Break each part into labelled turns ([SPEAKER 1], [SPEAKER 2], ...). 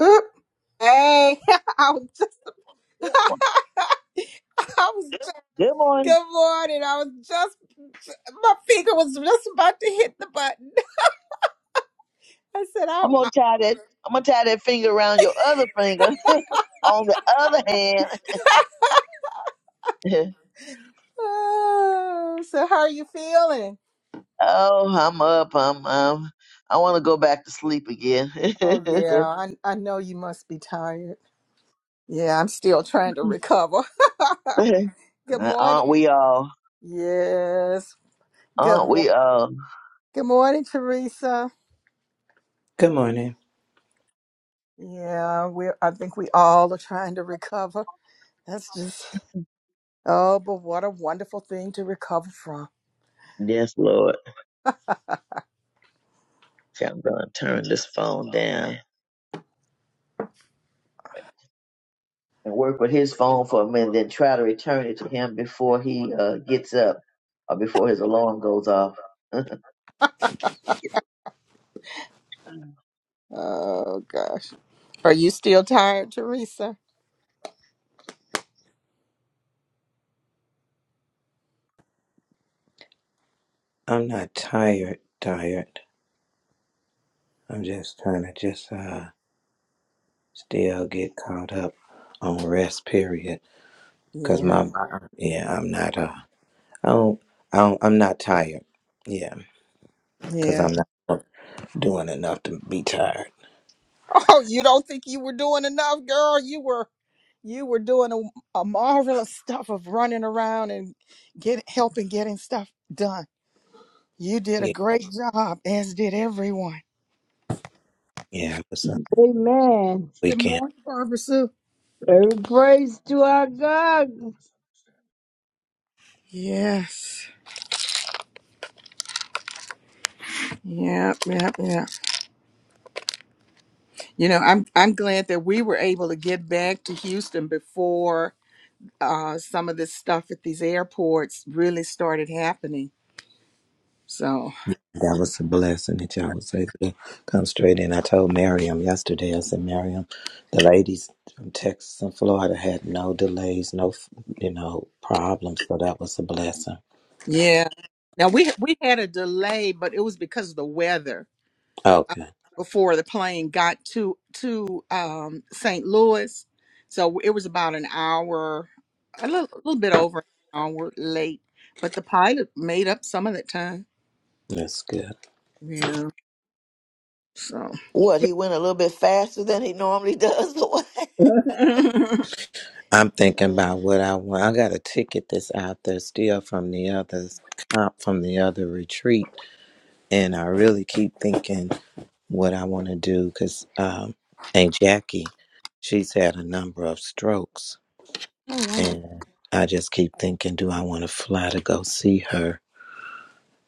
[SPEAKER 1] Oop. Hey, I was just, I was just,
[SPEAKER 2] Good morning.
[SPEAKER 1] good morning. I was just, my finger was just about to hit the button. I said, I,
[SPEAKER 2] I'm gonna tie that. I'm gonna tie that finger around your other finger. On the other hand,
[SPEAKER 1] I oh, so how are you feeling?
[SPEAKER 2] oh, I'm up. I'm. Um, I want to go back to sleep again.
[SPEAKER 1] Oh, yeah, I, I know you must be tired. Yeah, I'm still trying to recover. good morning.
[SPEAKER 2] Aren't we all?
[SPEAKER 1] Yes. Good,
[SPEAKER 2] Aren't
[SPEAKER 1] mo-
[SPEAKER 2] we all?
[SPEAKER 1] good morning, Teresa.
[SPEAKER 3] Good morning.
[SPEAKER 1] Yeah, we. I think we all are trying to recover. That's just. Oh, but what a wonderful thing to recover from.
[SPEAKER 2] Yes, Lord. Okay, I'm gonna turn this phone down and work with his phone for a minute, then try to return it to him before he uh, gets up or before his alarm goes off.
[SPEAKER 1] Oh gosh. Are you still tired, Teresa?
[SPEAKER 3] I'm not tired, tired. I'm just trying to just uh still get caught up on rest period cuz
[SPEAKER 1] Yeah,
[SPEAKER 3] my my- yeah, I'm not uh I don't, I don't I'm not tired. Yeah, cuz
[SPEAKER 1] yeah.
[SPEAKER 3] I'm not doing enough to be tired.
[SPEAKER 1] Oh, you don't think you were doing enough, girl? You were you were doing a, a marvelous stuff of running around and get helping getting stuff done. You did a
[SPEAKER 3] Yeah,
[SPEAKER 1] great job, as did everyone.
[SPEAKER 3] yeah, it was a
[SPEAKER 4] Amen.
[SPEAKER 1] Good
[SPEAKER 3] weekend.
[SPEAKER 1] morning, Barbara Sue.
[SPEAKER 4] Every praise to our God.
[SPEAKER 1] Yes. Yep, yep, yep. You know, I'm I'm glad that we were able to get back to Houston before uh, some of this stuff at these airports really started happening. So
[SPEAKER 3] That was a blessing that y'all was able to come straight in. I told Miriam yesterday, I said, Miriam, the ladies from Texas and Florida had no delays, no, you know, problems. So that was a blessing.
[SPEAKER 1] yeah, now we we had a delay, but it was because of the weather. Uh,
[SPEAKER 3] Okay.
[SPEAKER 1] before the plane got to to um, St. Louis, so it was about an hour, a little a little bit over an hour late. But the pilot made up some of that time.
[SPEAKER 3] That's good.
[SPEAKER 1] Yeah. So.
[SPEAKER 5] What, he went a little bit faster than he normally does the
[SPEAKER 1] oh,
[SPEAKER 3] I'm thinking
[SPEAKER 5] way?
[SPEAKER 3] about what I want. I got a ticket that's out there still from the other comp from the other retreat, and I really keep thinking what I want to do because um, Aunt Jackie, she's had a number of strokes,
[SPEAKER 1] wow.
[SPEAKER 3] And I just keep thinking, do I want to fly to go see her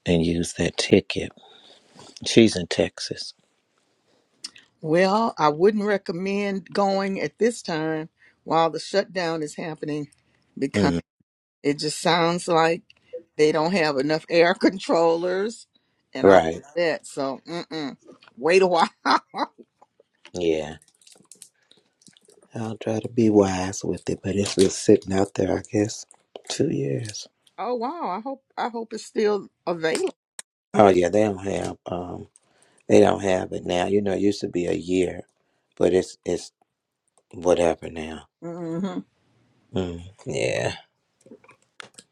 [SPEAKER 3] and use that ticket? She's in Texas.
[SPEAKER 1] Well, I wouldn't recommend going at this time while the shutdown is happening because
[SPEAKER 3] Mm,
[SPEAKER 1] it just sounds like they don't have enough air controllers and all
[SPEAKER 3] right.
[SPEAKER 1] that. So, mm-mm. wait a while. oh
[SPEAKER 3] Yeah. I'll try to be wise with it, but it's been sitting out there, I guess, two years.
[SPEAKER 1] wow, I hope I hope it's still available.
[SPEAKER 3] Oh yeah, they don't have um they don't have it now. You know, it used to be a year, but it's it's whatever now.
[SPEAKER 1] hmm
[SPEAKER 3] Mm, yeah.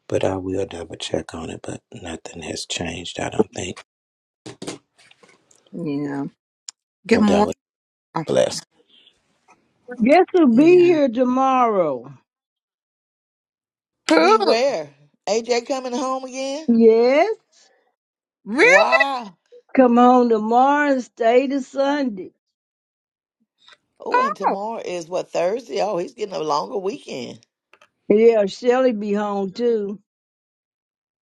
[SPEAKER 3] But I will double check on it, but nothing has changed, I don't think.
[SPEAKER 1] Yeah. Good
[SPEAKER 3] That
[SPEAKER 1] morning.
[SPEAKER 3] was
[SPEAKER 1] Oh,
[SPEAKER 3] blessed.
[SPEAKER 4] Guess who'll be
[SPEAKER 1] yeah.
[SPEAKER 4] here tomorrow?
[SPEAKER 1] Who?
[SPEAKER 5] Beware. AJ coming home again?
[SPEAKER 4] Yes.
[SPEAKER 1] Really?
[SPEAKER 5] Wow.
[SPEAKER 4] Come home tomorrow and stay to Sunday.
[SPEAKER 5] Oh, and
[SPEAKER 1] Oh,
[SPEAKER 5] tomorrow is what, Thursday? Oh, he's getting a longer weekend.
[SPEAKER 4] Yeah, Shelly be home too.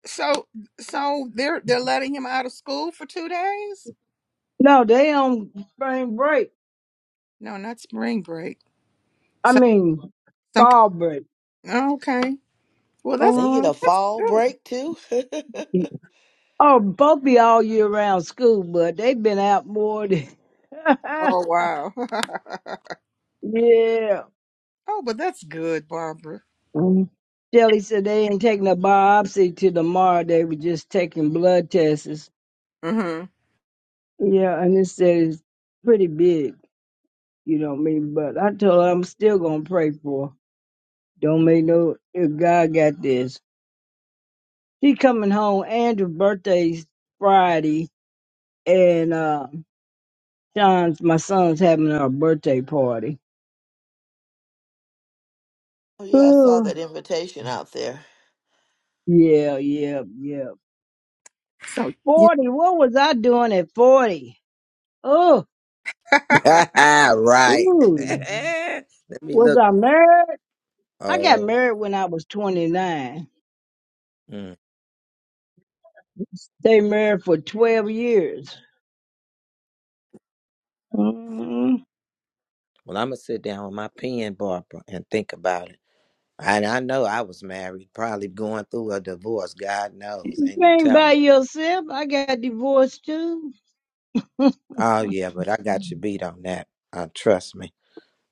[SPEAKER 1] so so they're they're letting him out of school for two days?
[SPEAKER 4] No, they on spring break.
[SPEAKER 1] No, not spring break.
[SPEAKER 4] I
[SPEAKER 1] So
[SPEAKER 4] mean,
[SPEAKER 1] some
[SPEAKER 4] fall break.
[SPEAKER 1] okay. Well, that's
[SPEAKER 5] They
[SPEAKER 4] uh
[SPEAKER 5] get a
[SPEAKER 1] that's
[SPEAKER 5] fall
[SPEAKER 1] good.
[SPEAKER 5] break too? oh,
[SPEAKER 4] Oh, both be all year round school, but they've been out more than.
[SPEAKER 1] Oh wow.
[SPEAKER 4] yeah.
[SPEAKER 1] oh, but that's good, Barbara.
[SPEAKER 4] Mhm. Shelly said they ain't taking a biopsy till tomorrow. They were just taking blood tests.
[SPEAKER 1] Mm-hmm.
[SPEAKER 4] Yeah, and it says pretty big, you know what I mean? But I told her I'm still gonna pray for. her. Don't make no if God got this. She coming home, Andrew's birthday's Friday, and uh Sean's my son's having a birthday party.
[SPEAKER 5] yeah, I saw
[SPEAKER 4] Ooh.
[SPEAKER 5] that invitation out there.
[SPEAKER 4] Yeah, yeah, yeah.
[SPEAKER 1] So you.
[SPEAKER 4] Forty, what was I doing at forty? Oh,
[SPEAKER 3] right.
[SPEAKER 4] ooh.
[SPEAKER 3] Let me
[SPEAKER 4] Was
[SPEAKER 3] look.
[SPEAKER 4] I married? I got
[SPEAKER 3] Oh,
[SPEAKER 4] married when I was twenty nine.
[SPEAKER 3] mm.
[SPEAKER 4] Stayed married for twelve years. Mm.
[SPEAKER 3] well, I'm gonna sit down with my pen, Barbara, and think about it. And I know I was married, probably going through a divorce. God knows,
[SPEAKER 4] You
[SPEAKER 3] ain't no
[SPEAKER 4] ain't by
[SPEAKER 3] telling.
[SPEAKER 4] yourself. I got divorced too.
[SPEAKER 3] Oh yeah, but I got you beat on that. Uh, trust me,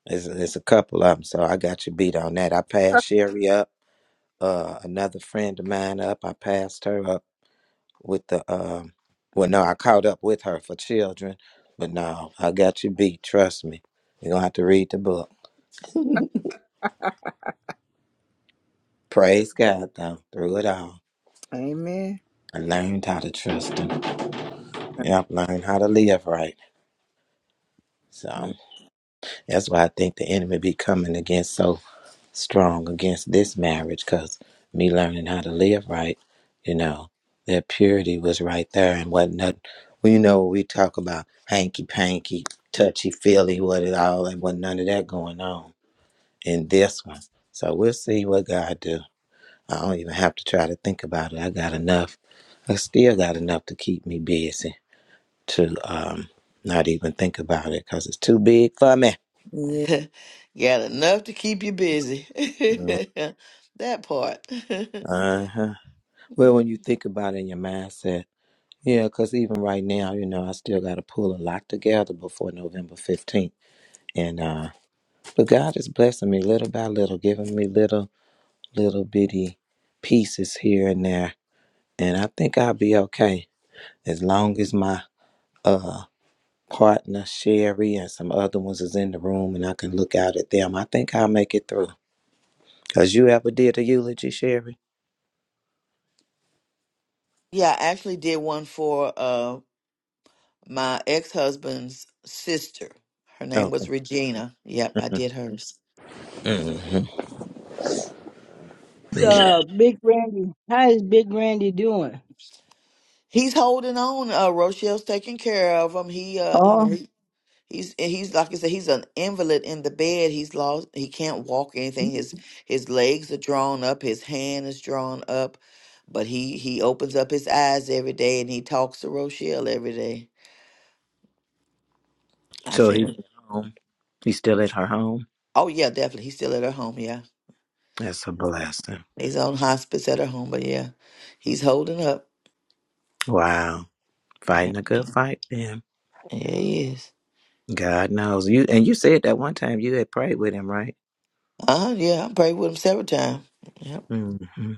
[SPEAKER 3] it's it's a couple of them, so I got you beat on that. I passed Sherry up. Uh, another friend of mine up. I passed her up. with the um well no i caught up with her for children but no i got you beat trust me you're gonna have to read the book praise god though through it all
[SPEAKER 1] Amen.
[SPEAKER 3] i learned how to trust him and i've learned how to live right so that's why i think the enemy be coming against so strong against this marriage because me learning how to live right you know that purity was right there and whatnot well, you know we talk about hanky panky touchy feely what it all and what none of that going on in this one. So we'll see what God do. I don't even have to try to think about it. I got enough. I still got enough to keep me busy to um not even think about it because it's too big for me.
[SPEAKER 1] Yeah.
[SPEAKER 5] Got enough to keep you busy.
[SPEAKER 3] Yeah.
[SPEAKER 5] that part.
[SPEAKER 3] Uh-huh. Well, when you think about it in your mindset, yeah, because even right now, you know, I still got to pull a lot together before November 15th. And, uh, but God is blessing me little by little, giving me little, little bitty pieces here and there. And I think I'll be okay as long as my uh partner Sherry and some other ones is in the room and I can look out at them, I think I'll make it through. Cause you ever did a eulogy, Sherry?
[SPEAKER 5] yeah, I actually did one for. uh, my ex-husband's sister. Her name was
[SPEAKER 3] Okay.
[SPEAKER 5] Regina. Yep, I
[SPEAKER 3] mm
[SPEAKER 5] did hers.
[SPEAKER 3] hmm
[SPEAKER 4] It's,
[SPEAKER 3] Man.
[SPEAKER 4] uh, Big Randy. How is Big Randy doing?
[SPEAKER 5] He's holding on. Uh, Rochelle's taking care of him. He, uh, you
[SPEAKER 4] Oh,
[SPEAKER 5] know, he, he's he's like I said, he's an invalid in the bed. He's lost. He can't walk or anything. His his legs are drawn up. His hand is drawn up. But he he opens up his eyes every day and he talks to Rochelle every day. I
[SPEAKER 3] So
[SPEAKER 5] seen
[SPEAKER 3] he's
[SPEAKER 5] him.
[SPEAKER 3] at home. He's still at her home.
[SPEAKER 5] Oh yeah, definitely. He's still at her home. Yeah,
[SPEAKER 3] That's a blessing.
[SPEAKER 5] he's on hospice at her home. But yeah, he's holding up.
[SPEAKER 3] Wow. Fighting a good fight, then.
[SPEAKER 5] Yeah, he is.
[SPEAKER 3] God knows you. And you said that one time you had prayed with him, right?
[SPEAKER 5] Uh, yeah, I prayed with him several times. Yep,
[SPEAKER 3] mm hmm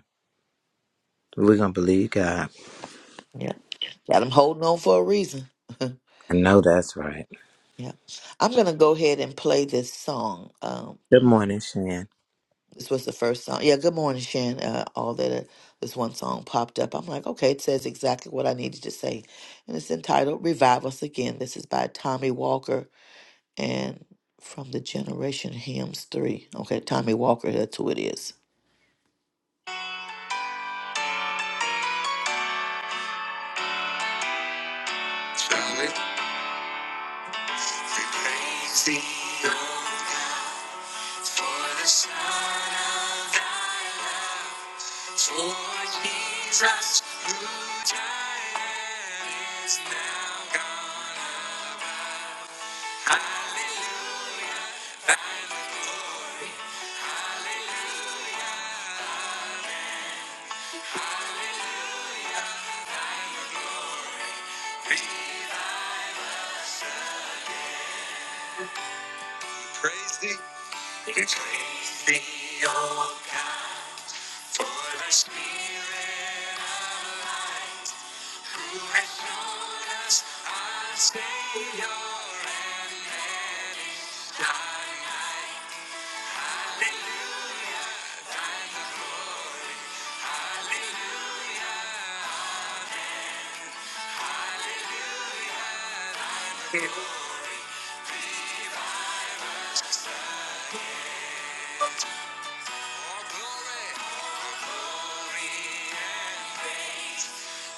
[SPEAKER 3] We're gonna believe God.
[SPEAKER 5] yep. Got him holding on for a reason. yeah.
[SPEAKER 3] I know that's right.
[SPEAKER 5] I'm going to go ahead and play this song. Um,
[SPEAKER 3] Good morning, Shan.
[SPEAKER 5] this was the first song. Yeah, good morning, Shan. Uh, all that uh, this one song popped up. I'm like, okay, it says exactly what I needed to say. And it's entitled Revive Us Again. This is by Tommy Walker and from the Generation Hymns 3. Okay, Tommy Walker, that's who it is. Shall it be praised? For the Son of thy love, for Jesus, who died and is now gone above. Hallelujah, thy glory, hallelujah, be thy We praise thee. We praise thee, O God, for the Spirit. of life. Glory, glory, glory and praise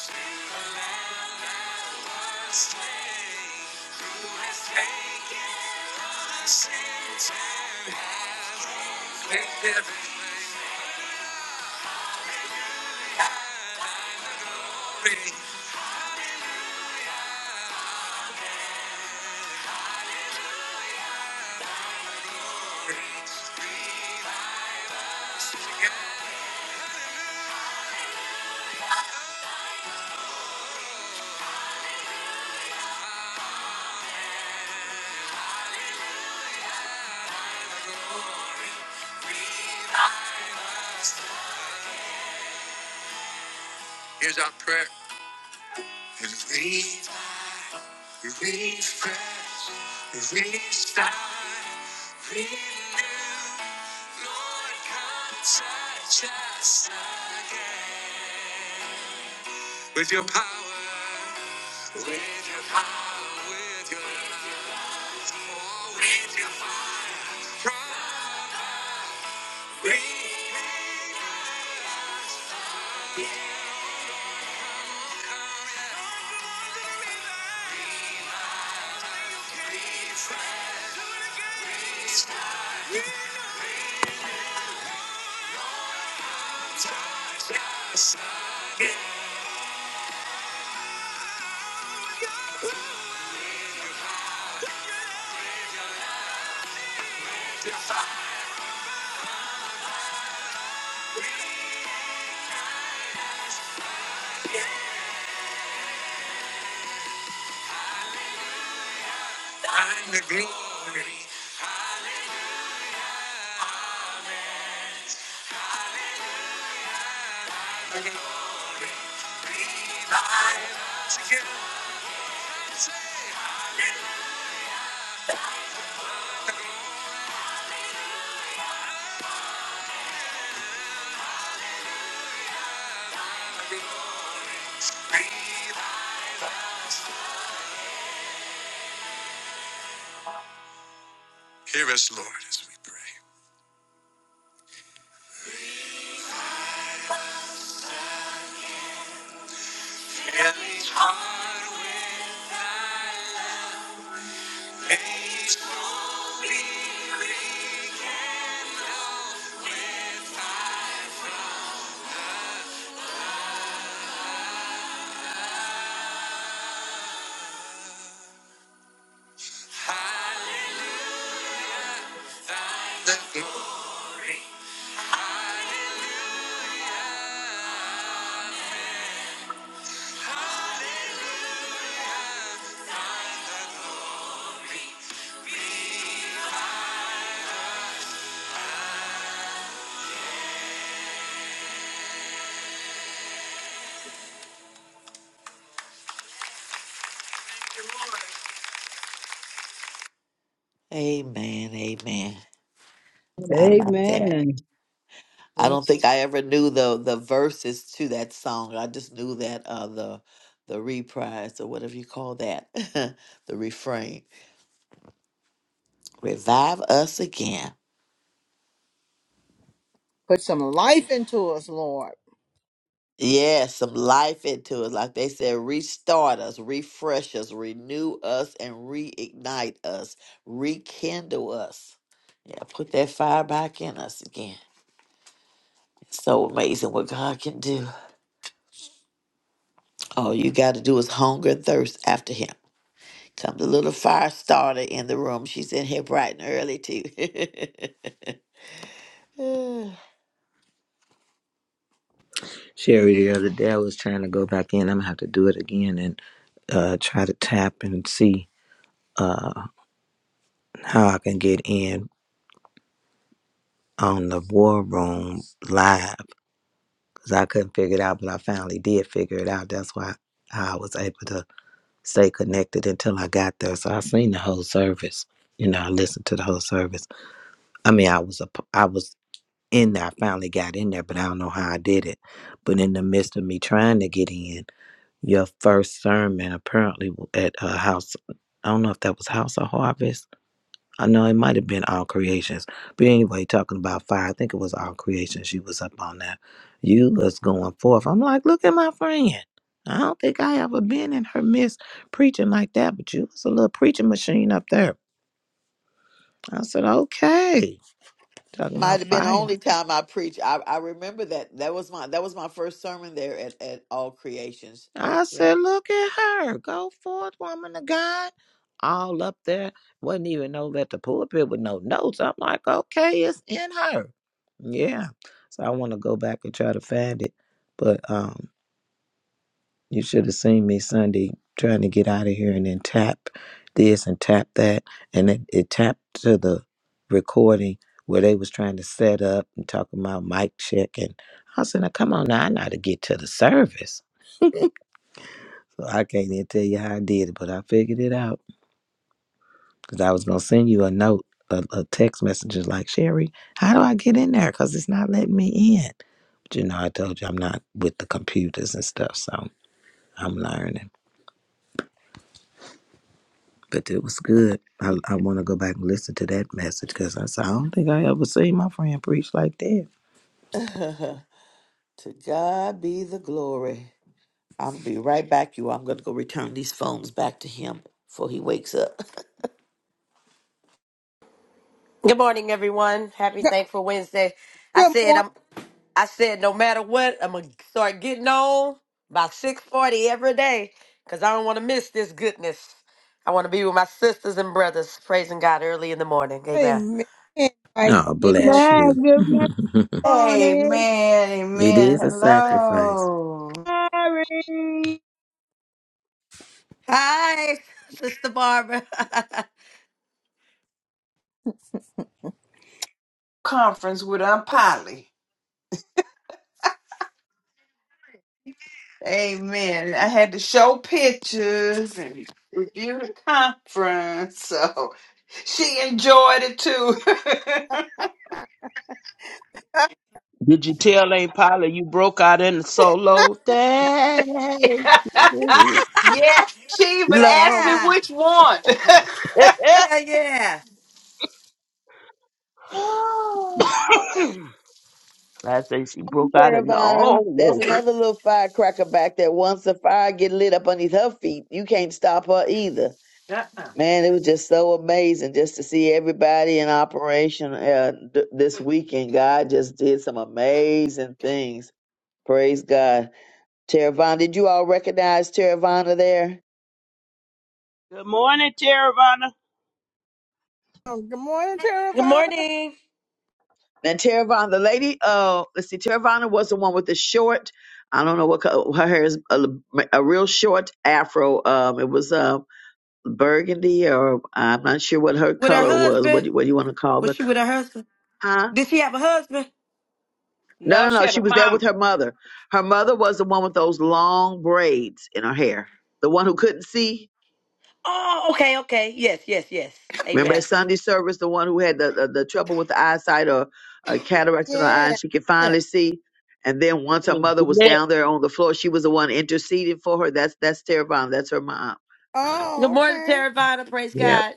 [SPEAKER 5] to the Lamb that was slain, Who has taken our sins and has made everything free. Here's our prayer. As we Refresh, restart, renew. Lord, come touch us again. With your power, with your power, with your love, oh, with your fire, come refresh us again. Find the glory, the glory, revive us again. Hear us, Lord, as we pray. Yes, Lord, we thank you. Amen. Amen. I like that.
[SPEAKER 4] Amen.
[SPEAKER 5] I don't think I ever knew the the verses to that song. I just knew that uh the the reprise or whatever you call that, the refrain. Revive us again.
[SPEAKER 1] Put some life into us, Lord.
[SPEAKER 5] Yeah, some life into us. Like they said, restart us, refresh us, renew us, and reignite us, rekindle us. Yeah, put that fire back in us again. It's so amazing what God can do. All you got to do is hunger and thirst after Him. Come the little fire starter in the room. She's in here bright and early, too.
[SPEAKER 3] Sherry, the other day I was trying to go back in. I'm gonna have to do it again and uh, try to tap and see uh, how I can get in on the war room live because I couldn't figure it out, but I finally did figure it out. That's why I was able to stay connected until I got there. So I seen the whole service. You know, I listened to the whole service. I mean, I was a, p- I was in there. I finally got in there, but I don't know how I did it. But in the midst of me trying to get in. Your first sermon apparently at a house. I don't know if that was House of Harvest. I know it might have been All Creations. But anyway, talking about fire, I think it was All Creations. You was up on that. You was going forth. I'm like, look at my friend. I don't think I ever been in her midst preaching like that, but you was a little preaching machine up there. I said, okay. Talking about
[SPEAKER 5] Might have been the
[SPEAKER 3] fire.
[SPEAKER 5] only time I preached. I, I remember that. That was my that was my first sermon there at, at All Creations.
[SPEAKER 3] I
[SPEAKER 5] Yep.
[SPEAKER 3] said, look at her. Go forth, woman of God. All up there. would not even know that the pulpit with no notes. I'm like, okay, it's in her. Yeah. So I want to go back and try to find it. But um, you should have seen me Sunday trying to get out of here and then tap this and tap that. And it, it tapped to the recording where they was trying to set up and talk about mic check. And I said, now come on now, I know how to get to the service. So I can't even tell you how I did it, but I figured it out because I was gonna send you a note, a, a text message, just like Sherry. How do I get in there? Because it's not letting me in. But you know, I told you I'm not with the computers and stuff, so I'm learning. But it was good. I, I want to go back and listen to that message because I said I don't think I ever seen my friend preach like that.
[SPEAKER 5] to God be the glory. I'm gonna be right back, you. all I'm gonna go return these phones back to him before he wakes up.
[SPEAKER 6] Good morning, everyone. Happy
[SPEAKER 1] Good,
[SPEAKER 6] Thankful Wednesday. I
[SPEAKER 1] good
[SPEAKER 6] said
[SPEAKER 1] morning.
[SPEAKER 6] I'm. I said no matter what, I'm gonna start getting on by six forty every day, cause I don't want to miss this goodness. I want to be with my sisters and brothers, praising God early in the morning. Amen.
[SPEAKER 1] Amen. Right,
[SPEAKER 3] Oh,
[SPEAKER 1] Mary.
[SPEAKER 3] bless
[SPEAKER 4] Glad
[SPEAKER 3] you.
[SPEAKER 4] good
[SPEAKER 3] it
[SPEAKER 7] Amen,
[SPEAKER 4] morning.
[SPEAKER 7] amen.
[SPEAKER 3] is a sacrifice.
[SPEAKER 7] Hello.
[SPEAKER 4] Sorry.
[SPEAKER 6] Hi, Sister Barbara.
[SPEAKER 7] Conference with Aunt Polly. Amen. I had to show pictures and review the conference. So she enjoyed it too.
[SPEAKER 8] Did you tell Aunt Polly you broke out in the solo? Thank you,
[SPEAKER 7] yeah, she even asked me
[SPEAKER 8] Lord.
[SPEAKER 6] yeah,
[SPEAKER 7] which one.
[SPEAKER 6] yeah, yeah.
[SPEAKER 7] Oh.
[SPEAKER 8] I say she broke out in the
[SPEAKER 2] Caravana. That's
[SPEAKER 8] almost.
[SPEAKER 2] another little firecracker back there. Once the fire get lit up underneath her feet, you can't stop her either.
[SPEAKER 7] Uh-uh.
[SPEAKER 2] Man, it was just so amazing just to see everybody in operation uh, th- this weekend. God just did some amazing things. Praise God. Teravana, did you all recognize Teravana there?
[SPEAKER 8] Good morning, Teravana.
[SPEAKER 1] Oh, good morning,
[SPEAKER 6] Good
[SPEAKER 1] Teravana.
[SPEAKER 6] morning.
[SPEAKER 2] Now, Teravana, the lady, uh, let's see, Teravana was the one with the short, I don't know what color, her hair is a, a real short afro. Um, it was uh, burgundy or I'm not sure what her
[SPEAKER 6] With her
[SPEAKER 2] color was.
[SPEAKER 6] husband?
[SPEAKER 2] What do, what do you want to call
[SPEAKER 6] Was
[SPEAKER 2] the?
[SPEAKER 6] she with her husband?
[SPEAKER 2] Huh?
[SPEAKER 6] Did she have a husband?
[SPEAKER 2] No, no,
[SPEAKER 7] No, she
[SPEAKER 2] no.
[SPEAKER 7] had
[SPEAKER 2] She
[SPEAKER 7] a
[SPEAKER 2] was there
[SPEAKER 7] mama.
[SPEAKER 2] with her mother. Her mother was the one with those long braids in her hair. The one who couldn't see.
[SPEAKER 6] Oh, okay, okay. Yes, yes, yes.
[SPEAKER 2] Remember
[SPEAKER 6] Amen.
[SPEAKER 2] at Sunday service, the one who had the the, the trouble with the eyesight or uh, cataracts in her eye,
[SPEAKER 1] Yeah.
[SPEAKER 2] and she could
[SPEAKER 1] yeah.
[SPEAKER 2] finally see. And then once
[SPEAKER 8] My
[SPEAKER 2] her
[SPEAKER 8] Name
[SPEAKER 2] mother
[SPEAKER 8] is
[SPEAKER 2] was
[SPEAKER 8] Jeanette.
[SPEAKER 2] down there on the floor, she was the one interceding for her. That's that's Tara Brown. That's her mom.
[SPEAKER 6] Good
[SPEAKER 1] Oh,
[SPEAKER 6] morning,
[SPEAKER 1] okay.
[SPEAKER 6] Terravana. Praise
[SPEAKER 2] Yep.
[SPEAKER 6] God.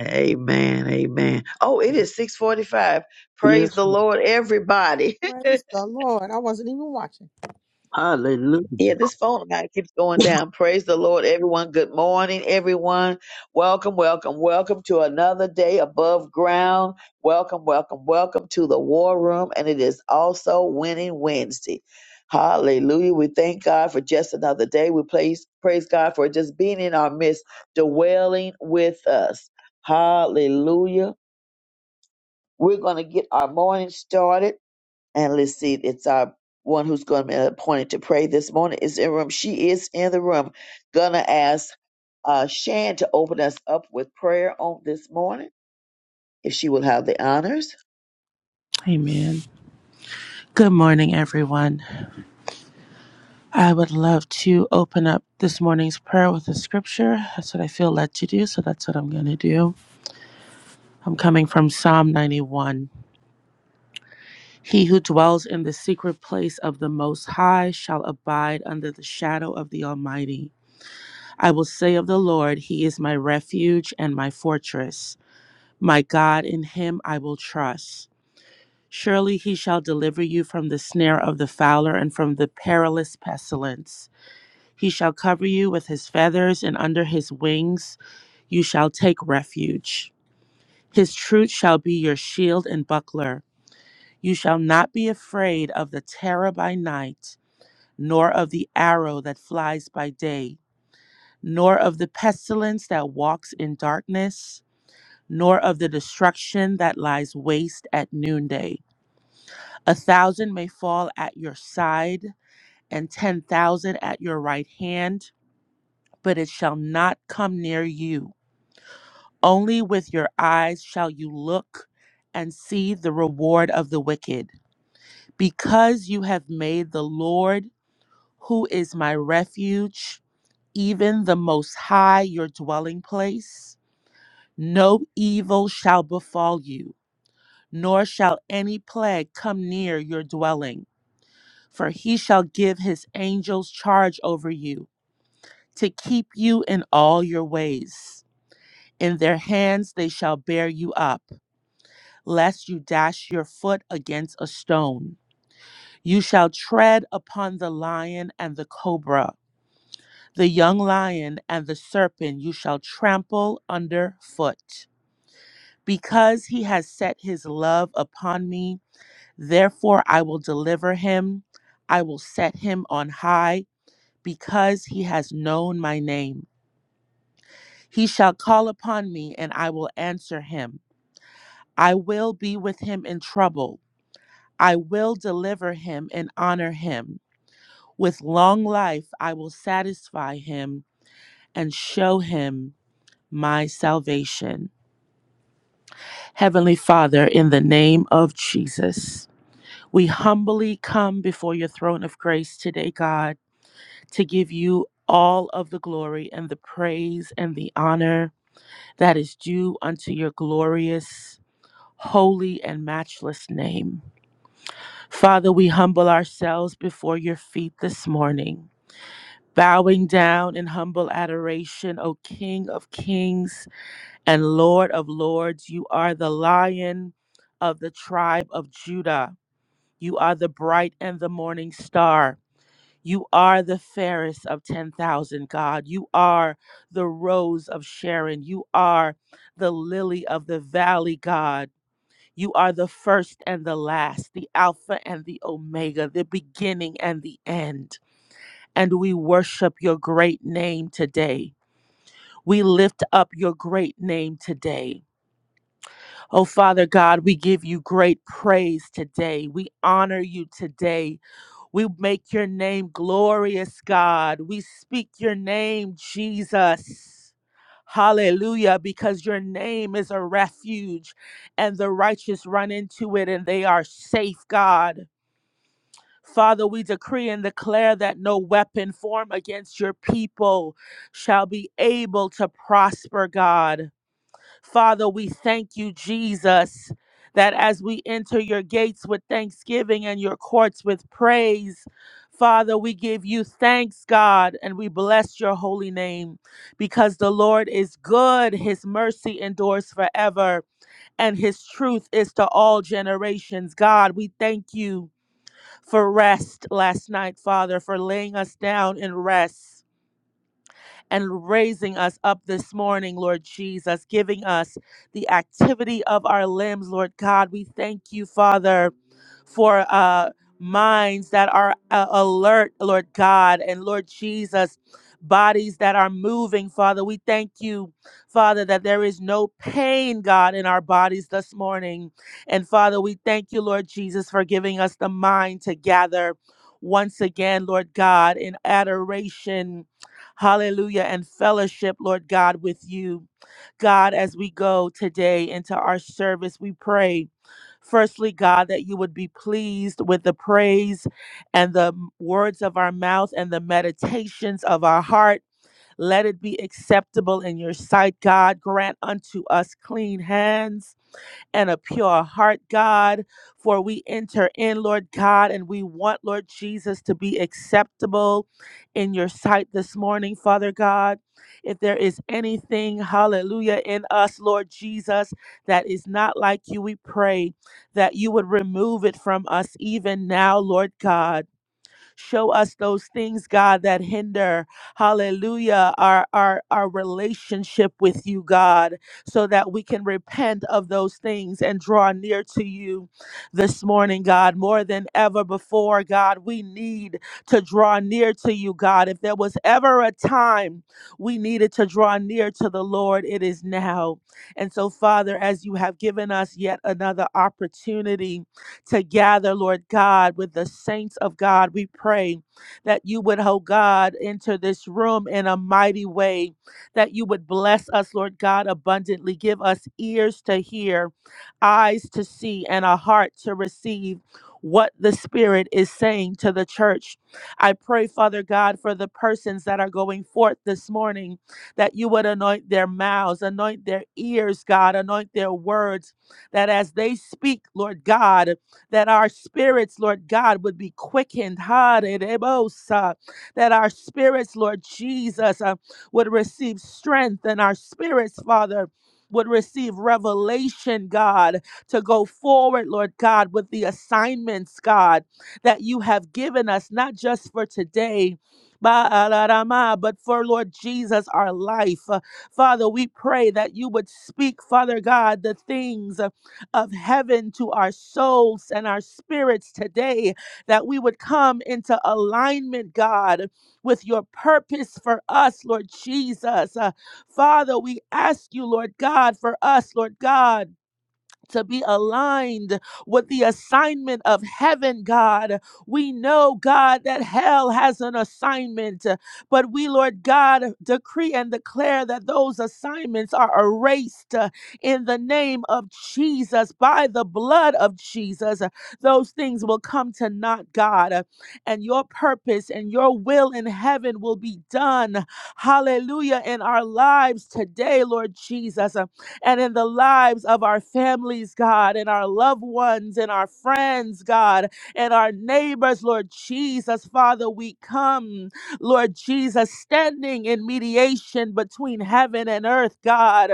[SPEAKER 2] Amen. Amen. Oh, it is six forty-five. Praise
[SPEAKER 8] Yes,
[SPEAKER 2] the Lord, everybody.
[SPEAKER 1] Praise the Lord. I wasn't even watching.
[SPEAKER 8] hallelujah.
[SPEAKER 2] Yeah, this phone line keeps going down. Praise the Lord, everyone. Good morning, everyone. Welcome, welcome, welcome to another day above ground. Welcome, welcome, welcome to the war room. And it is also Winning Wednesday. Hallelujah. We thank God for just another day. We praise, praise God for just being in our midst, dwelling with us. Hallelujah. We're going to get our morning started. And let's see, it's our one who's going to be appointed to pray this morning is in the room. She is in the room. Gonna ask uh, Shan to open us up with prayer on this morning, if she will have the honors.
[SPEAKER 9] Amen. Good morning, everyone. I would love to open up this morning's prayer with a scripture. That's what I feel led to do, so that's what I'm going to do. I'm coming from Psalm 91. He who dwells in the secret place of the Most High shall abide under the shadow of the Almighty. I will say of the Lord, He is my refuge and my fortress. My God, in Him I will trust. Surely He shall deliver you from the snare of the fowler and from the perilous pestilence. He shall cover you with his feathers, and under his wings you shall take refuge. His truth shall be your shield and buckler. You shall not be afraid of the terror by night, nor of the arrow that flies by day, nor of the pestilence that walks in darkness, nor of the destruction that lies waste at noonday. A thousand may fall at your side, and ten thousand at your right hand, but it shall not come near you. Only with your eyes shall you look and see the reward of the wicked. Because you have made the Lord, who is my refuge, even the Most High, your dwelling place, no evil shall befall you, nor shall any plague come near your dwelling. For he shall give his angels charge over you, to keep you in all your ways. In their hands they shall bear you up lest you dash your foot against a stone. You shall tread upon the lion and the cobra, the young lion and the serpent you shall trample under foot. Because he has set his love upon me, therefore I will deliver him. I will set him on high, because he has known my name. He shall call upon me, and I will answer him. I will be with him in trouble. I will deliver him and honor him. With long life I will satisfy him and show him my salvation. Heavenly Father, in the name of Jesus, we humbly come before your throne of grace today, God, to give you all of the glory and the praise and the honor that is due unto your glorious, holy, and matchless name. Father, we humble ourselves before your feet this morning. bowing down in humble adoration, O King of kings and Lord of lords. You are the lion of the tribe of Judah. You are the bright and the morning star. You are the fairest of 10,000, God. You are the rose of Sharon. You are the lily of the valley, God. You are the first and the last, the Alpha and the Omega, the beginning and the end and we worship your great name today. We lift up your great name today. Oh, Father God, we give you great praise today. We honor you today. We make your name glorious, God. We speak your name, Jesus. Hallelujah, because your name is a refuge and the righteous run into it and they are safe, God. Father, we decree and declare that no weapon formed against your people shall be able to prosper, God. Father, we thank you, Jesus, that as we enter your gates with thanksgiving and your courts with praise, Father, we give you thanks, God, and we bless your holy name because the Lord is good. His mercy endures forever, and his truth is to all generations. God, we thank you for rest last night, Father, for laying us down in rest and raising us up this morning, Lord Jesus, giving us the activity of our limbs, Lord God. We thank you, Father, for uh, minds that are uh, alert, Lord God, and Lord Jesus. Bodies that are moving, Father. We thank you, Father, that there is no pain, God, in our bodies this morning. And Father, we thank you, Lord Jesus, for giving us the mind to gather once again, Lord God, in adoration hallelujah, and fellowship, Lord God, with you. God, as we go today into our service, we pray. Firstly, God, that you would be pleased with the praise and the m- words of our mouth and the meditations of our heart. Let it be acceptable in your sight, God. Grant unto us clean hands and a pure heart, God. For we enter in, Lord God, and we want, Lord Jesus, to be acceptable in your sight this morning, Father God. If there is anything, hallelujah, in us, Lord Jesus, that is not like you, we pray that you would remove it from us even now, Lord God. Show us those things, God, that hinder, hallelujah, our, our, our relationship with you, God, so that we can repent of those things and draw near to you this morning, God. More than ever before, God, we need to draw near to you, God. If there was ever a time we needed to draw near to the Lord, it is now. And so, Father, as you have given us yet another opportunity, to gather, Lord God, with the saints of God. We pray that you would, oh God, enter this room in a mighty way, that you would bless us, Lord God, abundantly. Give us ears to hear, eyes to see, and a heart to receive what the Spirit is saying to the church. I pray, Father God, for the persons that are going forth this morning, that you would anoint their mouths, anoint their ears, God, anoint their words, that as they speak, Lord God, that our spirits, Lord God, would be quickened, ha that our spirits, Lord Jesus, uh, would receive strength, and our spirits, Father, would receive revelation, God, to go forward, Lord God, with the assignments, God, that you have given us, not just for today. ba-da-da-ma, But for Lord Jesus, our life. Uh, Father, we pray that you would speak, Father God, the things. uh, of heaven to our souls and our spirits today, that we would come into alignment, God, with your purpose for us, Lord Jesus. Uh, Father, we ask you, Lord God, for us, Lord God to be aligned with the assignment of heaven, God. We know, God, that hell has an assignment, uh, but we, Lord God, decree and declare that those assignments are erased uh, in the name of Jesus, by the blood of Jesus. Uh, Those things will come to naught, God, uh, and your purpose and your will in heaven will be done. Hallelujah in our lives today, Lord Jesus and in the lives of our families, God, and our loved ones, and our friends, God, and our neighbors, Lord Jesus. Father, we come, Lord Jesus, standing in mediation between heaven and earth, God.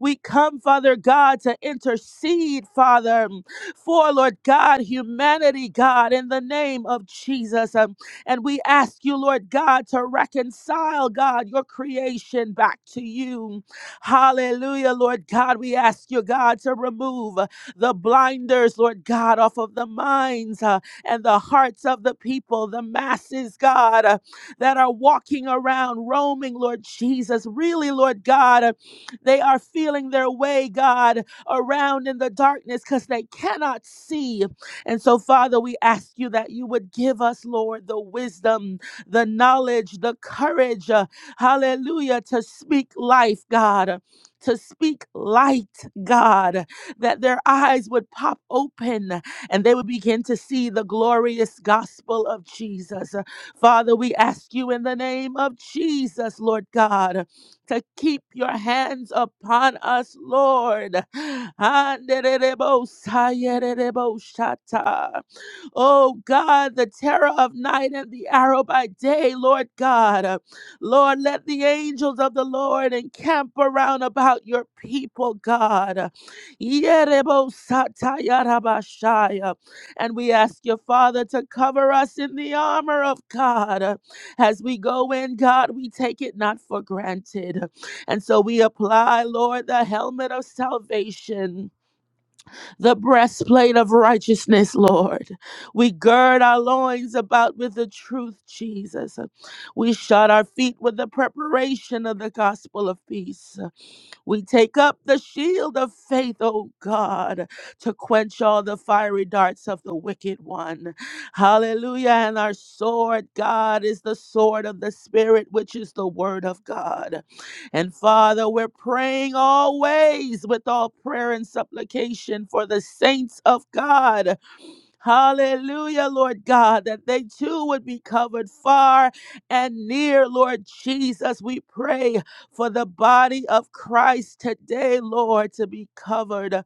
[SPEAKER 9] We come, Father God, to intercede, Father, for Lord God, humanity, God, in the name of Jesus. Um, And we ask you, Lord God, to reconcile, God, your creation back to you. Hallelujah, Lord God. We ask you, God, to remove uh, the blinders, Lord God, off of the minds uh, and the hearts of the people, the masses, God, uh, that are walking around, roaming, Lord Jesus. Really, Lord God, uh, they are feeling their way, God, around in the darkness because they cannot see. And so, Father, we ask you that you would give us, Lord, the wisdom, the knowledge, the courage. uh, Hallelujah. To speak life, God. To speak light, God, that their eyes would pop open and they would begin to see the glorious gospel of Jesus. Father, we ask you in the name of Jesus, Lord God, to keep your hands upon us, Lord. Anderebosayereboshata. Oh God, the terror of night and the arrow by day, Lord God. Lord, let the angels of the Lord encamp around about your people, God. Yerebosatayarabashaya. And we ask your Father to cover us in the armor of God. As we go in, God, we take it not for granted. And so we apply, Lord, the helmet of salvation the breastplate of righteousness, Lord. We gird our loins about with the truth, Jesus. We shod our feet with the preparation of the gospel of peace. We take up the shield of faith, oh God, to quench all the fiery darts of the wicked one. Hallelujah. And our sword, God, is the sword of the Spirit, which is the word of God. And Father, we're praying always with all prayer and supplication for the saints of God Hallelujah, Lord God, that they too would be covered far and near, Lord Jesus. We pray for the body of Christ today, Lord, to be covered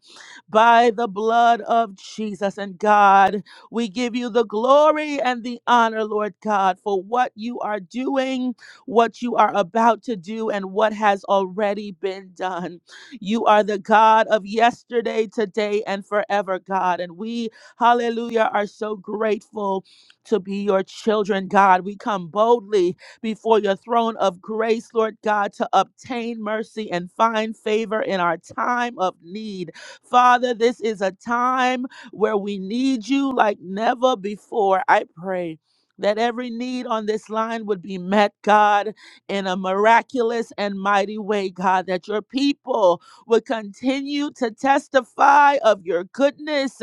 [SPEAKER 9] by the blood of Jesus. And God, we give you the glory and the honor, Lord God, for what you are doing, what you are about to do, and what has already been done. You are the God of yesterday, today, and forever, God. And we hallelujah, are so grateful to be your children, God. We come boldly before your throne of grace, Lord God, to obtain mercy and find favor in our time of need. Father, this is a time where we need you like never before. I pray. That every need on this line would be met, God, in a miraculous and mighty way, God. That your people would continue to testify of your goodness,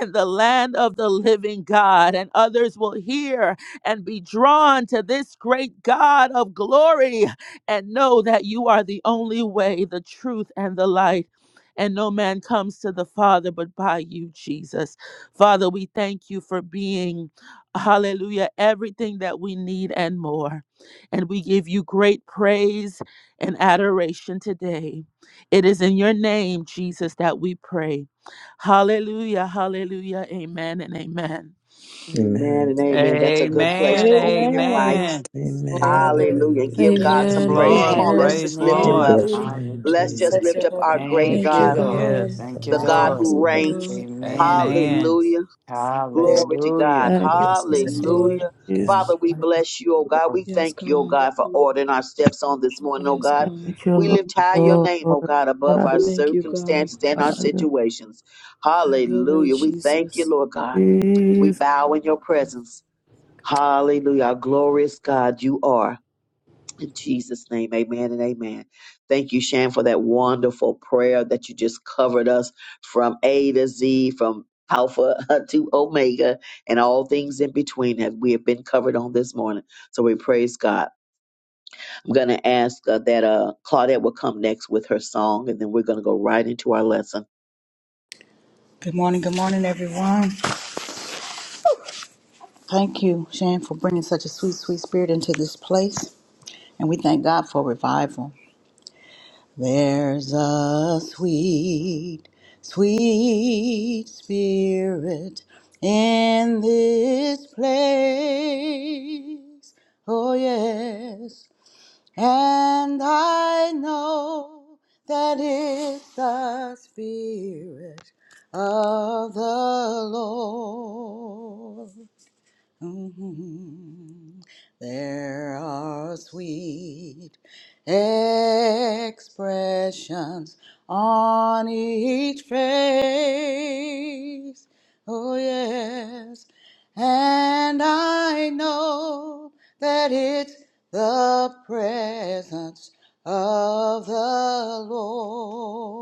[SPEAKER 9] in the land of the living God. And others will hear and be drawn to this great God of glory and know that you are the only way, the truth, and the light. And no man comes to the Father but by you, Jesus. Father, we thank you for being, hallelujah, everything that we need and more. And we give you great praise and adoration today. It is in your name, Jesus, that we pray. Hallelujah, hallelujah, amen and amen.
[SPEAKER 2] Amen
[SPEAKER 3] Amen.
[SPEAKER 2] and amen. That's a good place
[SPEAKER 10] Amen.
[SPEAKER 2] to open your
[SPEAKER 4] Amen.
[SPEAKER 2] mics.
[SPEAKER 10] Amen.
[SPEAKER 3] Amen.
[SPEAKER 2] Hallelujah.
[SPEAKER 3] Hallelujah.
[SPEAKER 2] Give
[SPEAKER 3] Bless
[SPEAKER 2] God
[SPEAKER 3] your
[SPEAKER 2] some
[SPEAKER 10] Yes,
[SPEAKER 11] Amen.
[SPEAKER 3] name,
[SPEAKER 2] praise. Come
[SPEAKER 10] Lord.
[SPEAKER 3] God.
[SPEAKER 7] Amen.
[SPEAKER 2] on, let's
[SPEAKER 11] Amen.
[SPEAKER 10] Praise
[SPEAKER 2] just lift
[SPEAKER 3] We
[SPEAKER 2] him
[SPEAKER 10] Lord.
[SPEAKER 7] Amen.
[SPEAKER 2] up.
[SPEAKER 3] bless
[SPEAKER 1] Hallelujah.
[SPEAKER 3] your
[SPEAKER 12] Bless
[SPEAKER 3] name,
[SPEAKER 2] Let's
[SPEAKER 7] Hallelujah.
[SPEAKER 2] just
[SPEAKER 3] Jesus.
[SPEAKER 12] your
[SPEAKER 2] lift up
[SPEAKER 12] holy
[SPEAKER 2] our
[SPEAKER 12] name,
[SPEAKER 2] great
[SPEAKER 7] Thank
[SPEAKER 11] Thank
[SPEAKER 7] you,
[SPEAKER 11] you,
[SPEAKER 2] God,
[SPEAKER 7] Lord.
[SPEAKER 11] God.
[SPEAKER 3] Jirabai
[SPEAKER 10] Yes.
[SPEAKER 7] Thank
[SPEAKER 3] for
[SPEAKER 7] you,
[SPEAKER 2] the
[SPEAKER 3] the
[SPEAKER 12] awesome
[SPEAKER 2] God
[SPEAKER 11] Thank
[SPEAKER 3] hammers
[SPEAKER 7] Lord.
[SPEAKER 2] who
[SPEAKER 11] you,
[SPEAKER 3] of our
[SPEAKER 2] reigns.
[SPEAKER 11] God.
[SPEAKER 12] name.
[SPEAKER 7] Amen.
[SPEAKER 3] God.
[SPEAKER 10] Amen.
[SPEAKER 2] Hallelujah.
[SPEAKER 12] Yes.
[SPEAKER 2] Glory to
[SPEAKER 7] Hallelujah.
[SPEAKER 2] God.
[SPEAKER 9] Thank
[SPEAKER 3] Bless us
[SPEAKER 11] Yes,
[SPEAKER 3] indeed,
[SPEAKER 11] Lord.
[SPEAKER 2] Hallelujah.
[SPEAKER 9] you,
[SPEAKER 3] God.
[SPEAKER 2] Father, we bless you, oh God. We
[SPEAKER 11] Yes,
[SPEAKER 2] thank you, oh
[SPEAKER 11] God.
[SPEAKER 2] God, for ordering our steps on this morning, oh
[SPEAKER 11] Yes,
[SPEAKER 2] God.
[SPEAKER 11] God.
[SPEAKER 9] thank you,
[SPEAKER 2] We lift high your
[SPEAKER 9] Lord.
[SPEAKER 2] name,
[SPEAKER 9] Lord,
[SPEAKER 2] oh God,
[SPEAKER 9] I
[SPEAKER 2] above
[SPEAKER 9] love
[SPEAKER 2] our
[SPEAKER 11] Thank you, God.
[SPEAKER 2] circumstances and our
[SPEAKER 9] you.
[SPEAKER 2] situations.
[SPEAKER 11] Have your way,
[SPEAKER 2] Hallelujah. We thank you,
[SPEAKER 11] Jesus.
[SPEAKER 2] Lord God. We bow in your
[SPEAKER 11] Yes, God.
[SPEAKER 2] presence. Hallelujah. Our glorious God, you are. In Jesus' name, amen and amen. Thank you, Shan, for that wonderful prayer that you just covered us from A to Z, from Alpha to Omega, and all things in between that we have been covered on this morning. So we praise God. I'm going to ask uh, that uh, Claudette will come next with her song, and then we're going to go right into our lesson.
[SPEAKER 12] Good morning, good morning, everyone. Thank you, Shan, for bringing such a sweet, sweet spirit into this place. And we thank God for revival. There's a sweet, sweet spirit in this place. Oh, yes. And I know that it's the Spirit of the Lord. Mm, There are sweet expressions on each face. Oh, yes. And I know that it's the presence of the Lord.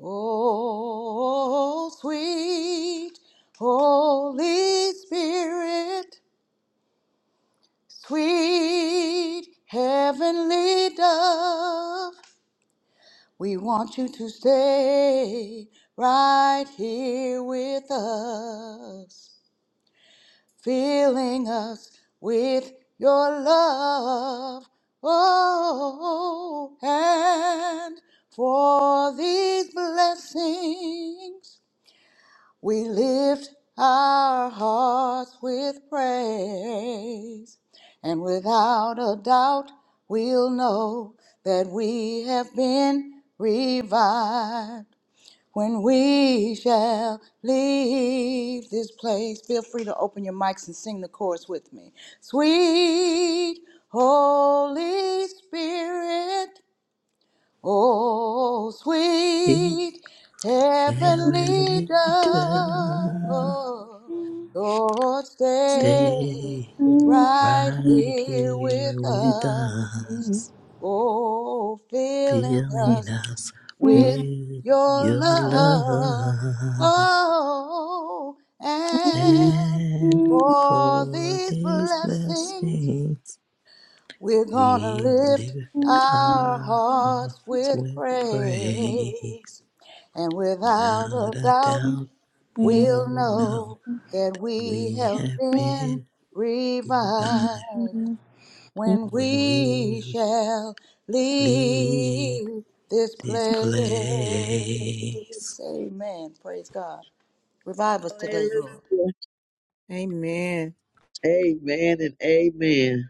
[SPEAKER 12] Oh, sweet Holy Spirit, sweet heavenly dove, we want you to stay right here with us, filling us with your love. Oh, and for these blessings. We lift our hearts with praise, and without a doubt we'll know that we have been revived. When we shall leave this place, feel free to open your mics and sing the chorus with me. Sweet Holy Spirit. Oh,
[SPEAKER 3] Be
[SPEAKER 12] sweet heavenly
[SPEAKER 3] heavenly
[SPEAKER 12] dove,
[SPEAKER 3] to
[SPEAKER 12] Lord, stay
[SPEAKER 3] stay
[SPEAKER 12] right
[SPEAKER 3] right
[SPEAKER 12] here
[SPEAKER 3] here
[SPEAKER 12] with
[SPEAKER 3] with
[SPEAKER 12] us.
[SPEAKER 3] us,
[SPEAKER 12] Oh, filling
[SPEAKER 3] filling
[SPEAKER 12] us
[SPEAKER 3] us
[SPEAKER 12] with
[SPEAKER 3] with
[SPEAKER 12] your
[SPEAKER 3] your
[SPEAKER 12] love.
[SPEAKER 3] love
[SPEAKER 12] Oh, and
[SPEAKER 3] and
[SPEAKER 12] for
[SPEAKER 3] for
[SPEAKER 12] these
[SPEAKER 3] these
[SPEAKER 12] blessings.
[SPEAKER 3] blessings.
[SPEAKER 12] We're
[SPEAKER 3] We
[SPEAKER 12] gonna lift
[SPEAKER 3] lift
[SPEAKER 12] our
[SPEAKER 3] our
[SPEAKER 12] hearts
[SPEAKER 3] hearts
[SPEAKER 12] with
[SPEAKER 3] with praise.
[SPEAKER 12] praise, and without a
[SPEAKER 3] Without a
[SPEAKER 12] doubt,
[SPEAKER 3] doubt, we
[SPEAKER 12] we'll
[SPEAKER 3] know
[SPEAKER 12] know that we
[SPEAKER 3] we
[SPEAKER 12] have
[SPEAKER 3] have
[SPEAKER 12] been
[SPEAKER 3] been revived
[SPEAKER 12] revived
[SPEAKER 9] praise.
[SPEAKER 12] when
[SPEAKER 3] when
[SPEAKER 12] we
[SPEAKER 3] we
[SPEAKER 12] shall
[SPEAKER 3] leave
[SPEAKER 12] leave this
[SPEAKER 3] this
[SPEAKER 12] place.
[SPEAKER 3] place.
[SPEAKER 12] Amen. Praise God. Revive us today, Lord.
[SPEAKER 2] Hallelujah.
[SPEAKER 1] Amen.
[SPEAKER 2] Amen and amen.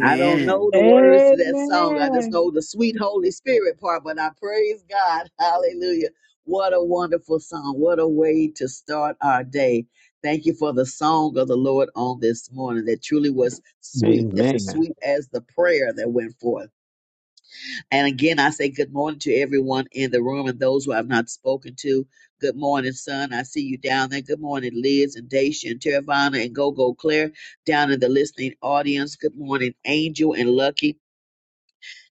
[SPEAKER 2] I don't know the words to that song. I just
[SPEAKER 4] Amen.
[SPEAKER 2] know the sweet Holy Spirit part, but I praise God. Hallelujah. What a wonderful song. What a way to start our day. Thank you for the song of the Lord on this morning that truly was sweet, as as
[SPEAKER 8] Amen.
[SPEAKER 2] sweet as the prayer that went forth. And again, I say good morning to everyone in the room and those who I've not spoken to. Good morning, son. I see you down there. Good morning, Liz and Dacia and Teravana and Gogo Claire down in the listening audience. Good morning, Angel and Lucky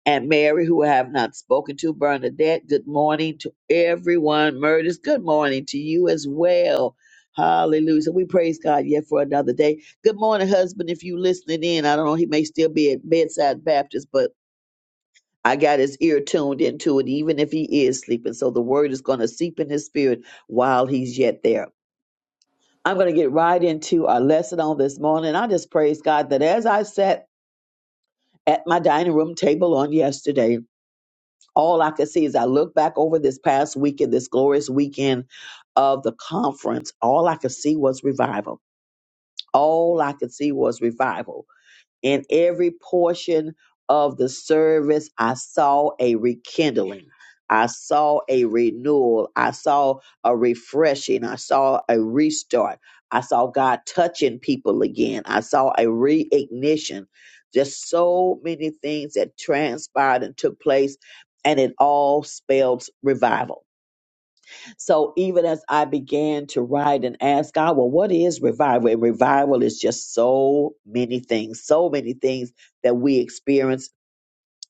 [SPEAKER 2] and Mary, who I have not spoken to. Bernadette, good morning to everyone. Murders, good morning to you as well. Hallelujah. So we praise God yet for another day. Good morning, husband. If you listening in, I don't know, he may still be at Bedside Baptist, but I got his ear tuned into it, even if he is sleeping. So the word is going to seep in his spirit while he's yet there. I'm going to get right into our lesson on this morning. I just praise God that as I sat at my dining room table on yesterday, all I could see is I look back over this past weekend, this glorious weekend of the conference, all I could see was revival. All I could see was revival In every portion of the service, I saw a rekindling. I saw a renewal. I saw a refreshing. I saw a restart. I saw God touching people again. I saw a reignition. Just so many things that transpired and took place, and it all spelled revival so even as I began to write and ask God, well, what is revival? And revival is just so many things, so many things that we experience.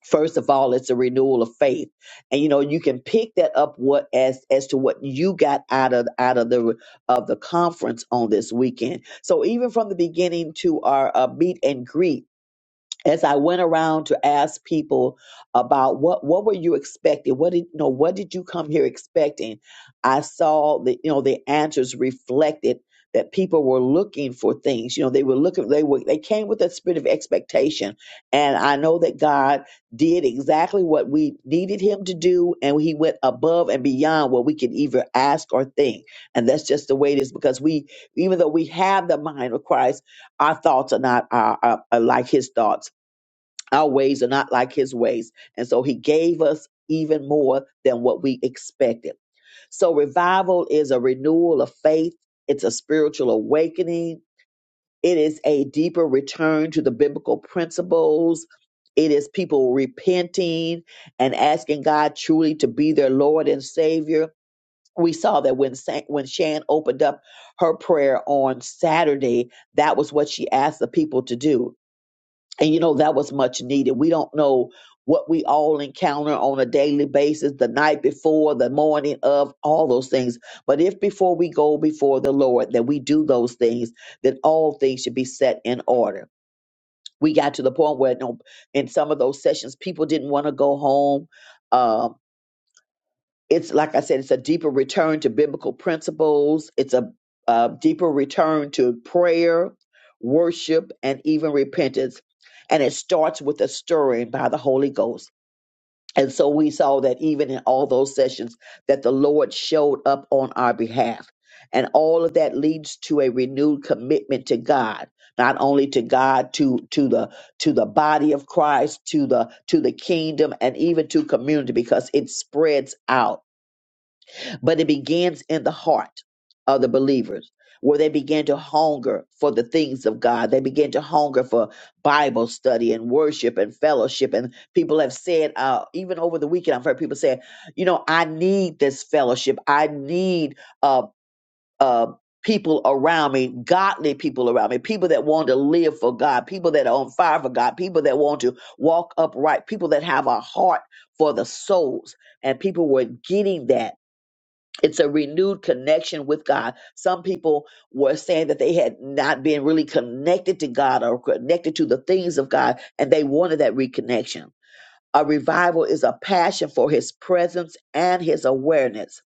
[SPEAKER 2] First of all, it's a renewal of faith, and you know you can pick that up what as as to what you got out of out of the of the conference on this weekend. So even from the beginning to our uh, meet and greet as I went around to ask people about what what were you expecting? What did you know, what did you come here expecting? I saw the you know the answers reflected that people were looking for things. You know, they were looking they were they came with a spirit of expectation. And I know that God did exactly what we needed him to do and he went above and beyond what we could either ask or think. And that's just the way it is because we even though we have the mind of Christ, our thoughts are not our, are, are like his thoughts our ways are not like his ways. And so he gave us even more than what we expected. So revival is a renewal of faith, it's a spiritual awakening, it is a deeper return to the biblical principles. It is people repenting and asking God truly to be their Lord and Savior. We saw that when Sa- when Shan opened up her prayer on Saturday, that was what she asked the people to do and you know, that was much needed. We don't know what we all encounter on a daily basis, the night before, the morning of, all those things. But if before we go before the Lord that we do those things, then all things should be set in order. We got to the point where no, in some of those sessions, people didn't want to go home. uh, it's like I said, it's a deeper return to biblical principles. It's a, a deeper return to prayer, worship, and even repentance. And it starts with a stirring by the Holy Ghost. And so we saw that even in all those sessions, that the Lord showed up on our behalf. And all of that leads to a renewed commitment to God, not only to God, to to the to the body of Christ, to the to the kingdom, and even to community, because it spreads out but it begins in the heart of the believers where they begin to hunger for the things of God. They begin to hunger for Bible study and worship and fellowship. And people have said, uh, even over the weekend, I've heard people say, you know, I need this fellowship. I need uh, uh, people around me, godly people around me, people that want to live for God, people that are on fire for God, people that want to walk upright, people that have a heart for the souls. And people were getting that it's a renewed connection with God. Some people were saying that they had not been really connected to God or connected to the things of God, and they wanted that reconnection. A revival is a passion for his presence and his awareness,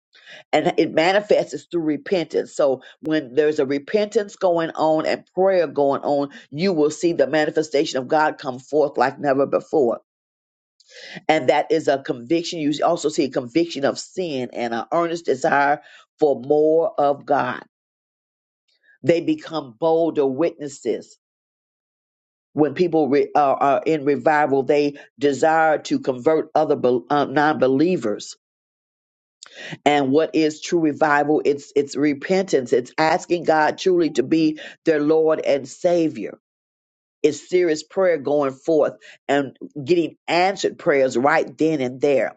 [SPEAKER 2] and it manifests through repentance. So, when there's a repentance going on and prayer going on, you will see the manifestation of God come forth like never before and that is a conviction. You also see a conviction of sin and an earnest desire for more of God. They become bolder witnesses. When people re, are, are in revival, they desire to convert other bel uh, non-believers. And what is true revival? It's it's repentance. It's asking God truly to be their Lord and Savior. It's serious prayer going forth and getting answered prayers right then and there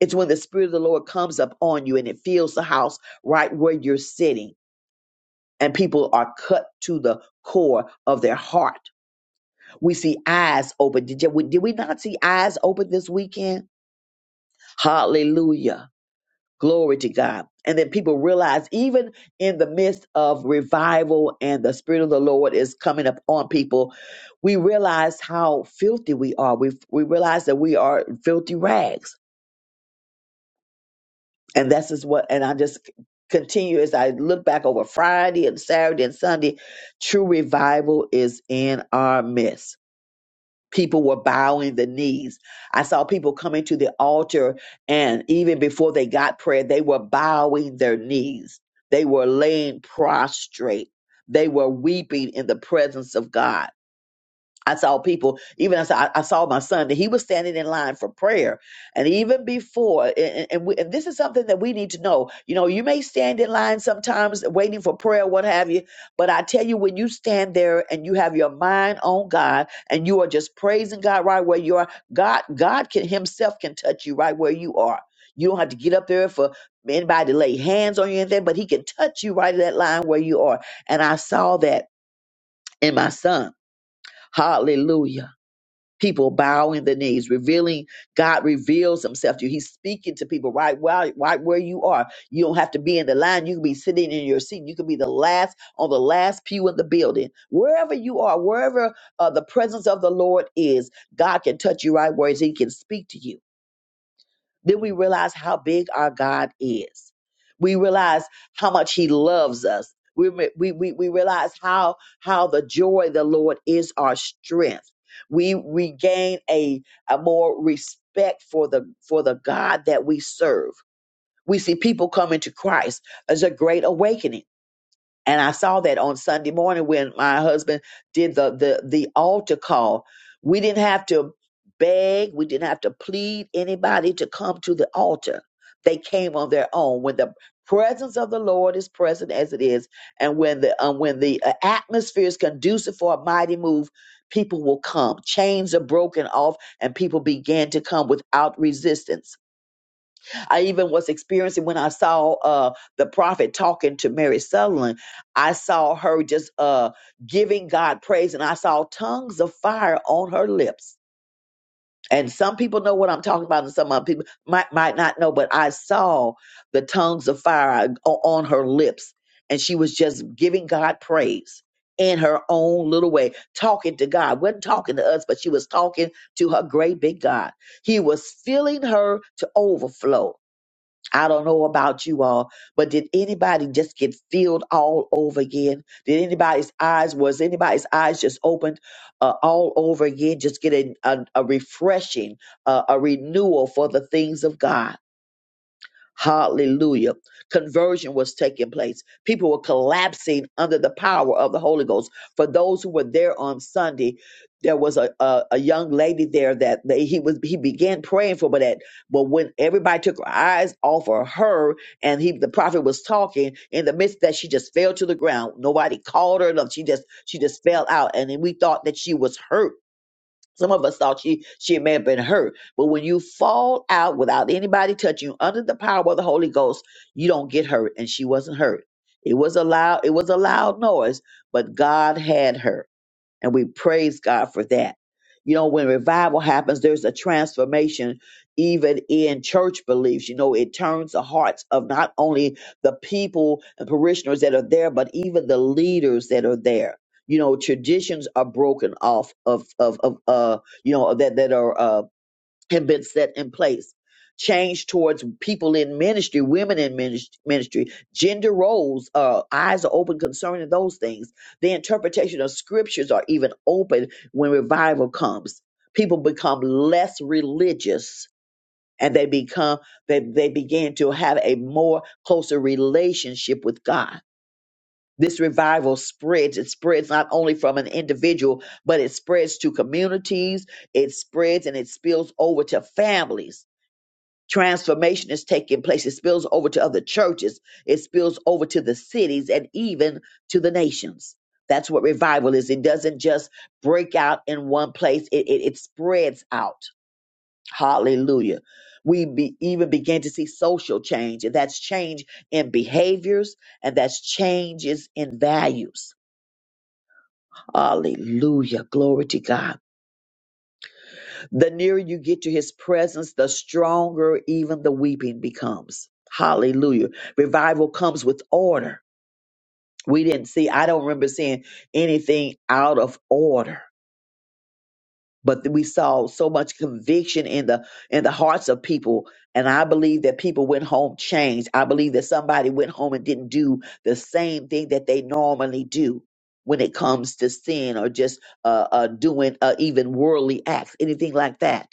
[SPEAKER 2] It's when the Spirit of the Lord comes up on you and it fills the house right where you're sitting, and people are cut to the core of their heart. We see eyes open. Did, you, did we not see eyes open this weekend? Hallelujah. Glory to God. And then people realize, even in the midst of revival and the Spirit of the Lord is coming up on people, we realize how filthy we are. We, we realize that we are filthy rags And that's is what, and I just continue as I look back over Friday and Saturday and Sunday. True revival is in our midst. People were bowing the knees. I saw people coming to the altar, and even before they got prayer, they were bowing their knees. They were laying prostrate. They were weeping in the presence of God I saw people, even as I, I saw my son, that he was standing in line for prayer. And even before, and, and, we, and this is something that we need to know. You know, you may stand in line sometimes waiting for prayer, what have you, but I tell you, when you stand there and you have your mind on God and you are just praising God right where you are, God, God can Himself can touch you right where you are. You don't have to get up there for anybody to lay hands on you or anything, but He can touch you right in that line where you are. And I saw that in my son. Hallelujah people bowing the knees, revealing God reveals himself to you. He's speaking to people right while right where you are. You don't have to be in the line. You can be sitting in your seat. You can be the last on the last pew in the building. Wherever you are, wherever uh, the presence of the Lord is, God can touch you right where He is. He can speak to you. Then we realize how big our God is. We realize how much He loves us. We, we, we, we realize how, how the joy of the Lord is our strength. We regain a, a more respect for the, for the God that we serve. We see people coming to Christ as a great awakening and I saw that on Sunday morning when my husband did the the the altar call. We didn't have to beg, we didn't have to plead anybody to come to the altar. They came on their own when the presence of the Lord is present as it is and when the um, when the uh, atmosphere is conducive for a mighty move, people will come. Chains are broken off and people began to come without resistance I even was experiencing when I saw uh, the prophet talking to Mary Sutherland. I saw her just uh, giving God praise, and I saw tongues of fire on her lips. And some people know what I'm talking about, and some other people might might not know. But I saw the tongues of fire o- on her lips, and she was just giving God praise in her own little way, talking to God. wasn't talking to us, but she was talking to her great big God. He was filling her to overflow I don't know about you all, but did anybody just get filled all over again? Did anybody's eyes was anybody's eyes just opened uh, all over again? Just get a, a, a refreshing, uh, a renewal for the things of God. Hallelujah. Conversion was taking place. People were collapsing under the power of the Holy Ghost. For those who were there on Sunday, there was a, a, a young lady there that they, he was he began praying for, but that but when everybody took her eyes off of her and he the prophet was talking, in the midst of that she just fell to the ground. Nobody called her enough. She just she just fell out. And then we thought that she was hurt some of us thought she she may have been hurt, but when you fall out without anybody touching you under the power of the Holy Ghost, you don't get hurt, and she wasn't hurt. It was a loud it was a loud noise, but God had her and we praise God for that. You know, when revival happens, there's a transformation even in church beliefs. You know, it turns the hearts of not only the people and parishioners that are there, but even the leaders that are there. You know, traditions are broken off of of of uh you know that that are uh, have been set in place. Change towards people in ministry, women in minis- ministry, gender roles, uh, eyes are open concerning those things. The interpretation of scriptures are even open when revival comes. People become less religious and they become they, they begin to have a more closer relationship with God. This revival spreads. It spreads not only from an individual, but it spreads to communities, it spreads and it spills over to families transformation is taking place. It spills over to other churches, it spills over to the cities, and even to the nations. That's what revival is. It doesn't just break out in one place, it, it, it spreads out. Hallelujah. We be, even begin to see social change, and that's change in behaviors, and that's changes in values. Hallelujah. Glory to God. The nearer you get to his presence, the stronger even the weeping becomes. Hallelujah. Revival comes with order. We didn't see, I don't remember seeing anything out of order, but we saw so much conviction in the in the hearts of people. And I believe that people went home changed. I believe that somebody went home and didn't do the same thing that they normally do when it comes to sin or just uh, uh, doing uh, even worldly acts, anything like that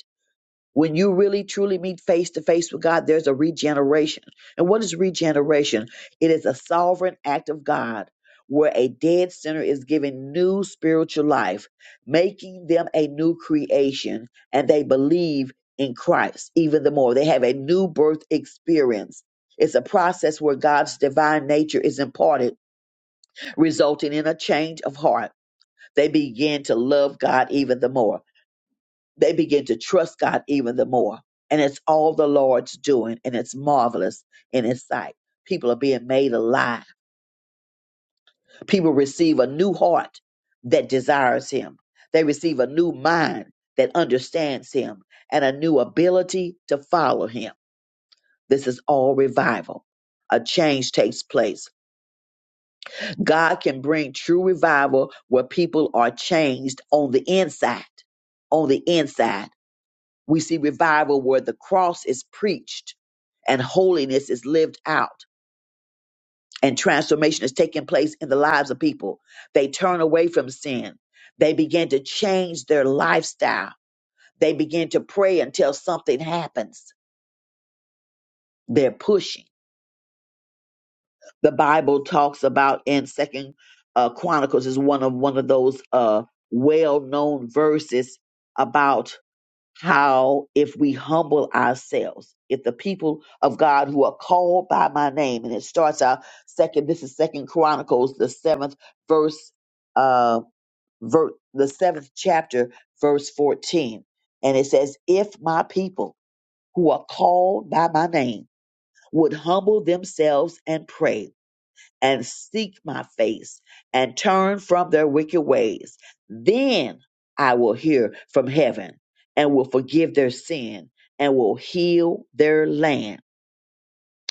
[SPEAKER 2] when you really truly meet face to face with God, there's a regeneration. And what is regeneration? It is a sovereign act of God where a dead sinner is given new spiritual life, making them a new creation, and they believe in Christ even the more. They have a new birth experience. It's a process where God's divine nature is imparted, resulting in a change of heart. They begin to love God even the more they begin to trust God even the more. And it's all the Lord's doing, and it's marvelous in His sight. People are being made alive. People receive a new heart that desires Him, they receive a new mind that understands Him, and a new ability to follow Him. This is all revival. A change takes place. God can bring true revival where people are changed on the inside. On the inside We see revival where the cross is preached and holiness is lived out and transformation is taking place in the lives of people. They turn away from sin. They begin to change their lifestyle. They begin to pray until something happens. They're pushing. The Bible talks about in Second uh, Chronicles is one of one of those uh, well-known verses about how if we humble ourselves if the people of god who are called by my name and it starts out second this is second chronicles the seventh verse uh ver- the seventh chapter verse 14 and it says if my people who are called by my name would humble themselves and pray and seek my face and turn from their wicked ways. Then I will hear from heaven and will forgive their sin and will heal their land.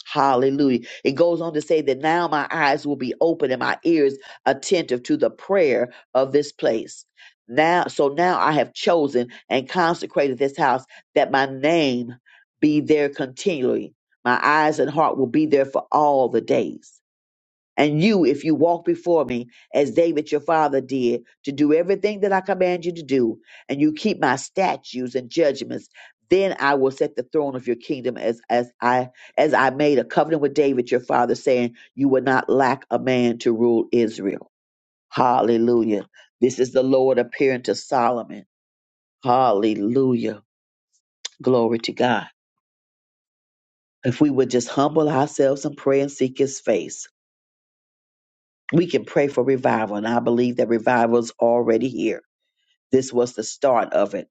[SPEAKER 2] Hallelujah. It goes on to say that now my eyes will be open and my ears attentive to the prayer of this place. Now, so now I have chosen and consecrated this house that my name be there continually. My eyes and heart will be there for all the days. And you, if you walk before me as David your father did, to do everything that I command you to do, and you keep my statutes and judgments, then I will set the throne of your kingdom as, as I as I made a covenant with David your father, saying, You will not lack a man to rule Israel. Hallelujah. This is the Lord appearing to Solomon. Hallelujah. Glory to God. If we would just humble ourselves and pray and seek his face. we can pray for revival. And I believe that revival is already here. This was the start of it.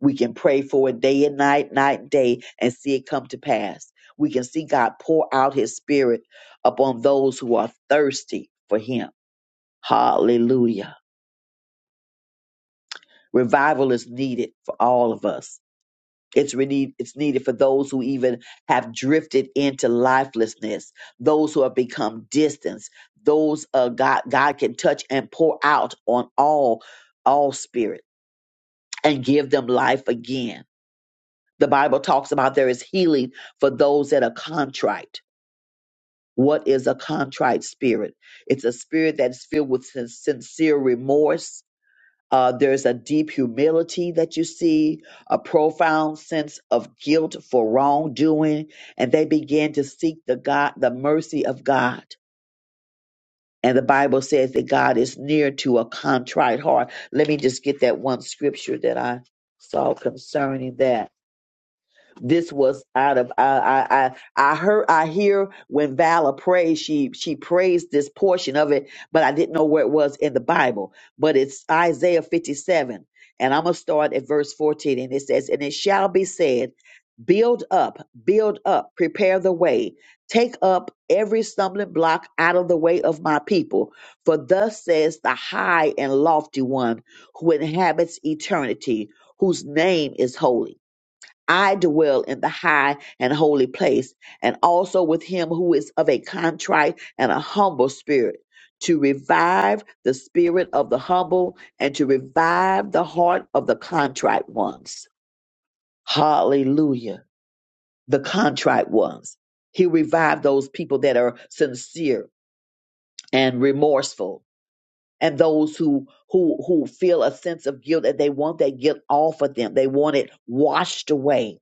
[SPEAKER 2] We can pray for it day and night, night and day, and see it come to pass. We can see God pour out his spirit upon those who are thirsty for him. Hallelujah. Revival is needed for all of us. It's really it's needed for those who even have drifted into lifelessness, those who have become distant. Those uh, God God can touch and pour out on all all spirit and give them life again. The Bible talks about there is healing for those that are contrite. What is a contrite spirit? It's a spirit that is filled with sin- sincere remorse uh, there's a deep humility that you see, a profound sense of guilt for wrongdoing, and they begin to seek the God, the mercy of God. And the Bible says that God is near to a contrite heart. Let me just get that one scripture that I saw concerning that this was out of I I I I heard I hear when Vala prays she she prays this portion of it, but I didn't know where it was in the Bible. But it's Isaiah 57, and I'm gonna start at verse 14, and it says, "And it shall be said, build up, build up, prepare the way, take up every stumbling block out of the way of my people, for thus says the high and lofty one who inhabits eternity, whose name is holy." I dwell in the high and holy place, and also with him who is of a contrite and a humble spirit, to revive the spirit of the humble and to revive the heart of the contrite ones. Hallelujah. The contrite ones. He revived those people that are sincere and remorseful and those who who who feel a sense of guilt and they want that guilt off of them. They want it washed away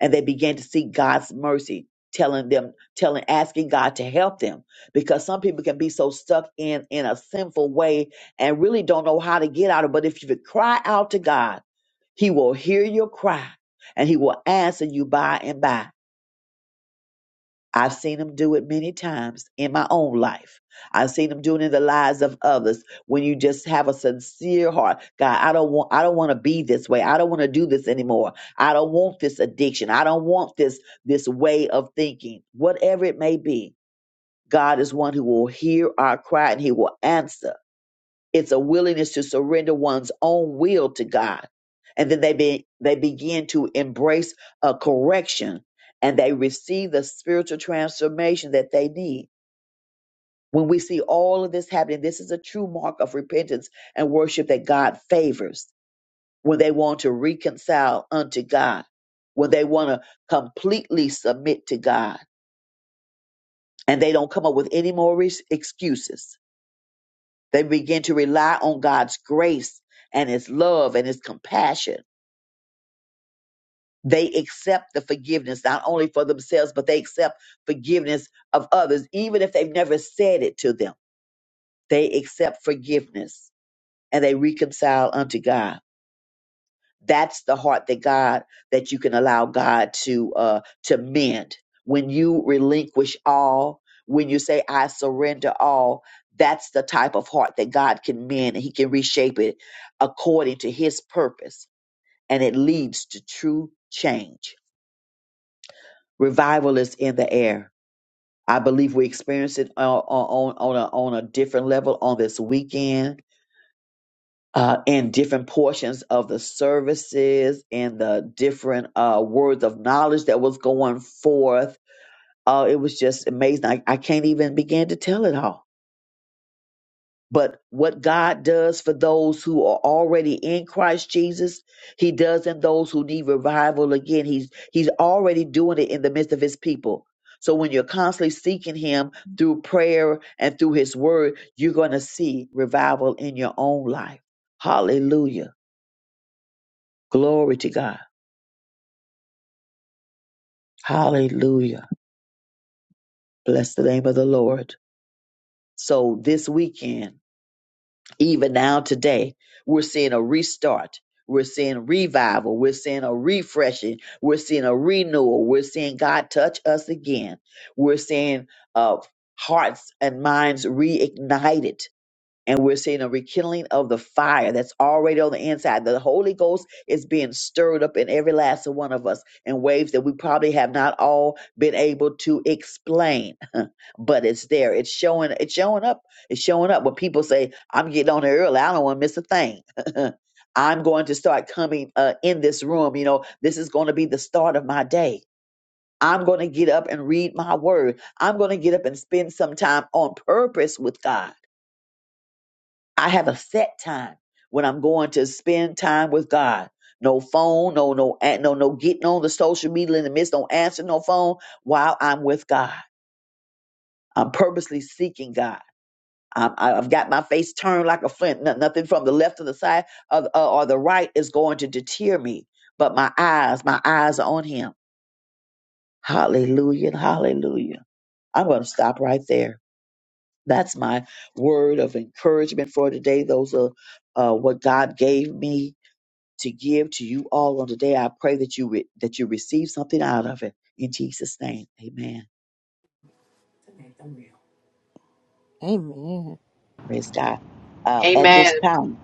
[SPEAKER 2] and they began to seek God's mercy, telling them, telling, asking God to help them, because some people can be so stuck in in a sinful way and really don't know how to get out of. it. But if you cry out to God, He will hear your cry and He will answer you by and by. I've seen them do it many times in my own life. I've seen them do it in the lives of others. When you just have a sincere heart, God, I don't want, I don't want to be this way. I don't want to do this anymore. I don't want this addiction. I don't want this this way of thinking. Whatever it may be, God is one who will hear our cry and He will answer. It's a willingness to surrender one's own will to God. And then they be, they begin to embrace a correction and they receive the spiritual transformation that they need. When we see all of this happening, this is a true mark of repentance and worship that God favors when they want to reconcile unto God, when they want to completely submit to God and they don't come up with any more res- excuses They begin to rely on God's grace and His love and His compassion. They accept the forgiveness, not only for themselves, but they accept forgiveness of others, even if they've never said it to them. They accept forgiveness and they reconcile unto God. that's the heart that God that you can allow God to uh to mend when you relinquish all when you say I surrender all that's the type of heart that God can mend and he can reshape it according to his purpose and it leads to true change revival is in the air I believe we experienced it uh, on on on a, on a different level on this weekend uh, in different portions of the services and the different uh, words of knowledge that was going forth. Uh, it was just amazing. I, I can't even begin to tell it all. But what God does for those who are already in Christ Jesus, He does in those who need revival again. He's He's already doing it in the midst of His people. So when you're constantly seeking Him through prayer and through His Word, you're going to see revival in your own life. Hallelujah. Glory to God. Hallelujah. Bless the name of the Lord. So this weekend, even now today, we're seeing a restart. We're seeing revival. We're seeing a refreshing. We're seeing a renewal. We're seeing God touch us again. We're seeing uh, hearts and minds reignited and we're seeing a rekindling of the fire that's already on the inside. The Holy Ghost is being stirred up in every last one of us in waves that we probably have not all been able to explain, but it's there. It's showing. It's showing up. It's showing up. When people say, "I'm getting on there early. I don't want to miss a thing." I'm going to start coming uh, in this room. You know, this is going to be the start of my day. I'm going to get up and read my word. I'm going to get up and spend some time on purpose with God. I have a set time when I'm going to spend time with God. No phone, no no a- no no getting on the social media in the midst, don't answer no phone while I'm with God. I'm purposely seeking God. I'm, I- I've got my face turned like a flint. No- nothing from the left or the side of, uh, or the right is going to deter me, but my eyes, my eyes are on Him. Hallelujah, hallelujah. I'm going to stop right there. That's my word of encouragement for today. Those are uh, what God gave me to give to you all on today. I pray that you re- that you receive something out of it in Jesus' name. Amen.
[SPEAKER 1] Amen.
[SPEAKER 2] Praise God. Uh, at this
[SPEAKER 6] Amen.
[SPEAKER 2] time,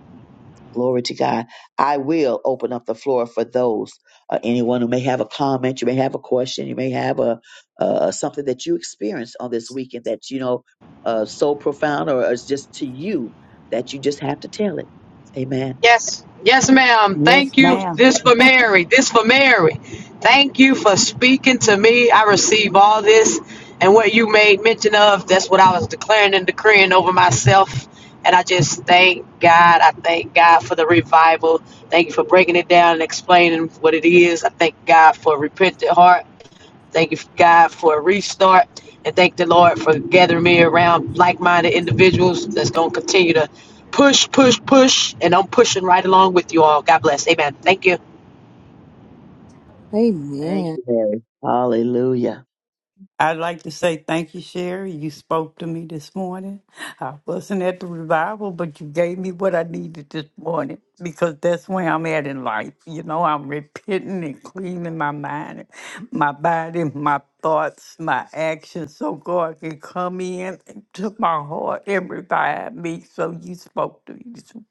[SPEAKER 2] glory to God. I will open up the floor for those uh, anyone who may have a comment, you may have a question, you may have a uh, something that you experienced on this weekend that you know uh, so profound or is just to you that you just have to tell it. Amen.
[SPEAKER 6] Yes. Yes, ma'am.
[SPEAKER 10] Yes,
[SPEAKER 6] Thank you.
[SPEAKER 10] ma'am.
[SPEAKER 6] This for Mary. This for Mary. Thank you for speaking to me. I receive all this and what you made mention of. That's what I was declaring and decreeing over myself. And I just thank God. I thank God for the revival. Thank you for breaking it down and explaining what it is. I thank God for a repentant heart. Thank you, God, for a restart. And thank the Lord for gathering me around like minded individuals that's going to continue to push, push, push. And I'm pushing right along with you all. God bless. Amen. Thank you.
[SPEAKER 2] Thank
[SPEAKER 1] Amen.
[SPEAKER 2] you, Mary. Hallelujah.
[SPEAKER 10] I'd like to say thank you, Sherry. You spoke to me this morning. I wasn't at the revival, but you gave me what I needed this morning because that's where I'm at in life. You know, I'm repenting and cleaning my mind, my body, my thoughts, my actions, so God can come in into my heart and revive me. So you spoke to me.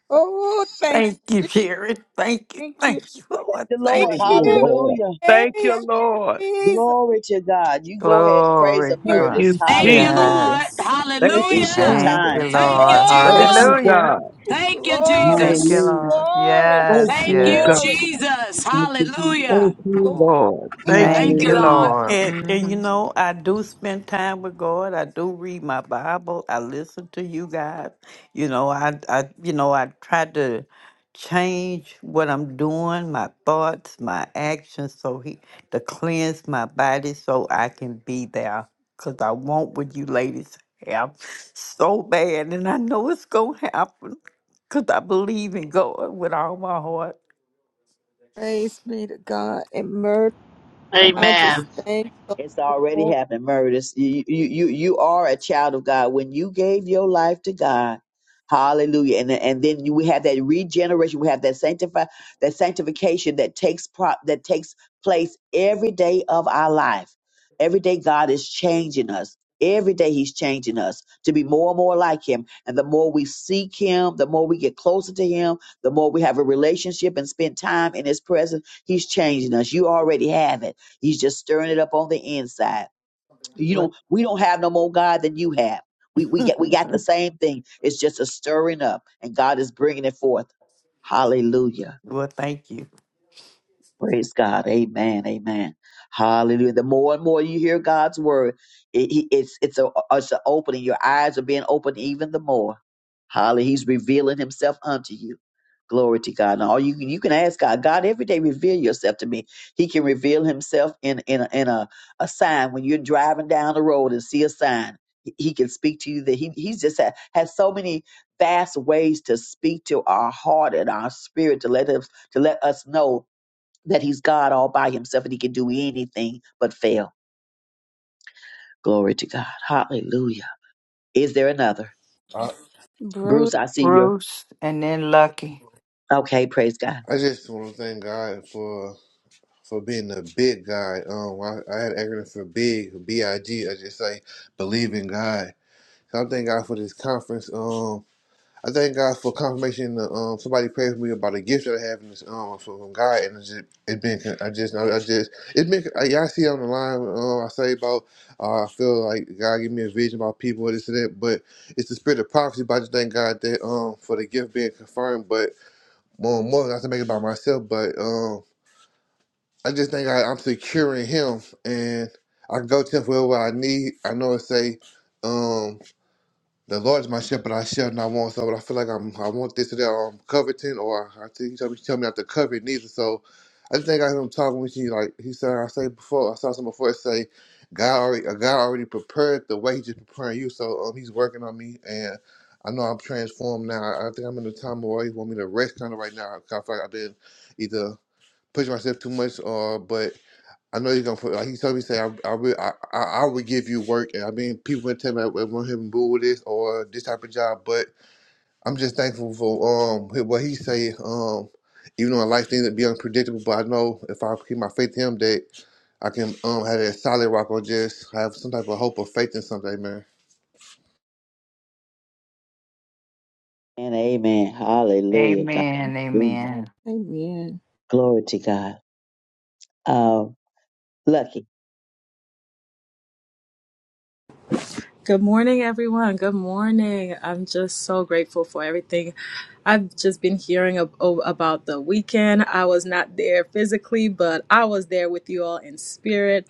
[SPEAKER 1] Oh, thank
[SPEAKER 10] Thank you,
[SPEAKER 1] you.
[SPEAKER 10] Sherry. Thank you.
[SPEAKER 1] Thank you.
[SPEAKER 10] Thank you,
[SPEAKER 1] Lord.
[SPEAKER 2] Thank
[SPEAKER 10] Lord.
[SPEAKER 2] the
[SPEAKER 1] Thank
[SPEAKER 2] Lord.
[SPEAKER 8] Thank you,
[SPEAKER 10] Thank you.
[SPEAKER 1] you.
[SPEAKER 8] Lord.
[SPEAKER 2] Hallelujah.
[SPEAKER 8] Thank
[SPEAKER 1] Praise
[SPEAKER 8] you, Lord.
[SPEAKER 1] Jesus.
[SPEAKER 2] Glory to God. You go ahead and
[SPEAKER 1] Thank
[SPEAKER 2] praise
[SPEAKER 7] Glory,
[SPEAKER 2] the
[SPEAKER 1] you.
[SPEAKER 8] Thank
[SPEAKER 1] Lord.
[SPEAKER 7] God.
[SPEAKER 2] murders.
[SPEAKER 8] you,
[SPEAKER 6] Thank you,
[SPEAKER 8] Jesus.
[SPEAKER 2] Hallelujah.
[SPEAKER 6] Lord.
[SPEAKER 7] Yes.
[SPEAKER 8] Thank
[SPEAKER 1] Thank you,
[SPEAKER 8] you,
[SPEAKER 2] It's your
[SPEAKER 6] Hallelujah.
[SPEAKER 7] Thank
[SPEAKER 8] Jesus.
[SPEAKER 7] you,
[SPEAKER 1] Lord.
[SPEAKER 2] time.
[SPEAKER 6] Thank you,
[SPEAKER 7] Lord.
[SPEAKER 8] Thank
[SPEAKER 6] Jesus.
[SPEAKER 8] you,
[SPEAKER 1] Glory.
[SPEAKER 7] Hallelujah.
[SPEAKER 8] God.
[SPEAKER 6] Thank you,
[SPEAKER 1] Glory.
[SPEAKER 7] Thank you,
[SPEAKER 6] Jesus.
[SPEAKER 2] Hallelujah.
[SPEAKER 7] Lord.
[SPEAKER 1] Glory.
[SPEAKER 8] Thank
[SPEAKER 7] Yes,
[SPEAKER 6] Thank
[SPEAKER 8] you,
[SPEAKER 6] you,
[SPEAKER 1] Glory.
[SPEAKER 7] yes.
[SPEAKER 8] God.
[SPEAKER 6] Jesus.
[SPEAKER 2] Thank you, Jesus.
[SPEAKER 8] Thank
[SPEAKER 6] Hallelujah.
[SPEAKER 8] you,
[SPEAKER 1] Lord.
[SPEAKER 8] Lord.
[SPEAKER 1] Thank you.
[SPEAKER 8] Thank you,
[SPEAKER 7] Thank
[SPEAKER 6] Thank you,
[SPEAKER 7] you,
[SPEAKER 2] Hallelujah.
[SPEAKER 6] Lord.
[SPEAKER 7] Lord.
[SPEAKER 10] And, and you
[SPEAKER 7] hmm
[SPEAKER 10] know, I do spend time with God. I do read my Bible. I listen to you guys. You know, I, I you know, I try to change what I'm doing, my thoughts, my actions, so he to cleanse my body so I can be there. Cause I want what you ladies have so bad, and I know it's gonna happen. Cause I believe in God with all my heart.
[SPEAKER 1] Praise be to God and mercy. I just
[SPEAKER 6] Amen.
[SPEAKER 1] thank the
[SPEAKER 2] It's already
[SPEAKER 1] Lord.
[SPEAKER 2] happened, Murders. you, you, you you are a child of God. When you gave your life to God, hallelujah. And, and then you, we have that regeneration. We have that sanctify, that sanctification that takes pro, that takes place every day of our life. Every day God is changing us. Every day he's changing us to be more and more like him. And the more we seek him, the more we get closer to him, the more we have a relationship and spend time in his presence, he's changing us. You already have it. He's just stirring it up on the inside. You
[SPEAKER 10] But
[SPEAKER 2] don't we don't have no more God than you have. We we get we got the same thing. It's just a stirring up, and God is bringing it forth. Hallelujah.
[SPEAKER 10] well, thank you.
[SPEAKER 2] Praise God. Amen. Amen. Hallelujah. The more and more you hear God's word, it, he- it's it's a it's an opening. Your eyes are being opened even the more. Hallelujah. He's revealing himself unto you. Glory to God. And all you you can ask God, God, every day reveal yourself to me. He can reveal himself in in a, in a, a sign when you're driving down the road and see a sign. He he can speak to you that he he's just had, has so many vast ways to speak to our heart and our spirit to let us to let us know that he's God all by himself and he can do anything but fail. Glory to God. Hallelujah. Is there another?
[SPEAKER 13] I,
[SPEAKER 1] Bruce.
[SPEAKER 2] Bruce, I see you.
[SPEAKER 7] Bruce and then Lucky.
[SPEAKER 2] Okay, praise God.
[SPEAKER 13] I just want to thank God for for being a big guy. Um, I, I had an acronym for big, B I G. I just say believe in God. So I thank God for this conference. Um, I thank God for confirmation. uh, Um, somebody prayed for me about a gift that I have in this um from from God, and it's just it been. I just I just it's been. I, y'all see on the line. Um, I say about uh, I feel like God gave me a vision about people and this and that, but it's the spirit of prophecy. But I just thank God that um for the gift being confirmed, but. more more than I can make it by myself. But um, I just think I, I'm securing him, and I can go to him for what I need. I know it say. um, the Lord is my shepherd; I shall not want. So, but I feel like I'm, I want this or that. Or I'm coveting, or I think he told me, he told me not to covet it neither. So, I just think I heard him talking with you. Like he said, I say before, I saw something before say, God already, uh, God already prepared the way. He's just preparing you. So, um, he's working on me, and I know I'm transformed now. I I think I'm in a time where he want me to rest kind of right now. 'cause I feel like I've been either pushing myself too much, or but. I know you're gonna put like he told me say I I will I, I I will give you work and I mean people been tell me I want him to do this or this type of job but I'm just thankful for um what he say um even though I like things to be unpredictable but I know if I keep my faith in him that I can um have that solid rock or just have some type of hope or faith in something man.
[SPEAKER 2] And amen. Hallelujah. God.
[SPEAKER 7] Amen, amen.
[SPEAKER 1] Amen.
[SPEAKER 2] Glory to God. Um, lucky.
[SPEAKER 11] Good morning, everyone. Good morning. I'm just so grateful for everything. I've just been hearing ab- o- about the weekend. I was not there physically, but I was there with you all in spirit.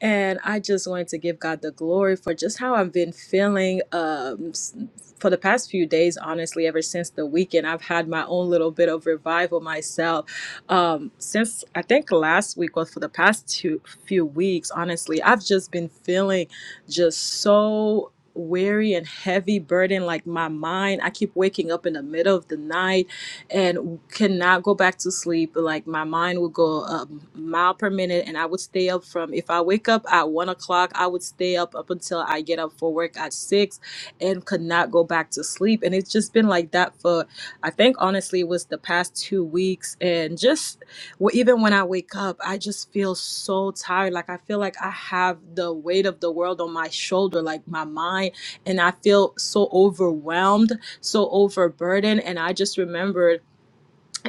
[SPEAKER 11] And I just wanted to give God the glory for just how I've been feeling um, s- for the past few days, honestly, ever since the weekend. I've had my own little bit of revival myself. Um, since I think last week, or for the past two few weeks, honestly, I've just been feeling just so weary and heavy burden like my mind i keep waking up in the middle of the night and cannot go back to sleep like my mind would go a mile per minute and i would stay up from if i wake up at one o'clock i would stay up up until i get up for work at six and could not go back to sleep and it's just been like that for i think honestly it was the past two weeks and just well, even when I wake up, I just feel so tired. Like I feel like I have the weight of the world on my shoulder, like my mind, and I feel so overwhelmed, so overburdened. And I just remembered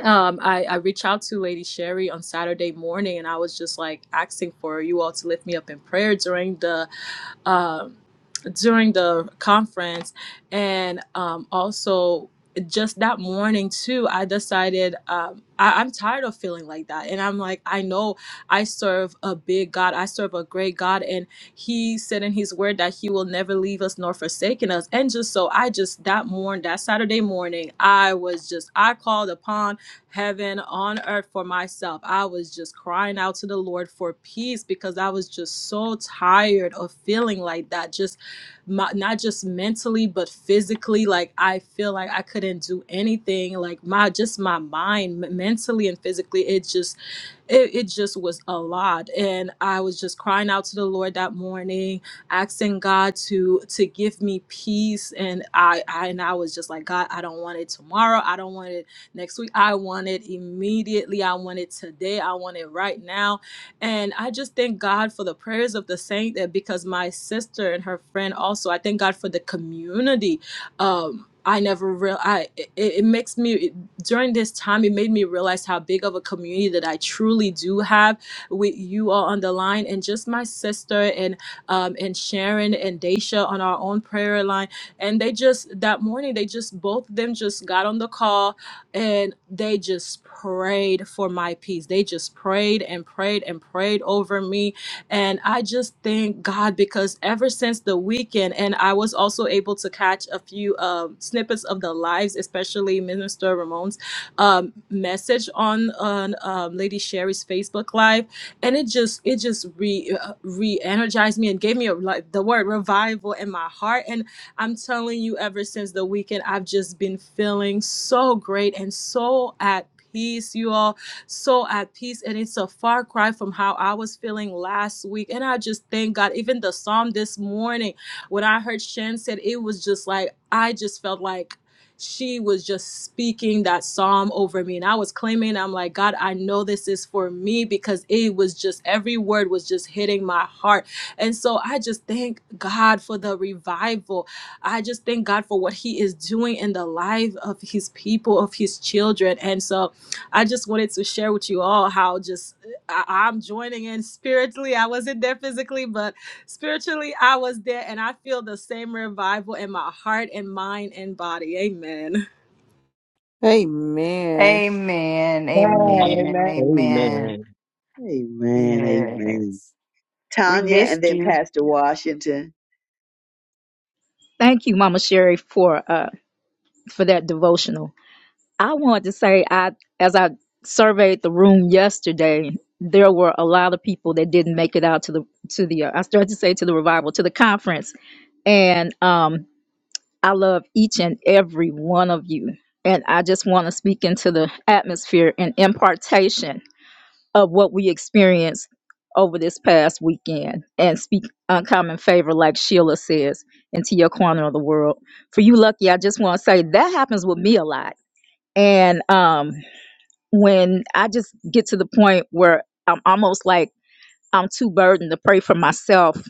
[SPEAKER 11] um, I, I reached out to Lady Sherry on Saturday morning, and I was just like asking for you all to lift me up in prayer during the um, during the conference, and um, also just that morning too. I decided um, I, I'm tired of feeling like that, and I'm like, I know I serve a big God, I serve a great God, and He said in His Word that He will never leave us nor forsaken us. And just so I just that morning, that Saturday morning, I was just I called upon heaven on earth for myself. I was just crying out to the Lord for peace because I was just so tired of feeling like that. Just my, not just mentally but physically like i feel like i couldn't do anything like my just my mind m- mentally and physically it just it, it just was a lot and i was just crying out to the lord that morning asking god to to give me peace and i, I and i was just like god i don't want it tomorrow i don't want it next week. I want it immediately. I want it today. I want it right now. And I just thank God for the prayers of the saint that because my sister and her friend also, I thank God for the community. Um, I never real I it, it makes me it, during this time it made me realize how big of a community that I truly do have with you all on the line and just my sister and um and Sharon and Daisha on our own prayer line and they just that morning they just both of them just got on the call and they just prayed for my peace. They just prayed and prayed and prayed over me. And I just thank God because ever since the weekend, and I was also able to catch a few um, snippets of the lives, especially Minister Ramon's um, message on on um, Lady Sherry's Facebook Live, and it just it just re uh, re energized me and gave me a, like the word revival in my heart. And I'm telling you, ever since the weekend, I've just been feeling so great and so at peace, you all. So at peace. And it's a far cry from how I was feeling last week. And I just thank God. Even the psalm this morning, when I heard Shan said, it was just like, I just felt like she was just speaking that psalm over me and i was claiming i'm like god i know this is for me because it was just every word was just hitting my heart and so i just thank god for the revival I just thank God for what He is doing in the life of His people, of His children. And so I just wanted to share with you all how just I, I'm joining in spiritually. I wasn't there physically, but spiritually I was there and I feel the same revival in my heart and mind and body. Amen.
[SPEAKER 1] Amen.
[SPEAKER 7] Amen,
[SPEAKER 8] Lord.
[SPEAKER 7] amen,
[SPEAKER 4] Amen.
[SPEAKER 7] amen.
[SPEAKER 8] Amen.
[SPEAKER 2] Amen. Amen.
[SPEAKER 7] Yes. We
[SPEAKER 2] Tanya and
[SPEAKER 7] missed
[SPEAKER 2] then
[SPEAKER 7] you.
[SPEAKER 2] Pastor Washington.
[SPEAKER 14] Thank you, Mama Sherry, for uh for that devotional. I wanted to say I as I surveyed the room yesterday, there were a lot of people that didn't make it out to the to the uh, I started to say to the revival, to the conference. And um I love each and every one of you. And I just want to speak into the atmosphere and impartation of what we experienced over this past weekend and speak uncommon favor, like Sheila says, into your corner of the world. For you, Lucky, I just want to say that happens with me a lot. And um, when I just get to the point where I'm almost like I'm too burdened to pray for myself,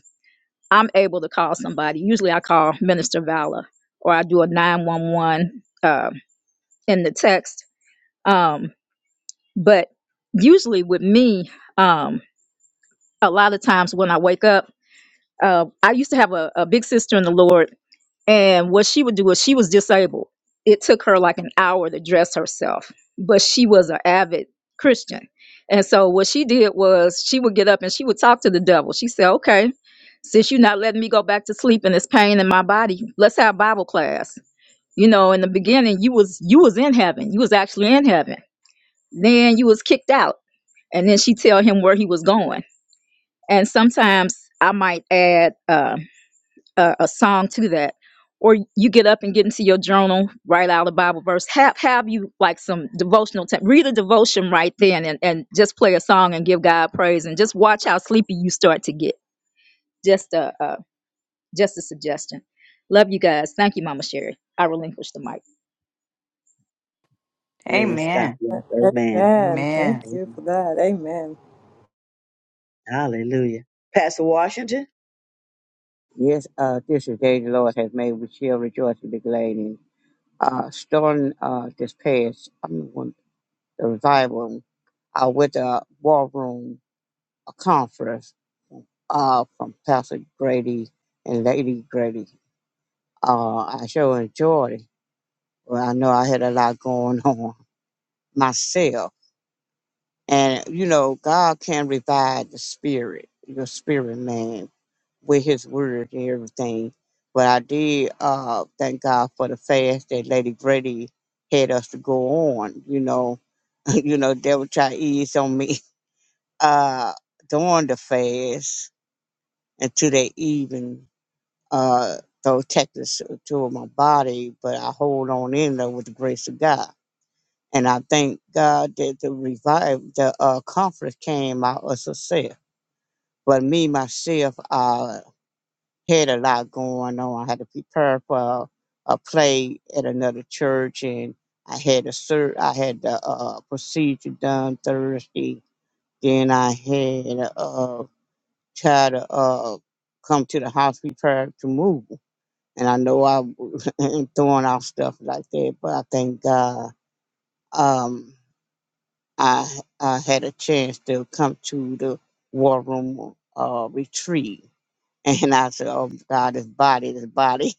[SPEAKER 14] I'm able to call somebody. Usually I call Minister Vala or I do a 911 uh, in the text. Um, but usually with me, um, a lot of times when I wake up, uh, I used to have a, a big sister in the Lord, and what she would do is she was disabled. It took her like an hour to dress herself, but she was an avid Christian. And so what she did was she would get up and she would talk to the devil. She said, Okay, since you're not letting me go back to sleep and this pain in my body, let's have Bible class. You know, in the beginning you was you was in heaven. You was actually in heaven. Then you was kicked out. And then she tell him where he was going and sometimes I might add uh, a, a song to that, or you get up and get into your journal, write out a Bible verse. Have have you like some devotional time? Read a devotion right then, and and just play a song and give God praise, and just watch how sleepy you start to get. Just a uh, just a suggestion. Love you guys. Thank you, Mama Sherry. I relinquish the mic.
[SPEAKER 2] Bless God
[SPEAKER 7] Amen.
[SPEAKER 2] bless. Amen.
[SPEAKER 11] Amen. Thank
[SPEAKER 7] Amen.
[SPEAKER 11] you
[SPEAKER 2] Amen.
[SPEAKER 11] for that. Amen.
[SPEAKER 2] Hallelujah. Pastor Washington.
[SPEAKER 15] Yes, uh, this is the day the Lord has made. We shall rejoice and be glad in. it. Uh, starting uh, this past, I'm the one, the revival, I went to a war room, a conference uh, from Pastor Grady and Lady Grady. Uh, I sure enjoyed it. Well, I know I had a lot going on myself. And, you know, God can revive the spirit, your spirit, man. with his word and everything. But I did uh thank God for the fast that Lady Grady had us to go on, you know. you know, devil try to ease on me uh during the fast until that even, uh those Texas to my body, but I hold on in there with the grace of God. And I thank God that the revive the uh conference came out of success. But me myself, uh. had a lot going on. I had to prepare for a play at another church, and I had a sur- I had the uh, uh, procedure done Thursday. Then I had a uh, try to uh, come to the house prepared to move. And I know I was throwing off stuff like that, but I thank God um, I I had a chance to come to the war room uh, retreat. And I said, "Oh God, this body, this body."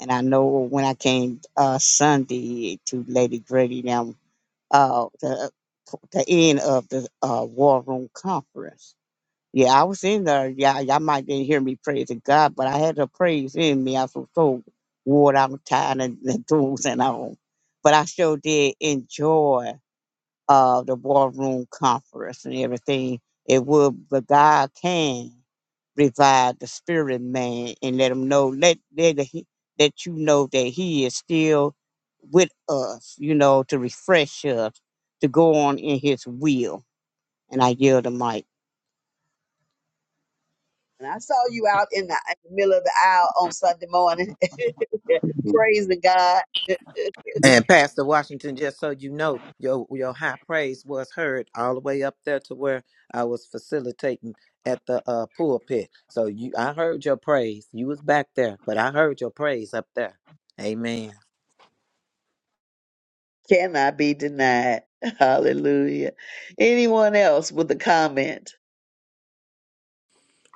[SPEAKER 15] And I know when I came uh, Sunday to Lady Grady now, uh, the, the end of the uh, War Room Conference. Yeah, I was in there. Yeah, y'all might didn't hear me praising God, but I had the praise in me. I was so wore out, tired, and, and things and all. But I sure did enjoy uh, the war room conference and everything. It would, but God can revive the spirit man and let him know, let let he- that you know that He is still with us. You know, to refresh us, to go on in His will. And I yield the mic.
[SPEAKER 2] And I saw you out in the, in the middle of the aisle on Sunday morning.
[SPEAKER 15] Yes,
[SPEAKER 2] praising God.
[SPEAKER 3] And Pastor Washington, just so you know, your your high praise was heard all the way up there to where I was facilitating at the uh, pulpit. So you, I heard your praise. You was back there, but I heard your praise up there. Amen.
[SPEAKER 2] cannot be denied. Hallelujah. Anyone else with a comment?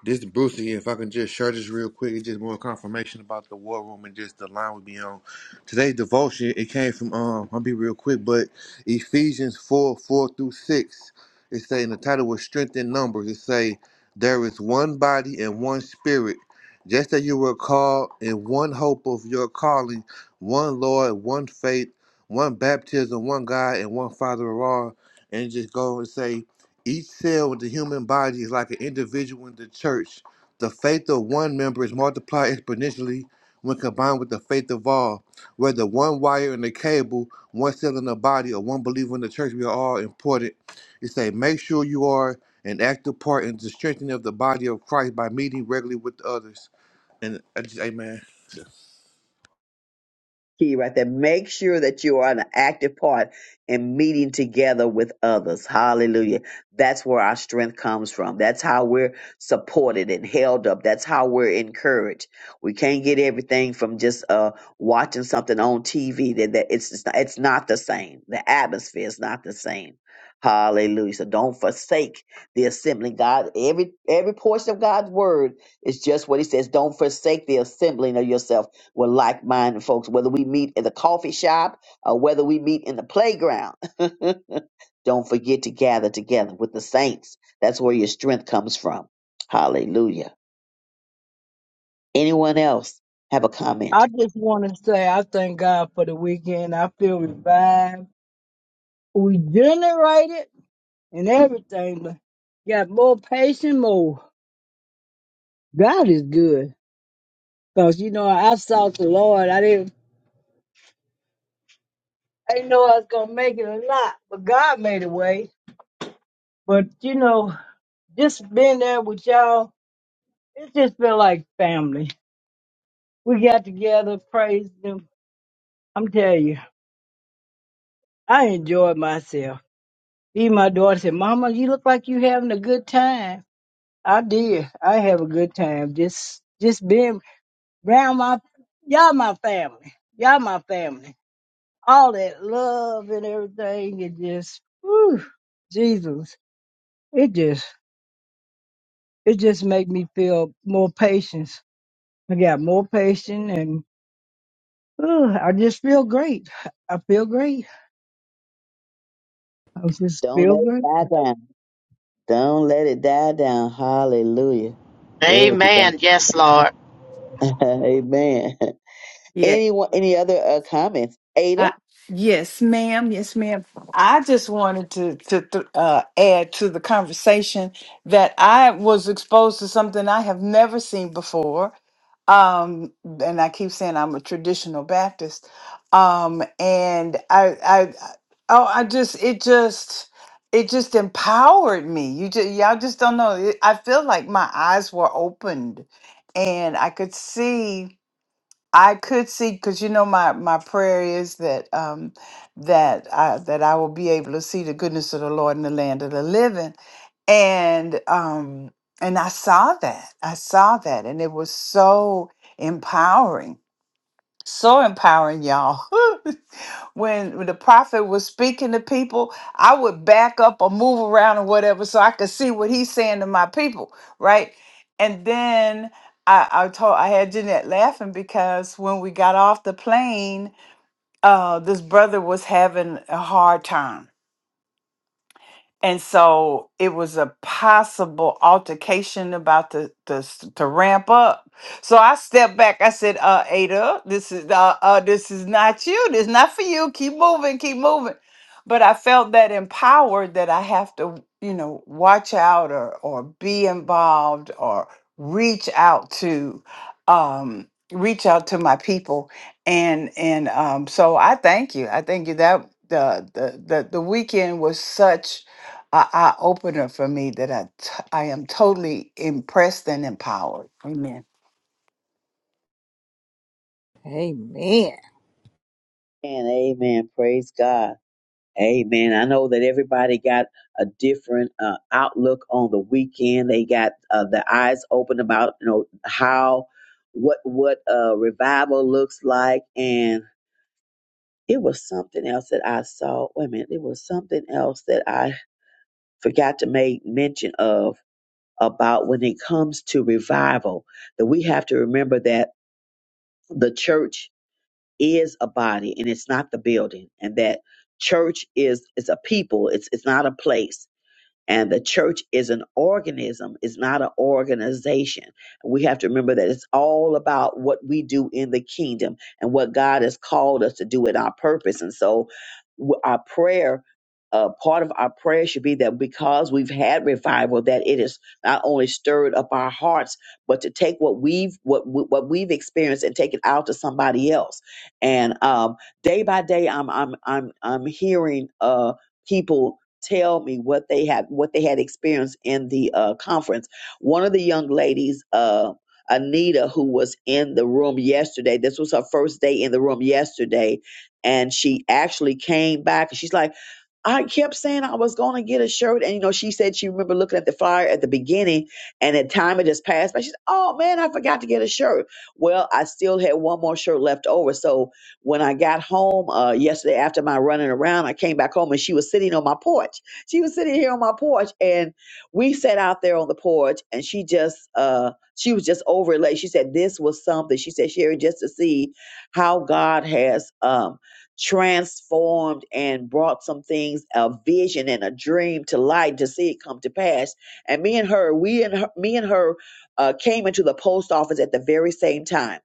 [SPEAKER 13] This is Bruce here. If I can just share this real quick, it's just more confirmation about the war room and just the line we be on. Today's devotion, it came from um, I'll be real quick, but Ephesians 4, 4 through 6. It say in the title was strength in numbers. It say, There is one body and one spirit. Just as you were called in one hope of your calling, one Lord, one faith, one baptism, one God, and one Father of all. And it just go and say each cell in the human body is like an individual in the church. The faith of one member is multiplied exponentially when combined with the faith of all. Whether one wire in the cable, one cell in the body, or one believer in the church, we are all important. It say, make sure you are an active part in the strengthening of the body of Christ by meeting regularly with others. And I just, amen.
[SPEAKER 2] key right there. Make sure that you are an active part in meeting together with others. Hallelujah. That's where our strength comes from. That's how we're supported and held up. That's how we're encouraged. We can't get everything from just uh watching something on TV. That, that it's it's not, it's not the same. The atmosphere is not the same. Hallelujah. So don't forsake the assembly. God, every every portion of God's word is just what he says. Don't forsake the assembling of yourself with like minded folks, whether we meet at the coffee shop or whether we meet in the playground. Don't forget to gather together with the saints. That's where your strength comes from. Hallelujah. Anyone else have a comment?
[SPEAKER 4] I just want to say I thank God for the weekend. I feel revived. We generated and everything, but got more patience, more. God is good. Cause you know, I sought the Lord. I didn't I didn't know I was gonna make it or not, but God made a way. But you know, just being there with y'all, it just felt like family. We got together, praised them. I'm telling you, I enjoyed myself. Even my daughter said, Mama, you look like you having a good time. I did. I have a good time. Just just being around my y'all my family. Y'all my family. all that love and everything, it just, whew, Jesus, it just, it just make me feel more patience. I got more patience and whew, I just feel great. I feel great. I just
[SPEAKER 2] Don't
[SPEAKER 4] feel
[SPEAKER 2] let it
[SPEAKER 4] great.
[SPEAKER 2] die down. Don't let it die down. Hallelujah. Glory to God.
[SPEAKER 6] Amen. Yes, Lord.
[SPEAKER 2] amen.
[SPEAKER 7] Yeah,
[SPEAKER 2] Anyone, any other uh, comments? Ada?
[SPEAKER 7] I, yes, ma'am. Yes, ma'am. I just wanted to to th- uh, add to the conversation that I was exposed to something I have never seen before. Um, and I keep saying I'm a traditional Baptist. Um, and I, I, oh, I just it just it just empowered me. You just y'all just don't know. It- I feel like my eyes were opened, and I could see. I could see because you know my my prayer is that um that I that I will be able to see the goodness of the Lord in the land of the living and um and I saw that I saw that and it was so empowering so empowering y'all when when the prophet was speaking to people, I would back up or move around or whatever so I could see what he's saying to my people, right? And then I, I told I had Jeanette laughing because when we got off the plane, uh, this brother was having a hard time and so it was a possible altercation about to to, s- to ramp up. So I stepped back. I said, "Uh, Ada, this is uh, uh this is not you. This is not for you. Keep moving, keep moving." But I felt that empowered that I have to, you know, watch out or or be involved or reach out to, um, reach out to my people, and and um, so I thank you. I thank you that. The, the the the weekend was such eye opener for me that I, t- I am totally impressed and empowered. Amen.
[SPEAKER 1] Amen.
[SPEAKER 2] And amen. Praise God. Amen. I know that everybody got a different uh, outlook on the weekend. They got uh, the eyes open about you know how what what uh, revival looks like, and it was something else that I saw. Wait a minute, it was something else that I forgot to make mention of about when it comes to revival that we have to remember that the church is a body and it's not the building, and that church is is a people. It's it's not a place And the church is an organism, it's not an organization. We have to remember that it's all about what we do in the kingdom and what God has called us to do in our purpose. And so, w- our prayer. Uh, part of our prayer should be that because we've had revival, that it has not only stirred up our hearts, but to take what we've what we- what we've experienced and take it out to somebody else. And um, day by day, I'm I'm I'm I'm hearing uh, people tell me what they had what they had experienced in the uh, conference. One of the young ladies, uh, Anita, who was in the room yesterday, this was her first day in the room yesterday, and she actually came back. and She's like, I kept saying I was going to get a shirt, and you know, she said she remember looking at the flyer at the beginning, and at time it just passed. But she said, "Oh man, I forgot to get a shirt." Well, I still had one more shirt left over, so when I got home uh, yesterday after my running around, I came back home and she was sitting on my porch. She was sitting here on my porch, and we sat out there on the porch, and she just uh, she was just over elated. She said this was something. She said Sherry, just to see how God has um, transformed and brought some things, a vision and a dream to light, to see it come to pass. And me and her, we and her, me and her uh, came into the post office at the very same time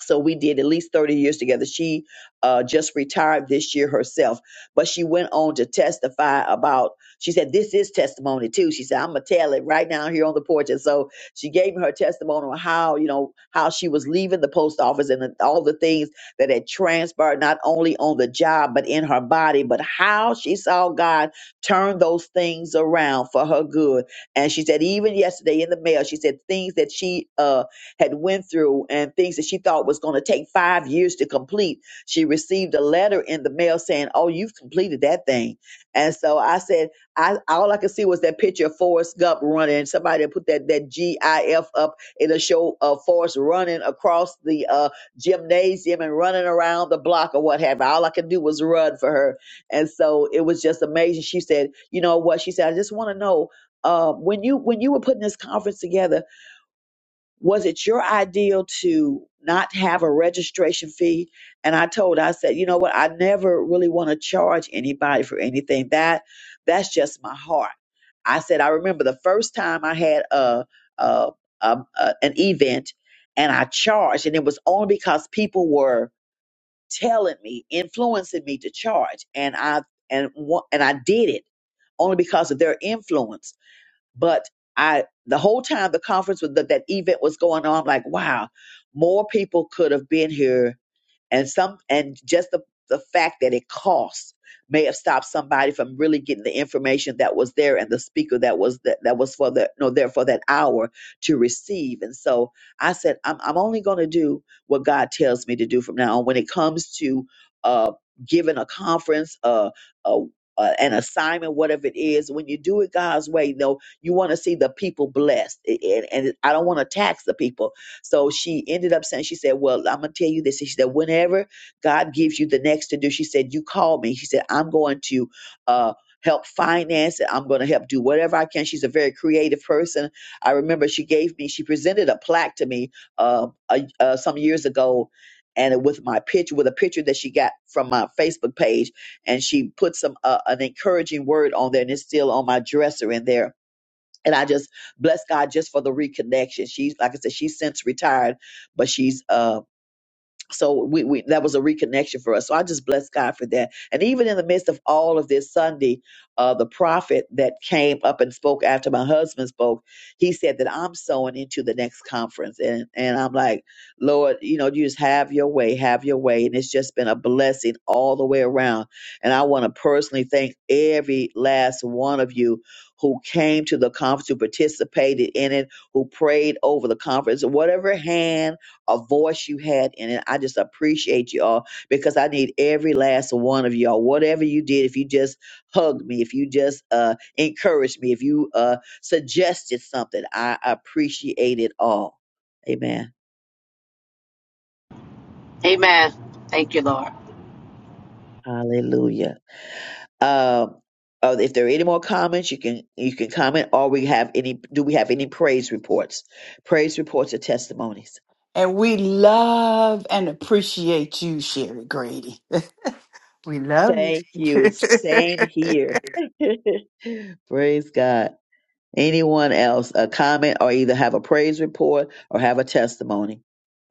[SPEAKER 2] so we did at least 30 years together. She uh, just retired this year herself, but she went on to testify about, she said, this is testimony too. She said, I'm going to tell it right now here on the porch. And so she gave her testimony on how, you know, how she was leaving the post office and the, all the things that had transpired, not only on the job, but in her body, but how she saw God turn those things around for her good. And she said, even yesterday in the mail, she said things that she, uh, had went through and things that she thought was going to take five years to complete. She received a letter in the mail saying, "Oh, you've completed that thing." And so I said, I all I could see was that picture of Forrest Gump running. Somebody put that that GIF up. It'll show uh, Forrest running across the uh, gymnasium and running around the block or what have you. All I could do was run for her, and so it was just amazing. She said, "You know what?" She said, "I just want to know." Uh, when you when you were putting this conference together, was it your ideal to not have a registration fee? And I told, her, I said, you know what? I never really want to charge anybody for anything. That that's just my heart. I said, I remember the first time I had a, a, a, a an event and I charged, and it was only because people were telling me, influencing me to charge, and I and wa- and I did it only because of their influence but I, the whole time the conference was that, that event was going on, I'm like, wow, more people could have been here and some and just the, the fact that it costs may have stopped somebody from really getting the information that was there and the speaker that was that, that was for the no there for that hour to receive and so i said i'm, I'm only going to do what god tells me to do from now on when it comes to uh giving a conference uh, uh uh, an assignment, whatever it is, when you do it God's way, though, you want to see the people blessed, A- and, and I don't want to tax the people. So she ended up saying, she said, Well, I'm gonna tell you this. And she said, Whenever God gives you the next to do, she said, You call me. She said, I'm going to uh help finance it. I'm gonna help do whatever I can. She's a very creative person. I remember she gave me, she presented a plaque to me uh, a, uh some years ago. And with my picture, with a picture that she got from my Facebook page, and she put some uh, an encouraging word on there, and it's still on my dresser in there and I just bless God just for the reconnection. She's like I said, she's since retired, but she's um so we, we that was a reconnection for us. So I just bless God for that. And even in the midst of all of this Sunday, uh, the prophet that came up and spoke after my husband spoke, he said that I'm sowing into the next conference, and and I'm like, Lord, you know, you just have your way, have your way, and it's just been a blessing all the way around. And I want to personally thank every last one of you who came to the conference, who participated in it, who prayed over the conference, whatever hand a voice you had in it. I just appreciate you all because I need every last one of y'all. Whatever you did, if you just hugged me, if you just uh, encouraged me, if you uh, suggested something, I appreciate it all. Amen.
[SPEAKER 6] Amen. Thank you, Lord.
[SPEAKER 2] Hallelujah. Um, uh, if there are any more comments, you can you can comment. Or we have any? Do we have any praise reports? Praise reports or testimonies?
[SPEAKER 7] And we love and appreciate you, Sherry Grady. We love
[SPEAKER 2] Thank
[SPEAKER 7] you.
[SPEAKER 2] you. Same here. praise God. Anyone else a comment or either have a praise report or have a testimony?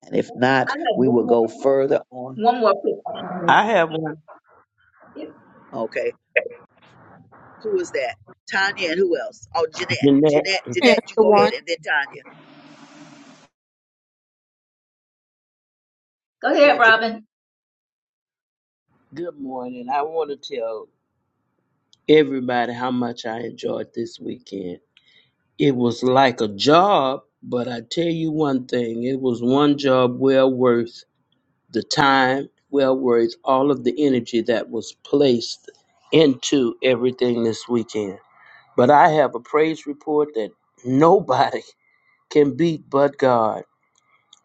[SPEAKER 2] And if not, we will go further on.
[SPEAKER 14] One more. please.
[SPEAKER 8] I have one.
[SPEAKER 2] Okay. Who is that? Tanya and who else? Oh, Jeanette.
[SPEAKER 8] Jeanette,
[SPEAKER 2] Jeanette,
[SPEAKER 1] That's
[SPEAKER 2] Jeanette, you
[SPEAKER 1] the
[SPEAKER 2] go
[SPEAKER 1] one.
[SPEAKER 2] ahead and then Tanya.
[SPEAKER 14] Go
[SPEAKER 2] Go
[SPEAKER 14] ahead,
[SPEAKER 2] ahead,
[SPEAKER 14] Robin.
[SPEAKER 8] good morning. I want to tell everybody how much I enjoyed this weekend. It was like a job, but I tell you one thing it was one job well worth the time, well worth all of the energy that was placed into everything this weekend. But I have a praise report that nobody can beat but God.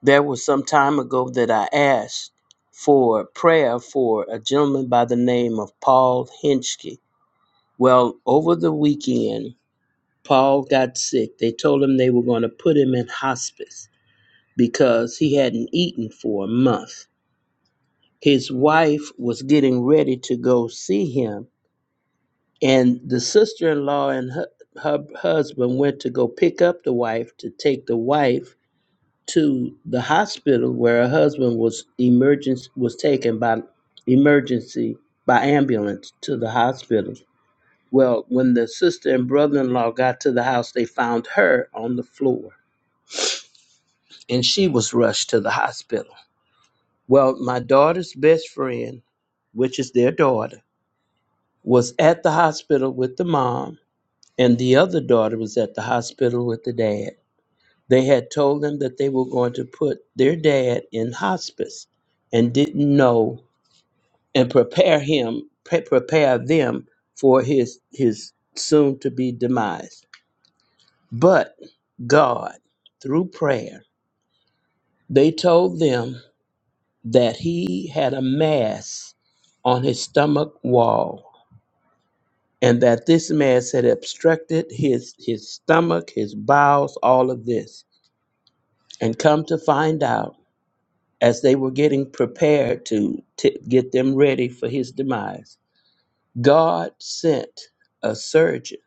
[SPEAKER 8] There was some time ago that I asked for prayer for a gentleman by the name of Paul Hinchke. Well, over the weekend, Paul got sick. They told him they were going to put him in hospice because he hadn't eaten for a month. His wife was getting ready to go see him, and the sister in law and her, her husband went to go pick up the wife to take the wife to the hospital where her husband was emergency was taken by emergency by ambulance to the hospital. Well, when the sister and brother-in-law got to the house, they found her on the floor and she was rushed to the hospital. Well, my daughter's best friend, which is their daughter, was at the hospital with the mom and the other daughter was at the hospital with the dad They had told them that they were going to put their dad in hospice and didn't know and prepare him, pre- prepare them for his, his soon to be demise. But God, through prayer, they told them that he had a mass on his stomach wall and that this mass had obstructed his, his stomach, his bowels, all of this. And come to find out, as they were getting prepared to t- get them ready for his demise, God sent a surgeon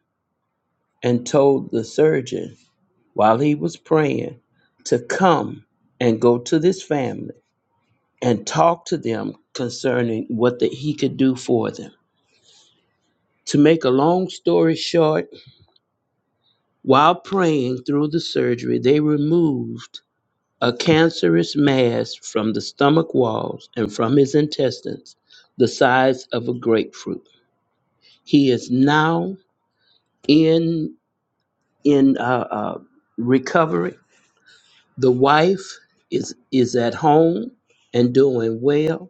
[SPEAKER 8] and told the surgeon while he was praying to come and go to this family and talk to them concerning what that he could do for them. To make a long story short, while praying through the surgery, they removed a cancerous mass from the stomach walls and from his intestines, the size of a grapefruit. He is now in in uh, uh, recovery. The wife is is at home and doing well.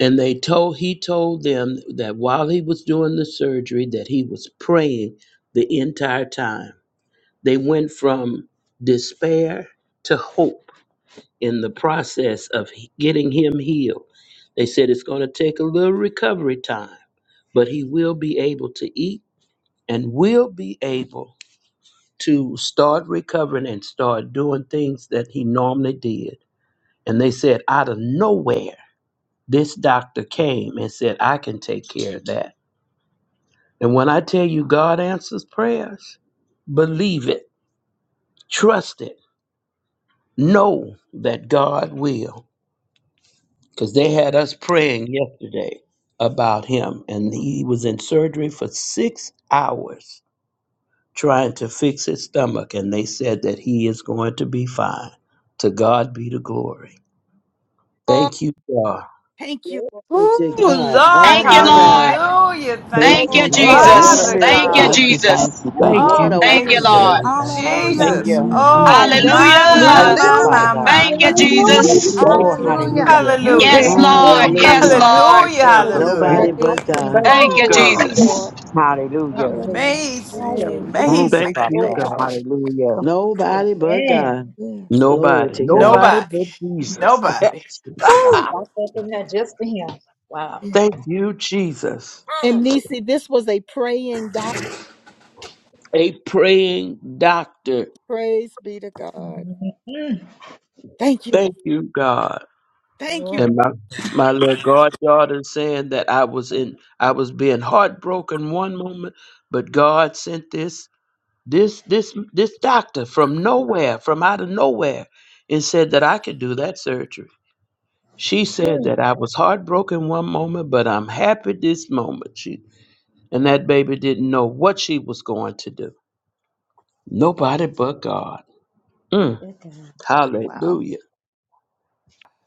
[SPEAKER 8] And they told he told them that while he was doing the surgery, that he was praying the entire time. They went from despair to hope in the process of he- getting him healed. They said it's going to take a little recovery time, but he will be able to eat and will be able to start recovering and start doing things that he normally did. And they said, out of nowhere, this doctor came and said, I can take care of that. And when I tell you God answers prayers, believe it, trust it, know that God will. because they had us praying yesterday about him, and he was in surgery for six hours trying to fix his stomach, and they said that he is going to be fine. To God be the glory.
[SPEAKER 1] Oh,
[SPEAKER 8] Thank you, God.
[SPEAKER 1] thank you.
[SPEAKER 2] Glory
[SPEAKER 7] Ooh,
[SPEAKER 2] to God.
[SPEAKER 1] Thank
[SPEAKER 7] Lord,
[SPEAKER 2] Oh
[SPEAKER 6] Thank
[SPEAKER 1] you,
[SPEAKER 6] you,
[SPEAKER 2] my
[SPEAKER 1] Lord.
[SPEAKER 6] Lord.
[SPEAKER 2] God.
[SPEAKER 7] hallelujah.
[SPEAKER 8] Thank
[SPEAKER 7] Thank
[SPEAKER 6] Thank
[SPEAKER 7] you,
[SPEAKER 6] you,
[SPEAKER 8] you,
[SPEAKER 1] Glory.
[SPEAKER 8] Lord.
[SPEAKER 2] What a
[SPEAKER 6] Jesus.
[SPEAKER 7] Father
[SPEAKER 6] Thank
[SPEAKER 2] miracle.
[SPEAKER 6] you,
[SPEAKER 10] Thank
[SPEAKER 7] God.
[SPEAKER 15] Father.
[SPEAKER 10] you,
[SPEAKER 1] Glory.
[SPEAKER 10] thank
[SPEAKER 6] Jesus.
[SPEAKER 10] you,
[SPEAKER 15] Thank
[SPEAKER 10] thank
[SPEAKER 15] you,
[SPEAKER 8] Thank
[SPEAKER 10] you.
[SPEAKER 2] What
[SPEAKER 7] Oh,
[SPEAKER 2] a
[SPEAKER 8] you,
[SPEAKER 15] Jesus.
[SPEAKER 6] Thank you,
[SPEAKER 7] thank
[SPEAKER 3] Lord,
[SPEAKER 8] Jesus.
[SPEAKER 1] Hallelujah.
[SPEAKER 6] Lord.
[SPEAKER 2] wonder.
[SPEAKER 3] we
[SPEAKER 7] you,
[SPEAKER 3] thank you.
[SPEAKER 12] Hallelujah.
[SPEAKER 8] Thank
[SPEAKER 7] Jesus.
[SPEAKER 15] Hallelujah.
[SPEAKER 3] You're
[SPEAKER 8] you,
[SPEAKER 3] mighty
[SPEAKER 8] Jesus.
[SPEAKER 7] Oh,
[SPEAKER 12] From
[SPEAKER 3] God,
[SPEAKER 12] death
[SPEAKER 7] my,
[SPEAKER 1] You
[SPEAKER 12] to
[SPEAKER 7] my,
[SPEAKER 15] Thank
[SPEAKER 1] Lord,
[SPEAKER 4] Want
[SPEAKER 6] Hallelujah.
[SPEAKER 4] to
[SPEAKER 3] wonderful
[SPEAKER 15] you,
[SPEAKER 7] my,
[SPEAKER 15] Father
[SPEAKER 7] my,
[SPEAKER 12] delivery.
[SPEAKER 3] God.
[SPEAKER 15] God.
[SPEAKER 7] my,
[SPEAKER 4] do
[SPEAKER 6] Thank you,
[SPEAKER 7] my.
[SPEAKER 4] Want to
[SPEAKER 2] Thank
[SPEAKER 4] do
[SPEAKER 2] you,
[SPEAKER 6] Jesus.
[SPEAKER 2] Jesus.
[SPEAKER 8] Thank
[SPEAKER 15] Oh,
[SPEAKER 1] glory
[SPEAKER 8] you,
[SPEAKER 1] to
[SPEAKER 7] Ooh,
[SPEAKER 3] Thank
[SPEAKER 12] Hallelujah.
[SPEAKER 3] you,
[SPEAKER 1] your
[SPEAKER 8] Jesus.
[SPEAKER 15] hallelujah,
[SPEAKER 3] Lord
[SPEAKER 8] You
[SPEAKER 1] high
[SPEAKER 3] God.
[SPEAKER 7] hallelujah.
[SPEAKER 6] Yes,
[SPEAKER 1] name.
[SPEAKER 8] can't
[SPEAKER 15] God.
[SPEAKER 1] God.
[SPEAKER 8] tell
[SPEAKER 6] Lord.
[SPEAKER 15] Thank you
[SPEAKER 8] me
[SPEAKER 15] for
[SPEAKER 6] Yes,
[SPEAKER 15] the
[SPEAKER 2] Hallelujah.
[SPEAKER 8] God
[SPEAKER 15] faith.
[SPEAKER 6] Lord.
[SPEAKER 8] can
[SPEAKER 7] Hallelujah,
[SPEAKER 1] Father,
[SPEAKER 8] answer
[SPEAKER 1] we
[SPEAKER 7] hallelujah.
[SPEAKER 8] prayer.
[SPEAKER 15] Thank
[SPEAKER 2] Nobody
[SPEAKER 15] you
[SPEAKER 1] pray
[SPEAKER 15] for
[SPEAKER 2] but
[SPEAKER 15] healing,
[SPEAKER 2] God.
[SPEAKER 8] Thank
[SPEAKER 15] Father
[SPEAKER 6] Thank
[SPEAKER 8] you,
[SPEAKER 6] you,
[SPEAKER 15] God.
[SPEAKER 8] God.
[SPEAKER 1] for
[SPEAKER 6] Jesus.
[SPEAKER 14] Thank
[SPEAKER 15] Hallelujah.
[SPEAKER 14] you,
[SPEAKER 1] bless
[SPEAKER 14] Lord.
[SPEAKER 1] your
[SPEAKER 7] Amazing,
[SPEAKER 1] name.
[SPEAKER 15] Thank
[SPEAKER 14] Hallelujah.
[SPEAKER 15] you,
[SPEAKER 7] amazing,
[SPEAKER 8] Thank
[SPEAKER 15] Father
[SPEAKER 8] you,
[SPEAKER 14] Glory
[SPEAKER 15] God.
[SPEAKER 7] amazing.
[SPEAKER 14] to God.
[SPEAKER 8] God.
[SPEAKER 15] Hallelujah.
[SPEAKER 2] Nobody but God.
[SPEAKER 14] Amen.
[SPEAKER 1] Yes.
[SPEAKER 2] Glory
[SPEAKER 8] Nobody,
[SPEAKER 2] to God.
[SPEAKER 8] nobody
[SPEAKER 7] Nobody,
[SPEAKER 8] but Jesus.
[SPEAKER 7] nobody.
[SPEAKER 14] Should
[SPEAKER 2] Jesus.
[SPEAKER 14] have
[SPEAKER 7] Woo.
[SPEAKER 14] bought that in there just for him. Wow.
[SPEAKER 1] yes.
[SPEAKER 8] Thank you, Jesus.
[SPEAKER 1] And Nisi, this was a praying doctor.
[SPEAKER 8] A praying doctor.
[SPEAKER 1] Praise be to God.
[SPEAKER 14] Mhm.
[SPEAKER 1] Thank you, Lord.
[SPEAKER 8] Thank you, God.
[SPEAKER 1] Thank you.
[SPEAKER 14] Lord.
[SPEAKER 8] And my my little goddaughter saying that I was in I was being heartbroken one moment, but God sent this this this this doctor from nowhere, from out of nowhere, and said that I could do that surgery. She said that I was heartbroken one moment, but I'm happy this moment. She and that baby didn't know what she was going to do. Nobody but God. Mm.
[SPEAKER 14] Wow.
[SPEAKER 8] Hallelujah.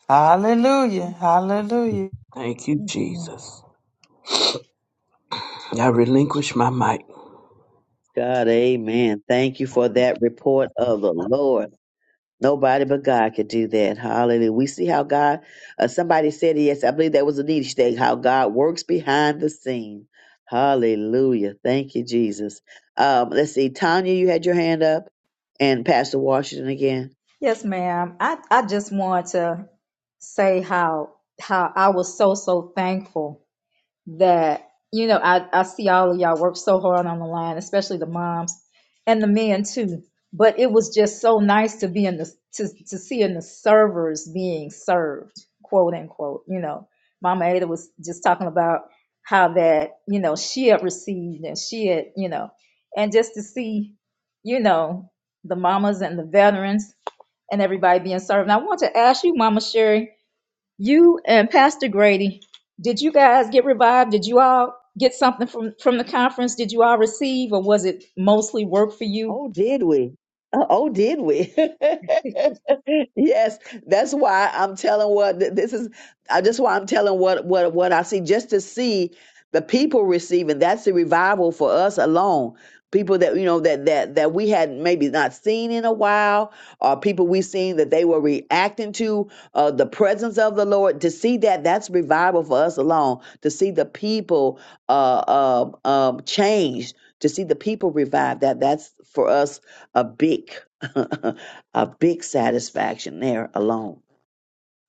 [SPEAKER 7] Hallelujah, hallelujah.
[SPEAKER 8] Thank you,
[SPEAKER 14] Mhm.
[SPEAKER 8] Jesus. I relinquish my mic.
[SPEAKER 2] God, amen. Thank you for that report of the Lord. Nobody but God could do that. Hallelujah. We see how God, uh, somebody said, yes, I believe that was Anita State, how God works behind the scene. Hallelujah. Thank you, Jesus. Um, let's see. Tanya, you had your hand up and Pastor Washington again.
[SPEAKER 14] Yes, ma'am. I, I just want to say how how I was so so thankful that you know I, I see all of y'all work so hard on the line especially the moms and the men too but it was just so nice to be in the to, to seeing the servers being served quote unquote you know mama ada was just talking about how that you know she had received and she had you know and just to see you know the mamas and the veterans and everybody being served and i want to ask you mama sherry you and Pastor Grady, did you guys get revived? Did you all get something from from the conference? Did you all receive, or was it mostly work for you?
[SPEAKER 2] Oh, did we? Uh, oh, did we? Yes, that's why I'm telling what th- this is. I just why I'm telling what what what I see just to see the people receiving. That's the revival for us alone. People that you know that that that we had maybe not seen in a while, or people we seen that they were reacting to uh, the presence of the Lord. To see that that's revival for us alone. To see the people uh, um, um, changed. To see the people revived. That that's for us a big. a big satisfaction there alone.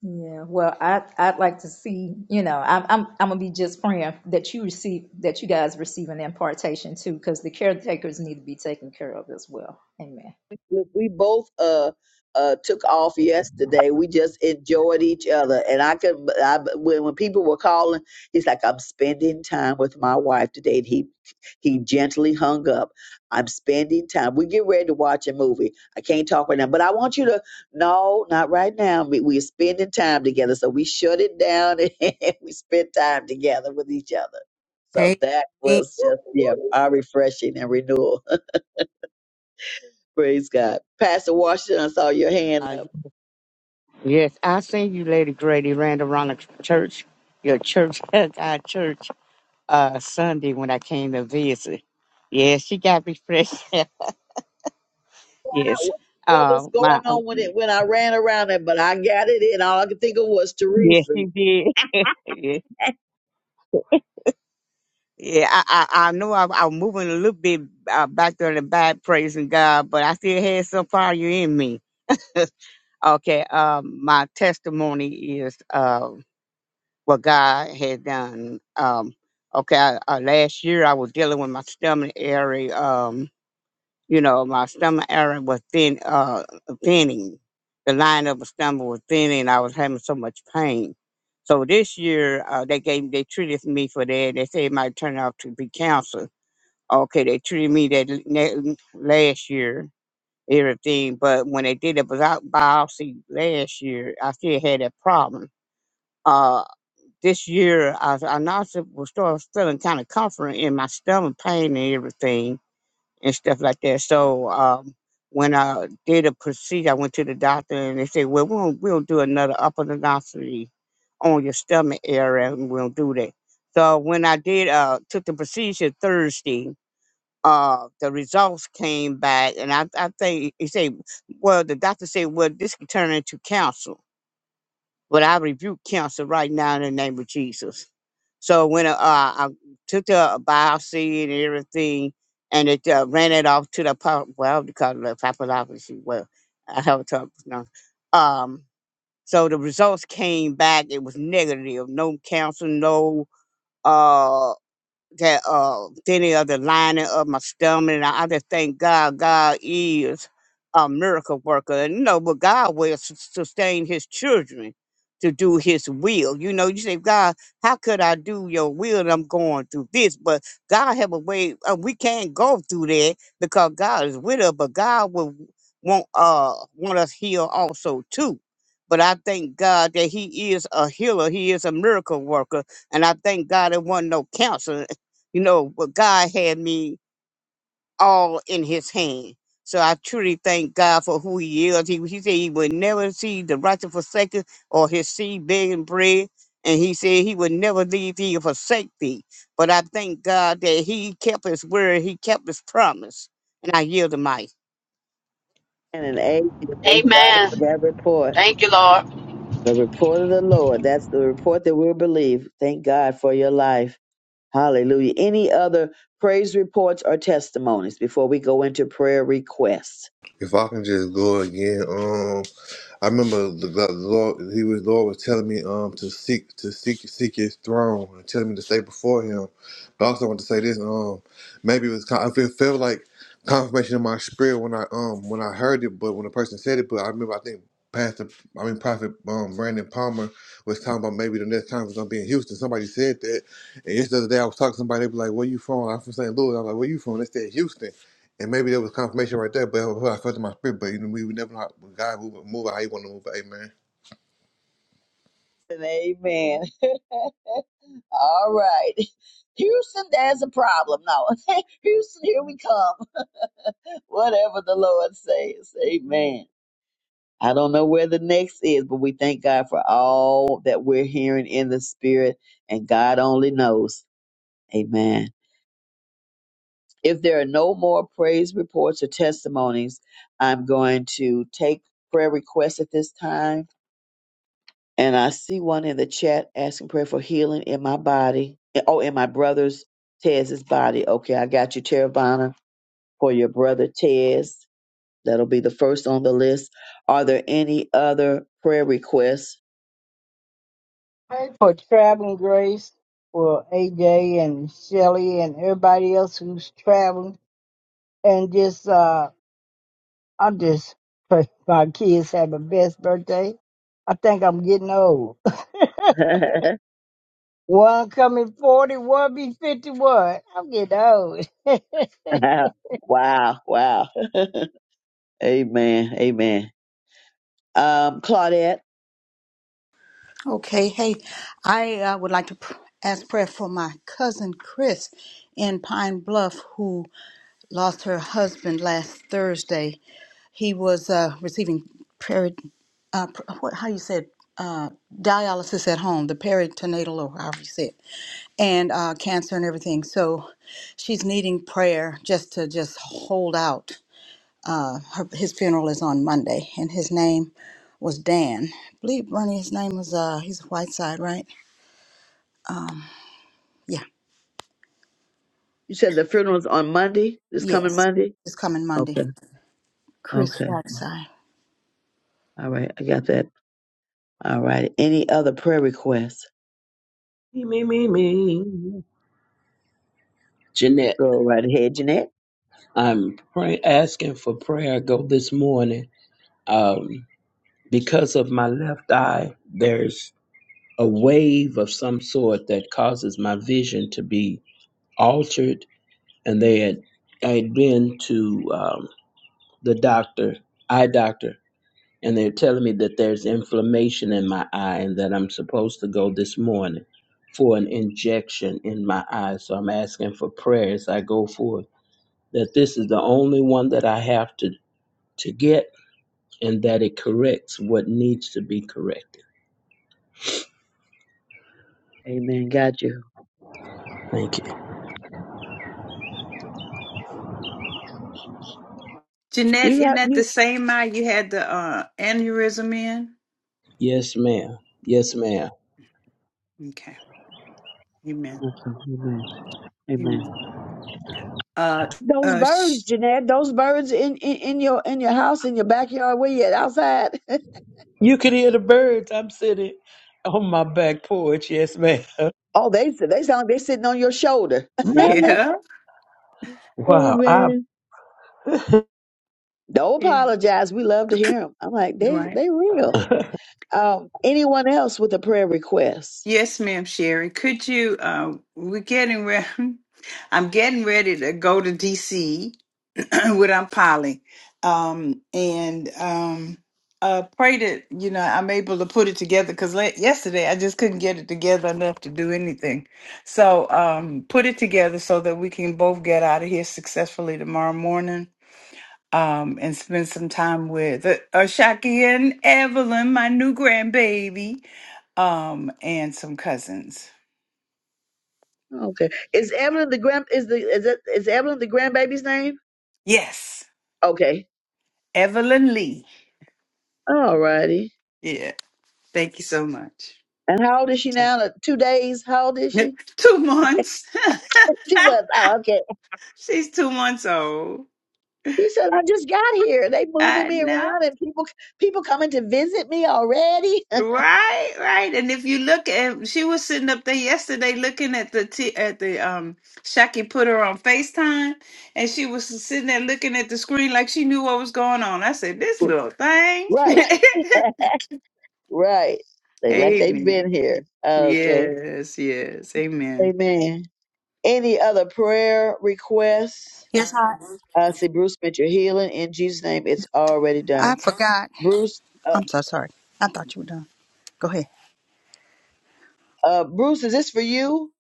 [SPEAKER 14] Yeah, well, I I'd like to see, you know, I'm I'm I'm gonna be just praying that you receive that you guys receive an impartation too, because the caretakers need to be taken care of as well. Amen.
[SPEAKER 2] Look, we both uh uh took off yesterday. We just enjoyed each other, and I could I, when when people were calling, he's like, "I'm spending time with my wife today." And he he gently hung up. I'm spending time. We get ready to watch a movie. I can't talk right now, but I want you to no, not right now. We, we're spending time together, so we shut it down and we spent time together with each other. So that
[SPEAKER 1] Amen.
[SPEAKER 2] was just yeah, our refreshing and renewal. Praise God. Pastor Washington, I saw your hand
[SPEAKER 15] Uh,
[SPEAKER 2] up.
[SPEAKER 15] yes, I seen you, Lady Grady, ran around the church, your church, our church, uh, Sunday when I came to visit. Yes, she got me fresh.
[SPEAKER 2] I-
[SPEAKER 15] yes,
[SPEAKER 2] What
[SPEAKER 15] uh,
[SPEAKER 2] was
[SPEAKER 15] my
[SPEAKER 2] going
[SPEAKER 15] um,
[SPEAKER 2] on when it when I ran around it, but I got it in. All I could think of was
[SPEAKER 15] yes,
[SPEAKER 2] Teresa.
[SPEAKER 15] she did. yes. Yeah, I, I I know I, I was moving a little bit uh, back there in the back, praising God, but I still had some fire in me. okay, um, my testimony is Uh, what God had done. Um, okay, I, uh, last year I was dealing with my stomach area. Um, you know, my stomach area was thin, uh, thinning. The line of my stomach was thinning. I was having so much pain. So this year uh, they gave they treated me for that. They said it might turn out to be cancer. Okay, they treated me that l- na- last year, everything. But when they did a bi- biopsy last year, I still had that problem Uh, this year I, I also was start feeling kind of comfort in my stomach pain and everything and stuff like that. So um, when I did a procedure, I went to the doctor and they said, "Well, we'll we'll do another upper endoscopy on your stomach area, and we'll do that." So when I did uh, took the procedure Thursday, uh, the results came back, and I I think he said, "Well, the doctor said, well, this could turn into cancer." But I rebuke cancer right now in the name of Jesus. So when uh, uh, I took the biopsy and everything, and it uh, ran it off to the pop, well, because of the pathology, well, I have to no. Um, so the results came back. It was negative. No cancer. No. uh, that uh any of the lining of my stomach. And I, I just thank God, God is a miracle worker. And you know, but God will sus- sustain his children to do his will. You know, you say, God, how could I do your will? And I'm going through this. But God have a way, uh, we can't go through that because God is with us, but God will want uh want us healed also too. But I thank God that He is a healer. He is a miracle worker. And I thank God it wasn't no cancer you know, but God had me all in his hand. So I truly thank God for who he is. He, he said he would never see the righteous forsaken or his seed begging bread. And he said he would never leave thee or forsake thee. But I thank God that he kept his word, he kept his promise. And I yield the mic.
[SPEAKER 2] And an amen. Thank God for
[SPEAKER 6] Amen.
[SPEAKER 2] that report.
[SPEAKER 6] Thank you, Lord.
[SPEAKER 2] The report of the Lord. That's the report that we'll believe. Thank God for your life. Hallelujah. Any other praise reports or testimonies before we go into prayer requests?
[SPEAKER 13] If I can just go again, I remember the, the Lord. He was Lord was telling me um to seek to seek seek His throne and telling me to stay before Him. But I also want to say this. Um, maybe it was kind. It felt like confirmation in my spirit when I um when I heard it, but when the person said it. But I remember I think Pastor, I mean Prophet um Brandon Palmer was talking about maybe the next conference gonna be in Houston. Somebody said that, and yesterday I was talking to somebody. They were like, "Where you from?" I'm from St. Louis. I was like, "Where you from?" They said Houston. And maybe there was confirmation right there, but that's what I felt in my spirit. But you know, we would never know how when God move, move how He want to move. Amen.
[SPEAKER 2] And amen. All right. Houston, there's a problem. No. Houston, here we come. Whatever the Lord says. Amen. I don't know where the next is, but we thank God for all that we're hearing in the spirit, and God only knows. Amen. If there are no more praise reports or testimonies, I'm going to take prayer requests at this time. And I see one in the chat asking prayer for healing in my body. Oh, in my brother's Tez's body. Okay, I got you, Teravana, for your brother Tez. That'll be the first on the list. Are there any other prayer requests?
[SPEAKER 4] Pray For traveling grace for AJ and Shelly and everybody else who's traveling and just, uh, I just pray my kids have the best birthday. I think I'm getting old. One coming forty, one be 51. I'm getting old.
[SPEAKER 2] wow, wow. amen, amen. Um, Claudette,
[SPEAKER 12] Okay, hey, I uh, would like to pr- ask prayer for my cousin Chris in Pine Bluff who lost her husband last Thursday. He was uh, receiving peri- uh, pr- what, how you said uh, dialysis at home, the peritoneal or however you say it, and uh, cancer and everything. So she's needing prayer just to just hold out. Uh, her, his funeral is on Monday, and his name was Dan. I believe Bernie, his name was uh, he's Whiteside, right? Um, yeah,
[SPEAKER 2] you said the funeral's on Monday, this coming
[SPEAKER 12] yes,
[SPEAKER 2] Monday?
[SPEAKER 12] it's coming Monday.
[SPEAKER 2] Okay,
[SPEAKER 12] Chris
[SPEAKER 2] okay.
[SPEAKER 12] Whiteside.
[SPEAKER 2] All right, I got that. All right. Any other prayer requests?
[SPEAKER 8] Me, me, me, me. Jeanette,
[SPEAKER 2] Go right ahead, Jeanette.
[SPEAKER 8] I'm pray- asking for prayer go this morning. Um, because of my left eye, there's a wave of some sort that causes my vision to be altered. And they had, I had been to um, the doctor, eye doctor, and they're telling me that there's inflammation in my eye and that I'm supposed to go this morning for an injection in my eye. So I'm asking for prayer as I go forward that this is the only one that I have to, to get and that it corrects what needs to be corrected.
[SPEAKER 2] Amen. Got you.
[SPEAKER 8] Thank you.
[SPEAKER 7] Jeanette,
[SPEAKER 2] You
[SPEAKER 7] isn't
[SPEAKER 2] got
[SPEAKER 7] that the
[SPEAKER 2] you.
[SPEAKER 7] same eye you had the uh, aneurysm in?
[SPEAKER 8] Yes, ma'am. Yes, ma'am.
[SPEAKER 7] Okay. Amen.
[SPEAKER 2] Okay, amen, amen.
[SPEAKER 7] Amen. Uh,
[SPEAKER 2] Those
[SPEAKER 7] uh, sh-
[SPEAKER 2] birds, Jeanette. Those birds in, in, in your in your house, in your backyard. Where you at? Outside.
[SPEAKER 8] You can hear the birds. I'm sitting on my back porch. Yes, ma'am.
[SPEAKER 2] Oh, they they sound like they're sitting on your shoulder.
[SPEAKER 8] Really?
[SPEAKER 7] yeah.
[SPEAKER 8] Wow. I,
[SPEAKER 2] Amen. Don't
[SPEAKER 7] Yeah.
[SPEAKER 2] apologize. We love to hear them. I'm like, they
[SPEAKER 7] Right.
[SPEAKER 2] they real. Um, anyone else with a prayer request?
[SPEAKER 7] Yes, ma'am, Sherry. Could you? Uh, we're getting ready. I'm getting ready to go to DC with Aunt Polly. Um, and um, uh, pray that, you know, I'm able to put it together because yesterday I just couldn't get it together enough to do anything. So um, put it together so that we can both get out of here successfully tomorrow morning. Um, and spend some time with uh, Ashaki and Evelyn, my new grandbaby, um, and some cousins.
[SPEAKER 2] Okay. Is Evelyn the grand is the is it is Evelyn the grandbaby's name?
[SPEAKER 7] Yes,
[SPEAKER 2] Okay.
[SPEAKER 7] Evelyn Lee.
[SPEAKER 2] All righty.
[SPEAKER 7] Yeah, thank you so much.
[SPEAKER 2] And how old is she now? Like, Two days. How old is she?
[SPEAKER 7] Two months.
[SPEAKER 2] She was oh, okay.
[SPEAKER 7] She's two months old.
[SPEAKER 2] She said, "I just got here. They moving
[SPEAKER 7] I
[SPEAKER 2] me
[SPEAKER 7] know.
[SPEAKER 2] around, and people people coming to visit me already."
[SPEAKER 7] Right, right. And if you look at, she was sitting up there yesterday looking at the t at the um. Shaki put her on FaceTime, and she was sitting there looking at the screen like she knew what was going on. I said, "This little thing."
[SPEAKER 2] right, right. They like they've
[SPEAKER 7] Amen.
[SPEAKER 2] been here. Okay.
[SPEAKER 7] Yes, yes. Amen.
[SPEAKER 2] Amen. Any other prayer requests?
[SPEAKER 12] Yes, I,
[SPEAKER 2] I see Bruce meant your healing in Jesus' name. It's already
[SPEAKER 12] I
[SPEAKER 2] done.
[SPEAKER 12] forgot.
[SPEAKER 2] Bruce, uh,
[SPEAKER 12] I'm so sorry. I thought you were done. Go ahead.
[SPEAKER 2] uh, Bruce, is this for you?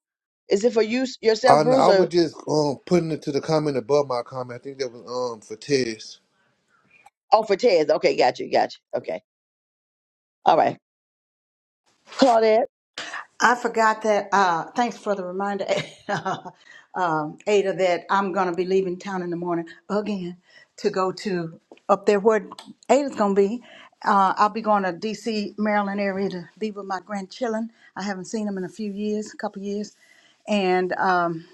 [SPEAKER 2] Is it for you
[SPEAKER 13] I,
[SPEAKER 2] yourself, Bruce,
[SPEAKER 13] I was
[SPEAKER 2] or
[SPEAKER 13] just um putting it to the comment above my comment. I think that was um for Tess.
[SPEAKER 2] oh for Ted? Okay, got you, got you. Okay, all right, Claudette,
[SPEAKER 12] I forgot that. Uh, thanks for the reminder, um, Ada, that I'm going to be leaving town in the morning again to go to up there where Ada's going to be. Uh, I'll be going to D.C., Maryland area to be with my grandchildren. I haven't seen them in a few years, a couple years. And um,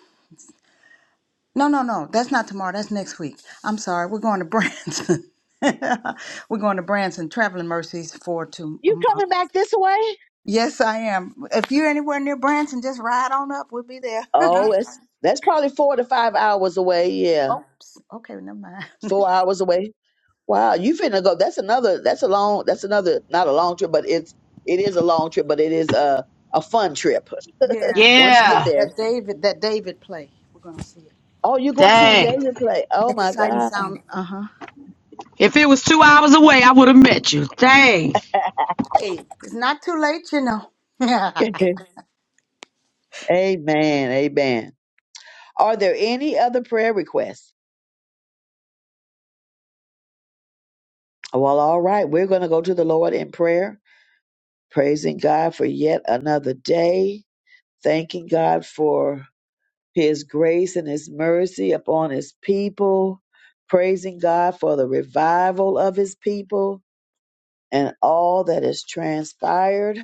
[SPEAKER 12] no, no, no, that's not tomorrow. That's next week. I'm sorry. We're going to Branson. We're going to Branson, Traveling Mercies for
[SPEAKER 2] you
[SPEAKER 12] tomorrow.
[SPEAKER 2] coming back this way?
[SPEAKER 12] Yes, I am. If you're anywhere near Branson, just ride on up. We'll be there.
[SPEAKER 2] Oh, it's that's probably four to five hours away. Yeah,
[SPEAKER 12] Oops. Okay, never mind.
[SPEAKER 2] four hours away. Wow, you finna go? That's another. That's a long. That's another. Not a long trip, but it's it is a long trip, but it is a a fun trip.
[SPEAKER 12] yeah.
[SPEAKER 2] Once you
[SPEAKER 12] That,
[SPEAKER 2] get
[SPEAKER 6] Yeah.
[SPEAKER 2] there.
[SPEAKER 12] that David, that David play. We're gonna see it.
[SPEAKER 2] Oh, you're going to see the
[SPEAKER 6] Dang.
[SPEAKER 2] David play? Oh
[SPEAKER 12] It's a
[SPEAKER 2] my
[SPEAKER 12] sight and
[SPEAKER 2] God.
[SPEAKER 12] sound. Uh huh.
[SPEAKER 6] If it was two hours away, I would have met you. Dang.
[SPEAKER 12] Hey, it's not too late, you know.
[SPEAKER 2] amen. Amen. Are there any other prayer requests? Well, all right. We're going to go to the Lord in prayer, praising God for yet another day, thanking God for his grace and his mercy upon his people, praising God for the revival of his people and all that has transpired.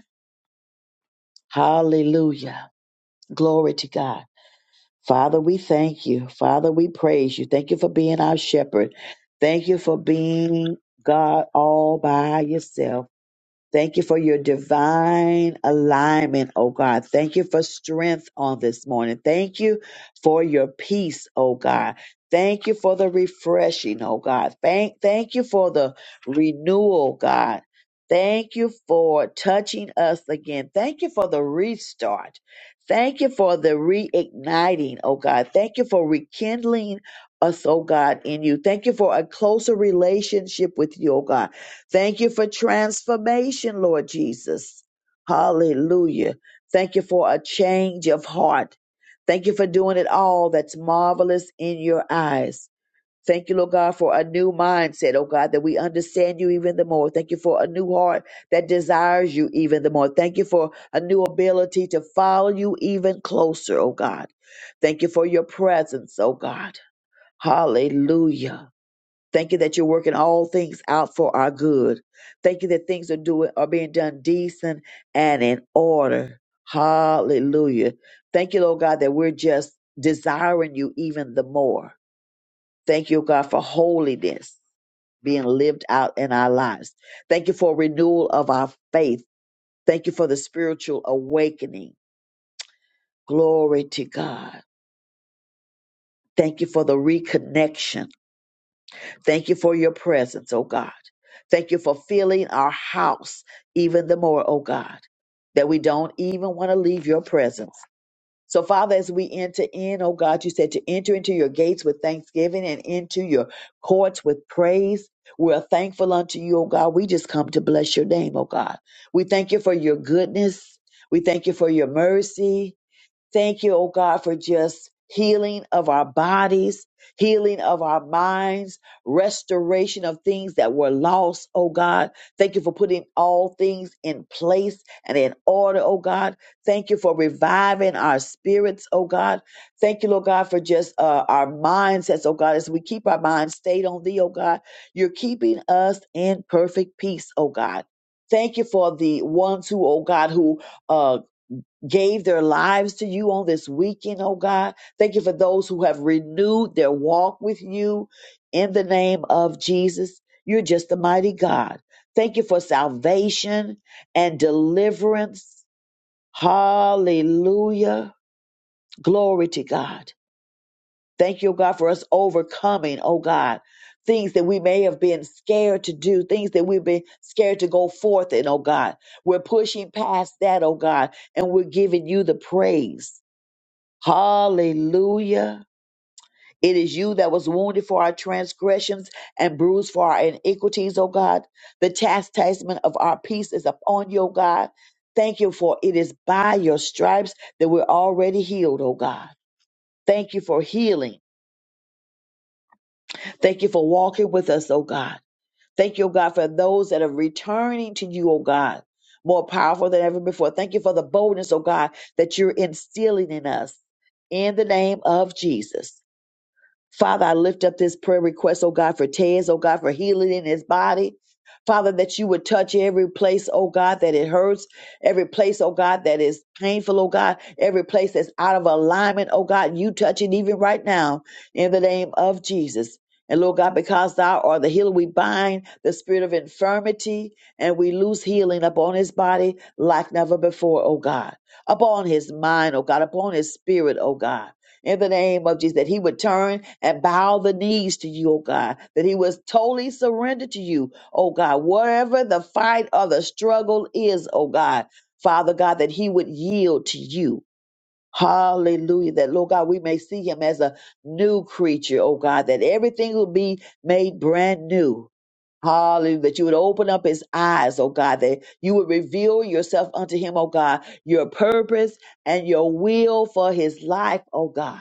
[SPEAKER 2] Hallelujah. Glory to God. Father, we thank you. Father, we praise you. Thank you for being our shepherd. Thank you for being God all by yourself. Thank you for your divine alignment, oh God. Thank you for strength on this morning. Thank you for your peace, oh God. Thank you for the refreshing, oh God. Thank, thank you for the renewal, God. Thank you for touching us again. Thank you for the restart. Thank you for the reigniting, oh God. Thank you for rekindling us, oh God, in you. Thank you for a closer relationship with you, oh God. Thank you for transformation, Lord Jesus. Hallelujah. Thank you for a change of heart. Thank you for doing it all that's marvelous in your eyes. Thank you, Lord God, for a new mindset, oh God, that we understand you even the more. Thank you for a new heart that desires you even the more. Thank you for a new ability to follow you even closer, oh God. Thank you for your presence, oh God. Hallelujah. Thank you that you're working all things out for our good. Thank you that things are doing are being done decent and in order. Hallelujah. Thank you, Lord God, that we're just desiring you even the more. Thank you, God, for holiness being lived out in our lives. Thank you for renewal of our faith. Thank you for the spiritual awakening. Glory to God. Thank you for the reconnection. Thank you for your presence, oh God. Thank you for filling our house even the more, oh God, that we don't even want to leave your presence. So, Father, as we enter in, oh God, you said to enter into your gates with thanksgiving and into your courts with praise. We're thankful unto you, oh God. We just come to bless your name, oh God. We thank you for your goodness. We thank you for your mercy. Thank you, oh God, for just healing of our bodies, healing of our minds, restoration of things that were lost, oh God. Thank you for putting all things in place and in order, oh God. Thank you for reviving our spirits, oh God. Thank you, Lord God, for just uh, our mindsets, oh God, as we keep our minds stayed on thee, oh God. You're keeping us in perfect peace, oh God. Thank you for the ones who, oh God, who uh, gave their lives to you on this weekend, oh God. Thank you for those who have renewed their walk with you in the name of Jesus. You're just a mighty God. Thank you for salvation and deliverance. Hallelujah. Glory to God. Thank you, oh God, for us overcoming, oh God, things that we may have been scared to do, things that we've been scared to go forth in, oh God. We're pushing past that, oh God, and we're giving you the praise. Hallelujah. It is you that was wounded for our transgressions and bruised for our iniquities, O God. The chastisement of our peace is upon you, O God. Thank you for it is by your stripes that we're already healed, O God. Thank you for healing. Thank you for walking with us, O God. Thank you, O God, for those that are returning to you, O God, more powerful than ever before. Thank you for the boldness, O God, that you're instilling in us. In the name of Jesus. Father, I lift up this prayer request, oh God, for Tez, oh God, for healing in his body. Father, that you would touch every place, oh God, that it hurts, every place, oh God, that is painful, oh God, every place that's out of alignment, oh God, you touch it even right now in the name of Jesus. And Lord God, because thou art the healer, we bind the spirit of infirmity and we lose healing upon his body like never before, oh God, upon his mind, oh God, upon his spirit, oh God in the name of Jesus, that he would turn and bow the knees to you, oh God, that he was totally surrendered to you, oh God, whatever the fight or the struggle is, oh God, Father God, that he would yield to you. Hallelujah. That, Lord God, we may see him as a new creature, oh God, that everything will be made brand new. Hallelujah. That you would open up his eyes, oh God, that you would reveal yourself unto him, oh God, your purpose and your will for his life, oh God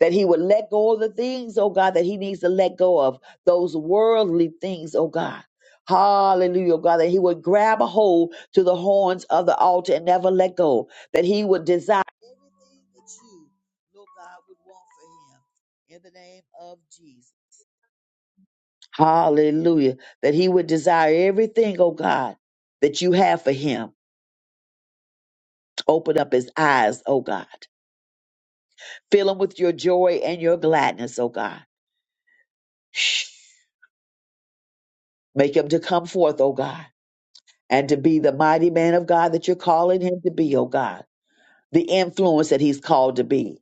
[SPEAKER 2] that he would let go of the things, oh God, that he needs to let go of, those worldly things, oh God. Hallelujah, oh God, that he would grab a hold to the horns of the altar and never let go, that he would desire everything that you, Lord God, would want for him in the name of Jesus. Hallelujah, that he would desire everything, oh God, that you have for him. Open up his eyes, oh God. Fill him with your joy and your gladness, oh God. Make him to come forth, O God, and to be the mighty man of God that you're calling him to be, O God, the influence that he's called to be,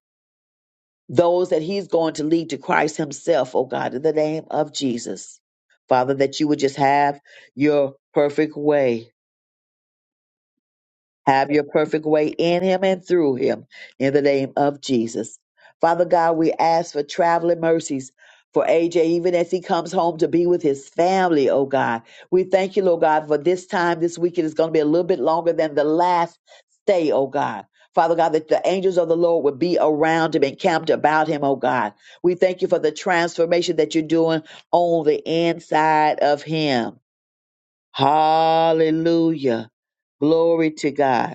[SPEAKER 2] those that he's going to lead to Christ himself, O God, in the name of Jesus. Father, that you would just have your perfect way Have your perfect way in him and through him in the name of Jesus. Father God, we ask for traveling mercies for AJ, even as he comes home to be with his family, oh God. We thank you, Lord God, for this time this weekend is going to be a little bit longer than the last stay, oh God. Father God, that the angels of the Lord would be around him and camped about him, oh God. We thank you for the transformation that you're doing on the inside of him. Hallelujah. Glory to God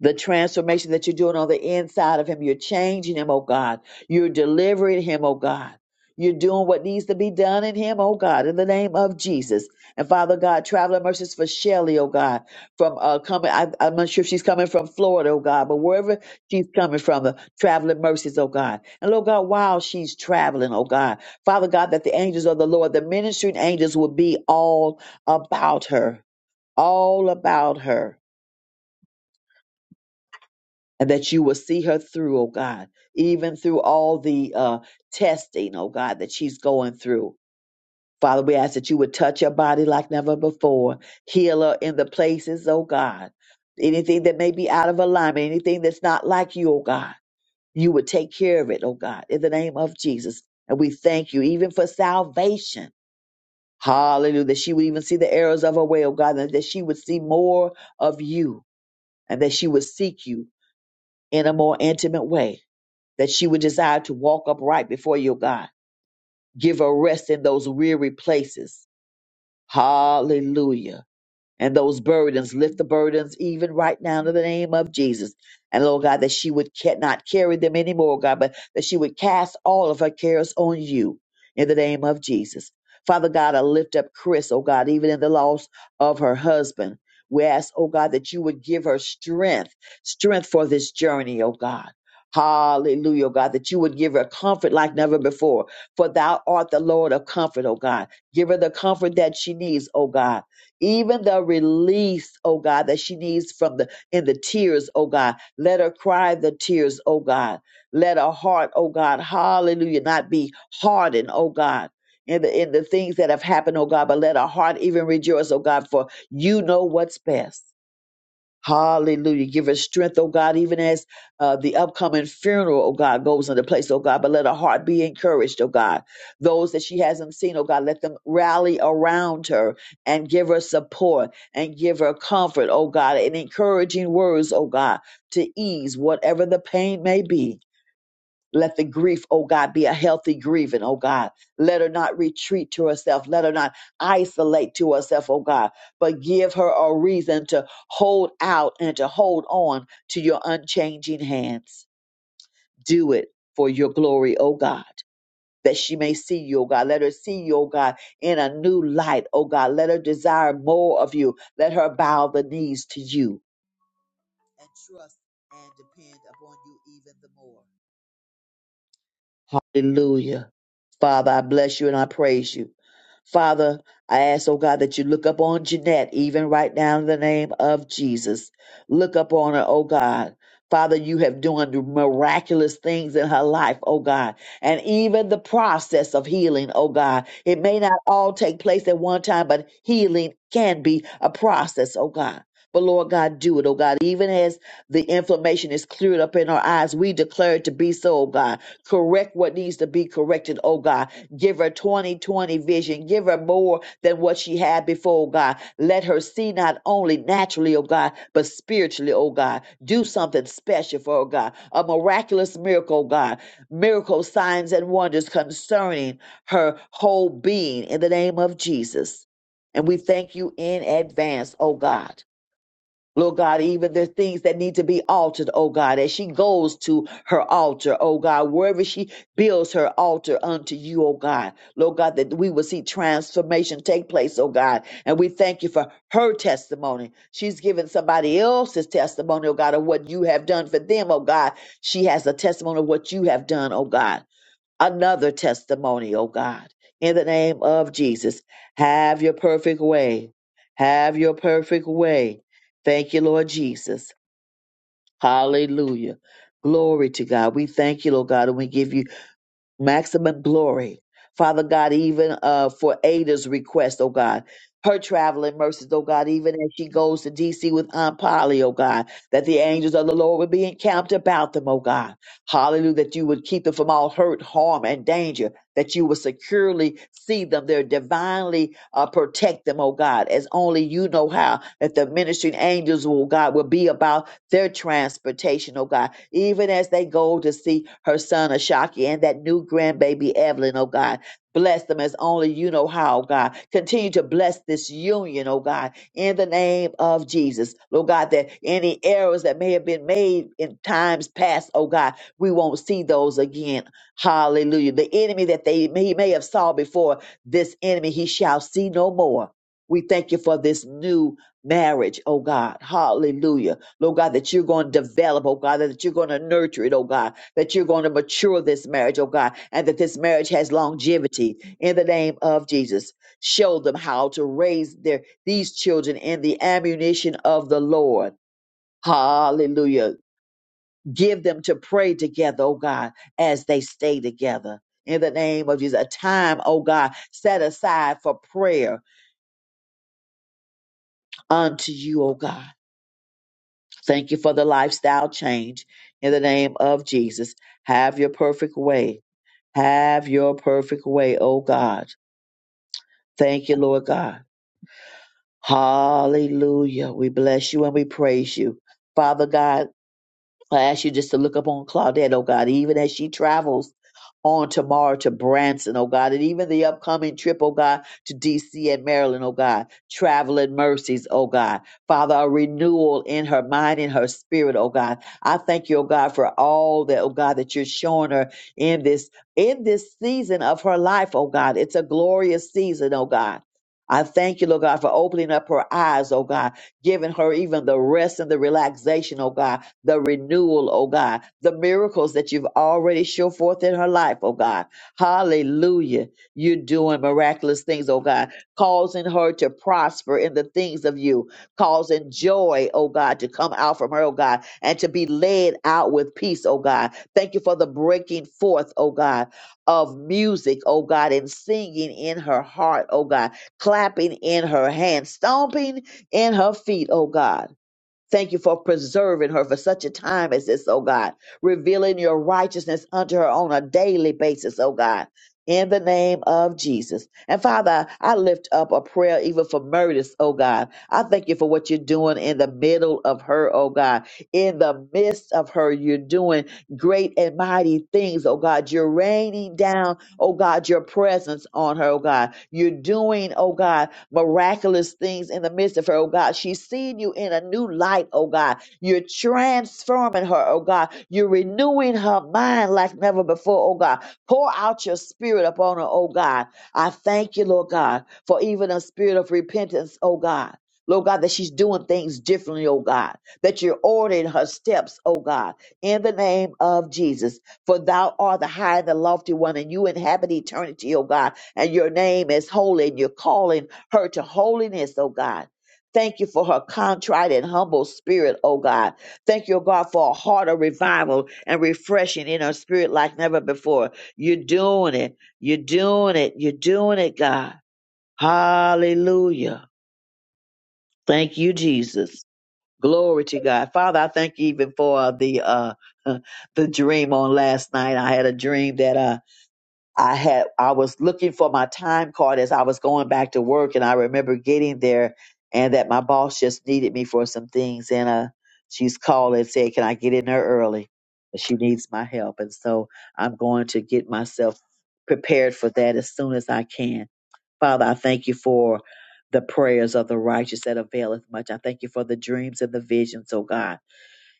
[SPEAKER 2] the transformation that you're doing on the inside of him. You're changing him, oh God. You're delivering him, oh God. You're doing what needs to be done in him, oh God, in the name of Jesus. And Father God, traveling mercies for Shelly, oh God, from uh, coming, I, I'm not sure if she's coming from Florida, oh God, but wherever she's coming from, the traveling mercies, oh God. And Lord God, while she's traveling, oh God, Father God, that the angels of the Lord, the ministering angels will be all about her, all about her and that you will see her through, oh God, even through all the uh, testing, oh God, that she's going through. Father, we ask that you would touch her body like never before, heal her in the places, oh God, anything that may be out of alignment, anything that's not like you, oh God, you would take care of it, oh God, in the name of Jesus. And we thank you even for salvation. Hallelujah. That she would even see the arrows of her way, oh God, and that she would see more of you and that she would seek you in a more intimate way that she would desire to walk upright before your God. Give her rest in those weary places. Hallelujah and those burdens. Lift the burdens even right now in the name of Jesus. And Lord God, that she would ca- not carry them anymore, God, but that she would cast all of her cares on you in the name of Jesus. Father God, I lift up Chris, oh God, even in the loss of her husband. We ask, oh God, that you would give her strength, strength for this journey, oh God. Hallelujah, oh God, that you would give her comfort like never before. For thou art the Lord of comfort, oh God. Give her the comfort that she needs, oh God even the release, oh God, that she needs from the in the tears, oh God. Let her cry the tears, oh God. Let her heart, oh God, hallelujah, not be hardened, oh God. In the in the things that have happened, oh God, but let her heart even rejoice, oh God, for you know what's best. Hallelujah. Give us strength, oh God, even as uh, the upcoming funeral, oh God, goes into place, oh God. But let her heart be encouraged, oh God. Those that she hasn't seen, oh God, let them rally around her and give her support and give her comfort, oh God, and encouraging words, oh God, to ease whatever the pain may be. Let the grief, oh God, be a healthy grieving, oh God. Let her not retreat to herself. Let her not isolate to herself, oh God, but give her a reason to hold out and to hold on to your unchanging hands. Do it for your glory, oh God. That she may see you, oh God. Let her see you, oh God, in a new light, oh God. Let her desire more of you. Let her bow the knees to you and trust and depend upon you even the more. Hallelujah. Father, I bless you and I praise you. Father, I ask, oh God, that you look up on Jeanette, even right now in the name of Jesus. Look up on her, oh God. Father, you have done miraculous things in her life, oh God. And even the process of healing, oh God. It may not all take place at one time, but healing can be a process, oh God. But Lord God, do it, oh God. Even as the inflammation is cleared up in our eyes, we declare it to be so, oh God. Correct what needs to be corrected, oh God. Give her 2020 vision. Give her more than what she had before, oh God. Let her see not only naturally, oh God, but spiritually, oh God. Do something special for her, oh God. A miraculous miracle, oh God. Miracle signs and wonders concerning her whole being in the name of Jesus. And we thank you in advance, oh God. Lord God, even the things that need to be altered, oh God, as she goes to her altar, oh God, wherever she builds her altar unto you, oh God, Lord God, that we will see transformation take place, oh God. And we thank you for her testimony. She's given somebody else's testimony, oh God, of what you have done for them, oh God. She has a testimony of what you have done, oh God another testimony, oh God. In the name of Jesus, have your perfect way. Have your perfect way. Thank you, Lord Jesus. Hallelujah. Glory to God. We thank you, Lord God, and we give you maximum glory. Father God, even uh, for Ada's request, oh God, her traveling mercies, oh God, even as she goes to DC with Aunt Polly, oh God, that the angels of the Lord would be encamped about them, oh God. Hallelujah, that you would keep them from all hurt, harm, and danger, that you would securely see them there, divinely uh, protect them, oh God, as only you know how, that the ministering angels, oh God, will be about their transportation, oh God, even as they go to see her son Ashaki and that new grandbaby Evelyn, oh God. Bless them as only you know how, oh God. Continue to bless this union, oh God, in the name of Jesus. Lord God, that any errors that may have been made in times past, oh God, we won't see those again. Hallelujah. The enemy that they he may have saw before, this enemy he shall see no more. We thank you for this new marriage, oh God. Hallelujah Lord God, that you're going to develop, oh God, that you're going to nurture it, oh God, that you're going to mature this marriage, oh God, and that this marriage has longevity in the name of Jesus. Show them how to raise their these children in the ammunition of the Lord. Hallelujah. Give them to pray together, oh God, as they stay together. In the name of Jesus, a time, oh God, set aside for prayer unto you, oh God. Thank you for the lifestyle change in the name of Jesus. Have your perfect way. Have your perfect way, oh God. Thank you, Lord God. Hallelujah. We bless you and we praise you. Father God, I ask you just to look up on Claudette, oh God, even as she travels on tomorrow to Branson, oh God, and even the upcoming trip, oh God, to DC and Maryland, oh God, traveling mercies, oh God. Father, a renewal in her mind and her spirit, oh God. I thank you, oh God, for all that, oh God, that you're showing her in this in this season of her life, oh God. It's a glorious season, oh God. I thank you, Lord God, for opening up her eyes, oh God, giving her even the rest and the relaxation, oh God, the renewal, oh God, the miracles that you've already show forth in her life, oh God. Hallelujah. You're doing miraculous things, oh God, causing her to prosper in the things of you, causing joy, oh God, to come out from her, oh God, and to be led out with peace, oh God. Thank you for the breaking forth, oh God, of music, oh God, and singing in her heart, oh God, clapping in her hands, stomping in her feet, oh God. Thank you for preserving her for such a time as this, oh God, revealing your righteousness unto her on a daily basis, oh God, in the name of Jesus. And Father, I lift up a prayer even for Murtis, oh God. I thank you for what you're doing in the middle of her, oh God. In the midst of her, you're doing great and mighty things, oh God. You're raining down, oh God, your presence on her, oh God. You're doing, oh God, miraculous things in the midst of her, oh God. She's seeing you in a new light, oh God. You're transforming her, oh God. You're renewing her mind like never before, oh God. Pour out your spirit upon her, oh God. I thank you, Lord God, for even a spirit of repentance, oh God. Lord God, that she's doing things differently, oh God, that you're ordering her steps, oh God, in the name of Jesus. For thou art the high and the lofty one, and you inhabit eternity, oh God, and your name is holy, and your calling her to holiness, oh God. Thank you for her contrite and humble spirit, oh God. Thank you, oh God, for a heart of revival and refreshing in her spirit like never before. You're doing it. You're doing it. You're doing it, God. Hallelujah. Thank you, Jesus. Glory to God. Father, I thank you even for the uh the dream on last night. I had a dream that uh I had I was looking for my time card as I was going back to work, and I remember getting there, and that my boss just needed me for some things, and uh, she's called and said, "Can I get in there early?" she needs my help, and so I'm going to get myself prepared for that as soon as I can. Father, I thank you for the prayers of the righteous that availeth much. I thank you for the dreams and the visions, oh God.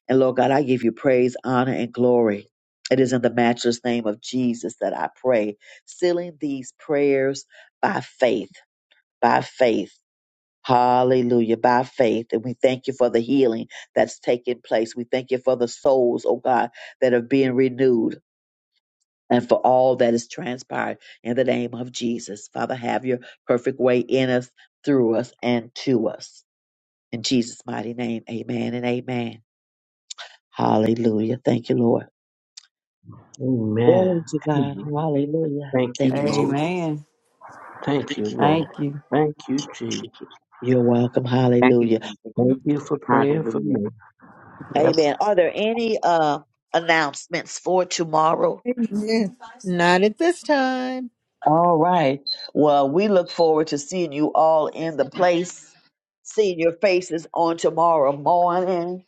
[SPEAKER 2] And Lord God, I give you praise, honor, and glory. It is in the matchless name of Jesus that I pray, sealing these prayers by faith, by faith. Hallelujah, by faith. And we thank you for the healing that's taking place. We thank you for the souls, oh God, that are being renewed and for all that is transpired in the name of Jesus. Father, have your perfect way in us, through us, and to us. In Jesus' mighty name, amen and amen. Hallelujah. Thank you, Lord.
[SPEAKER 8] amen.
[SPEAKER 2] Glory to God. Hallelujah.
[SPEAKER 8] Thank
[SPEAKER 2] Thank
[SPEAKER 8] you,
[SPEAKER 2] you,
[SPEAKER 8] Lord.
[SPEAKER 2] Jesus.
[SPEAKER 10] Amen.
[SPEAKER 8] Thank you, Lord.
[SPEAKER 10] Thank you.
[SPEAKER 8] Thank you, Jesus.
[SPEAKER 2] You're welcome.
[SPEAKER 15] Thank you,
[SPEAKER 2] Hallelujah.
[SPEAKER 15] Jesus.
[SPEAKER 8] Thank you for praying for
[SPEAKER 15] Hallelujah.
[SPEAKER 8] me.
[SPEAKER 10] Yep.
[SPEAKER 2] Amen. Are there any uh, announcements for tomorrow?
[SPEAKER 1] Amen. Not at this time.
[SPEAKER 2] All right. Well, we look forward to seeing you all in the place, seeing your faces on tomorrow morning.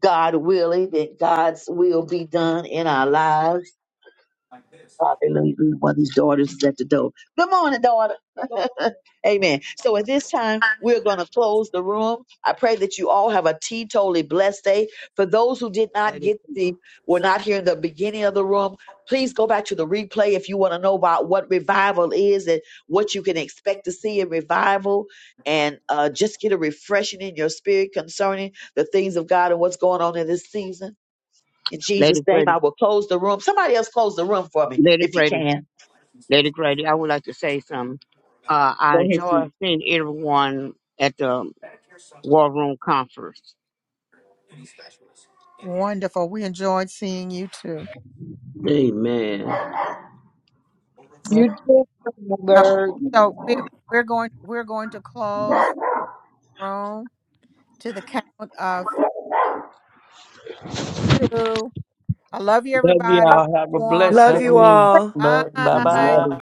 [SPEAKER 2] God willing, that God's will be done in our lives. Hallelujah. One of these daughters is at the door. Good morning, daughter. Amen. So at this time, we're going to close the room. I pray that you all have a teetotally blessed day. For those who did not
[SPEAKER 15] Lady,
[SPEAKER 2] get the, were not here in the beginning of the room, please go back to the replay if you want to know about what revival is and what you can expect to see in revival and uh, just get a refreshing in your spirit concerning the things of God and what's going on in this season. In Jesus'
[SPEAKER 15] Lady
[SPEAKER 2] name,
[SPEAKER 15] Grady,
[SPEAKER 2] I will close the room. Somebody else close the room for me
[SPEAKER 15] Lady
[SPEAKER 2] if you
[SPEAKER 15] Grady,
[SPEAKER 2] can.
[SPEAKER 15] Lady Grady, I would like to say something. Uh, I
[SPEAKER 2] Go ahead, Steve.
[SPEAKER 15] enjoy seeing everyone at the War Room Conference.
[SPEAKER 1] Wonderful. We enjoyed seeing you too.
[SPEAKER 8] Amen.
[SPEAKER 1] Okay.
[SPEAKER 4] You too, girl.
[SPEAKER 1] So we, we're going we're going to close the room to the count of two. I love you,
[SPEAKER 8] Love
[SPEAKER 1] everybody.
[SPEAKER 8] y'all. Have a
[SPEAKER 1] One.
[SPEAKER 8] blessed
[SPEAKER 16] Love
[SPEAKER 10] Love
[SPEAKER 16] you
[SPEAKER 8] day.
[SPEAKER 10] you.
[SPEAKER 16] all.
[SPEAKER 10] Bye
[SPEAKER 1] Bye.
[SPEAKER 10] bye.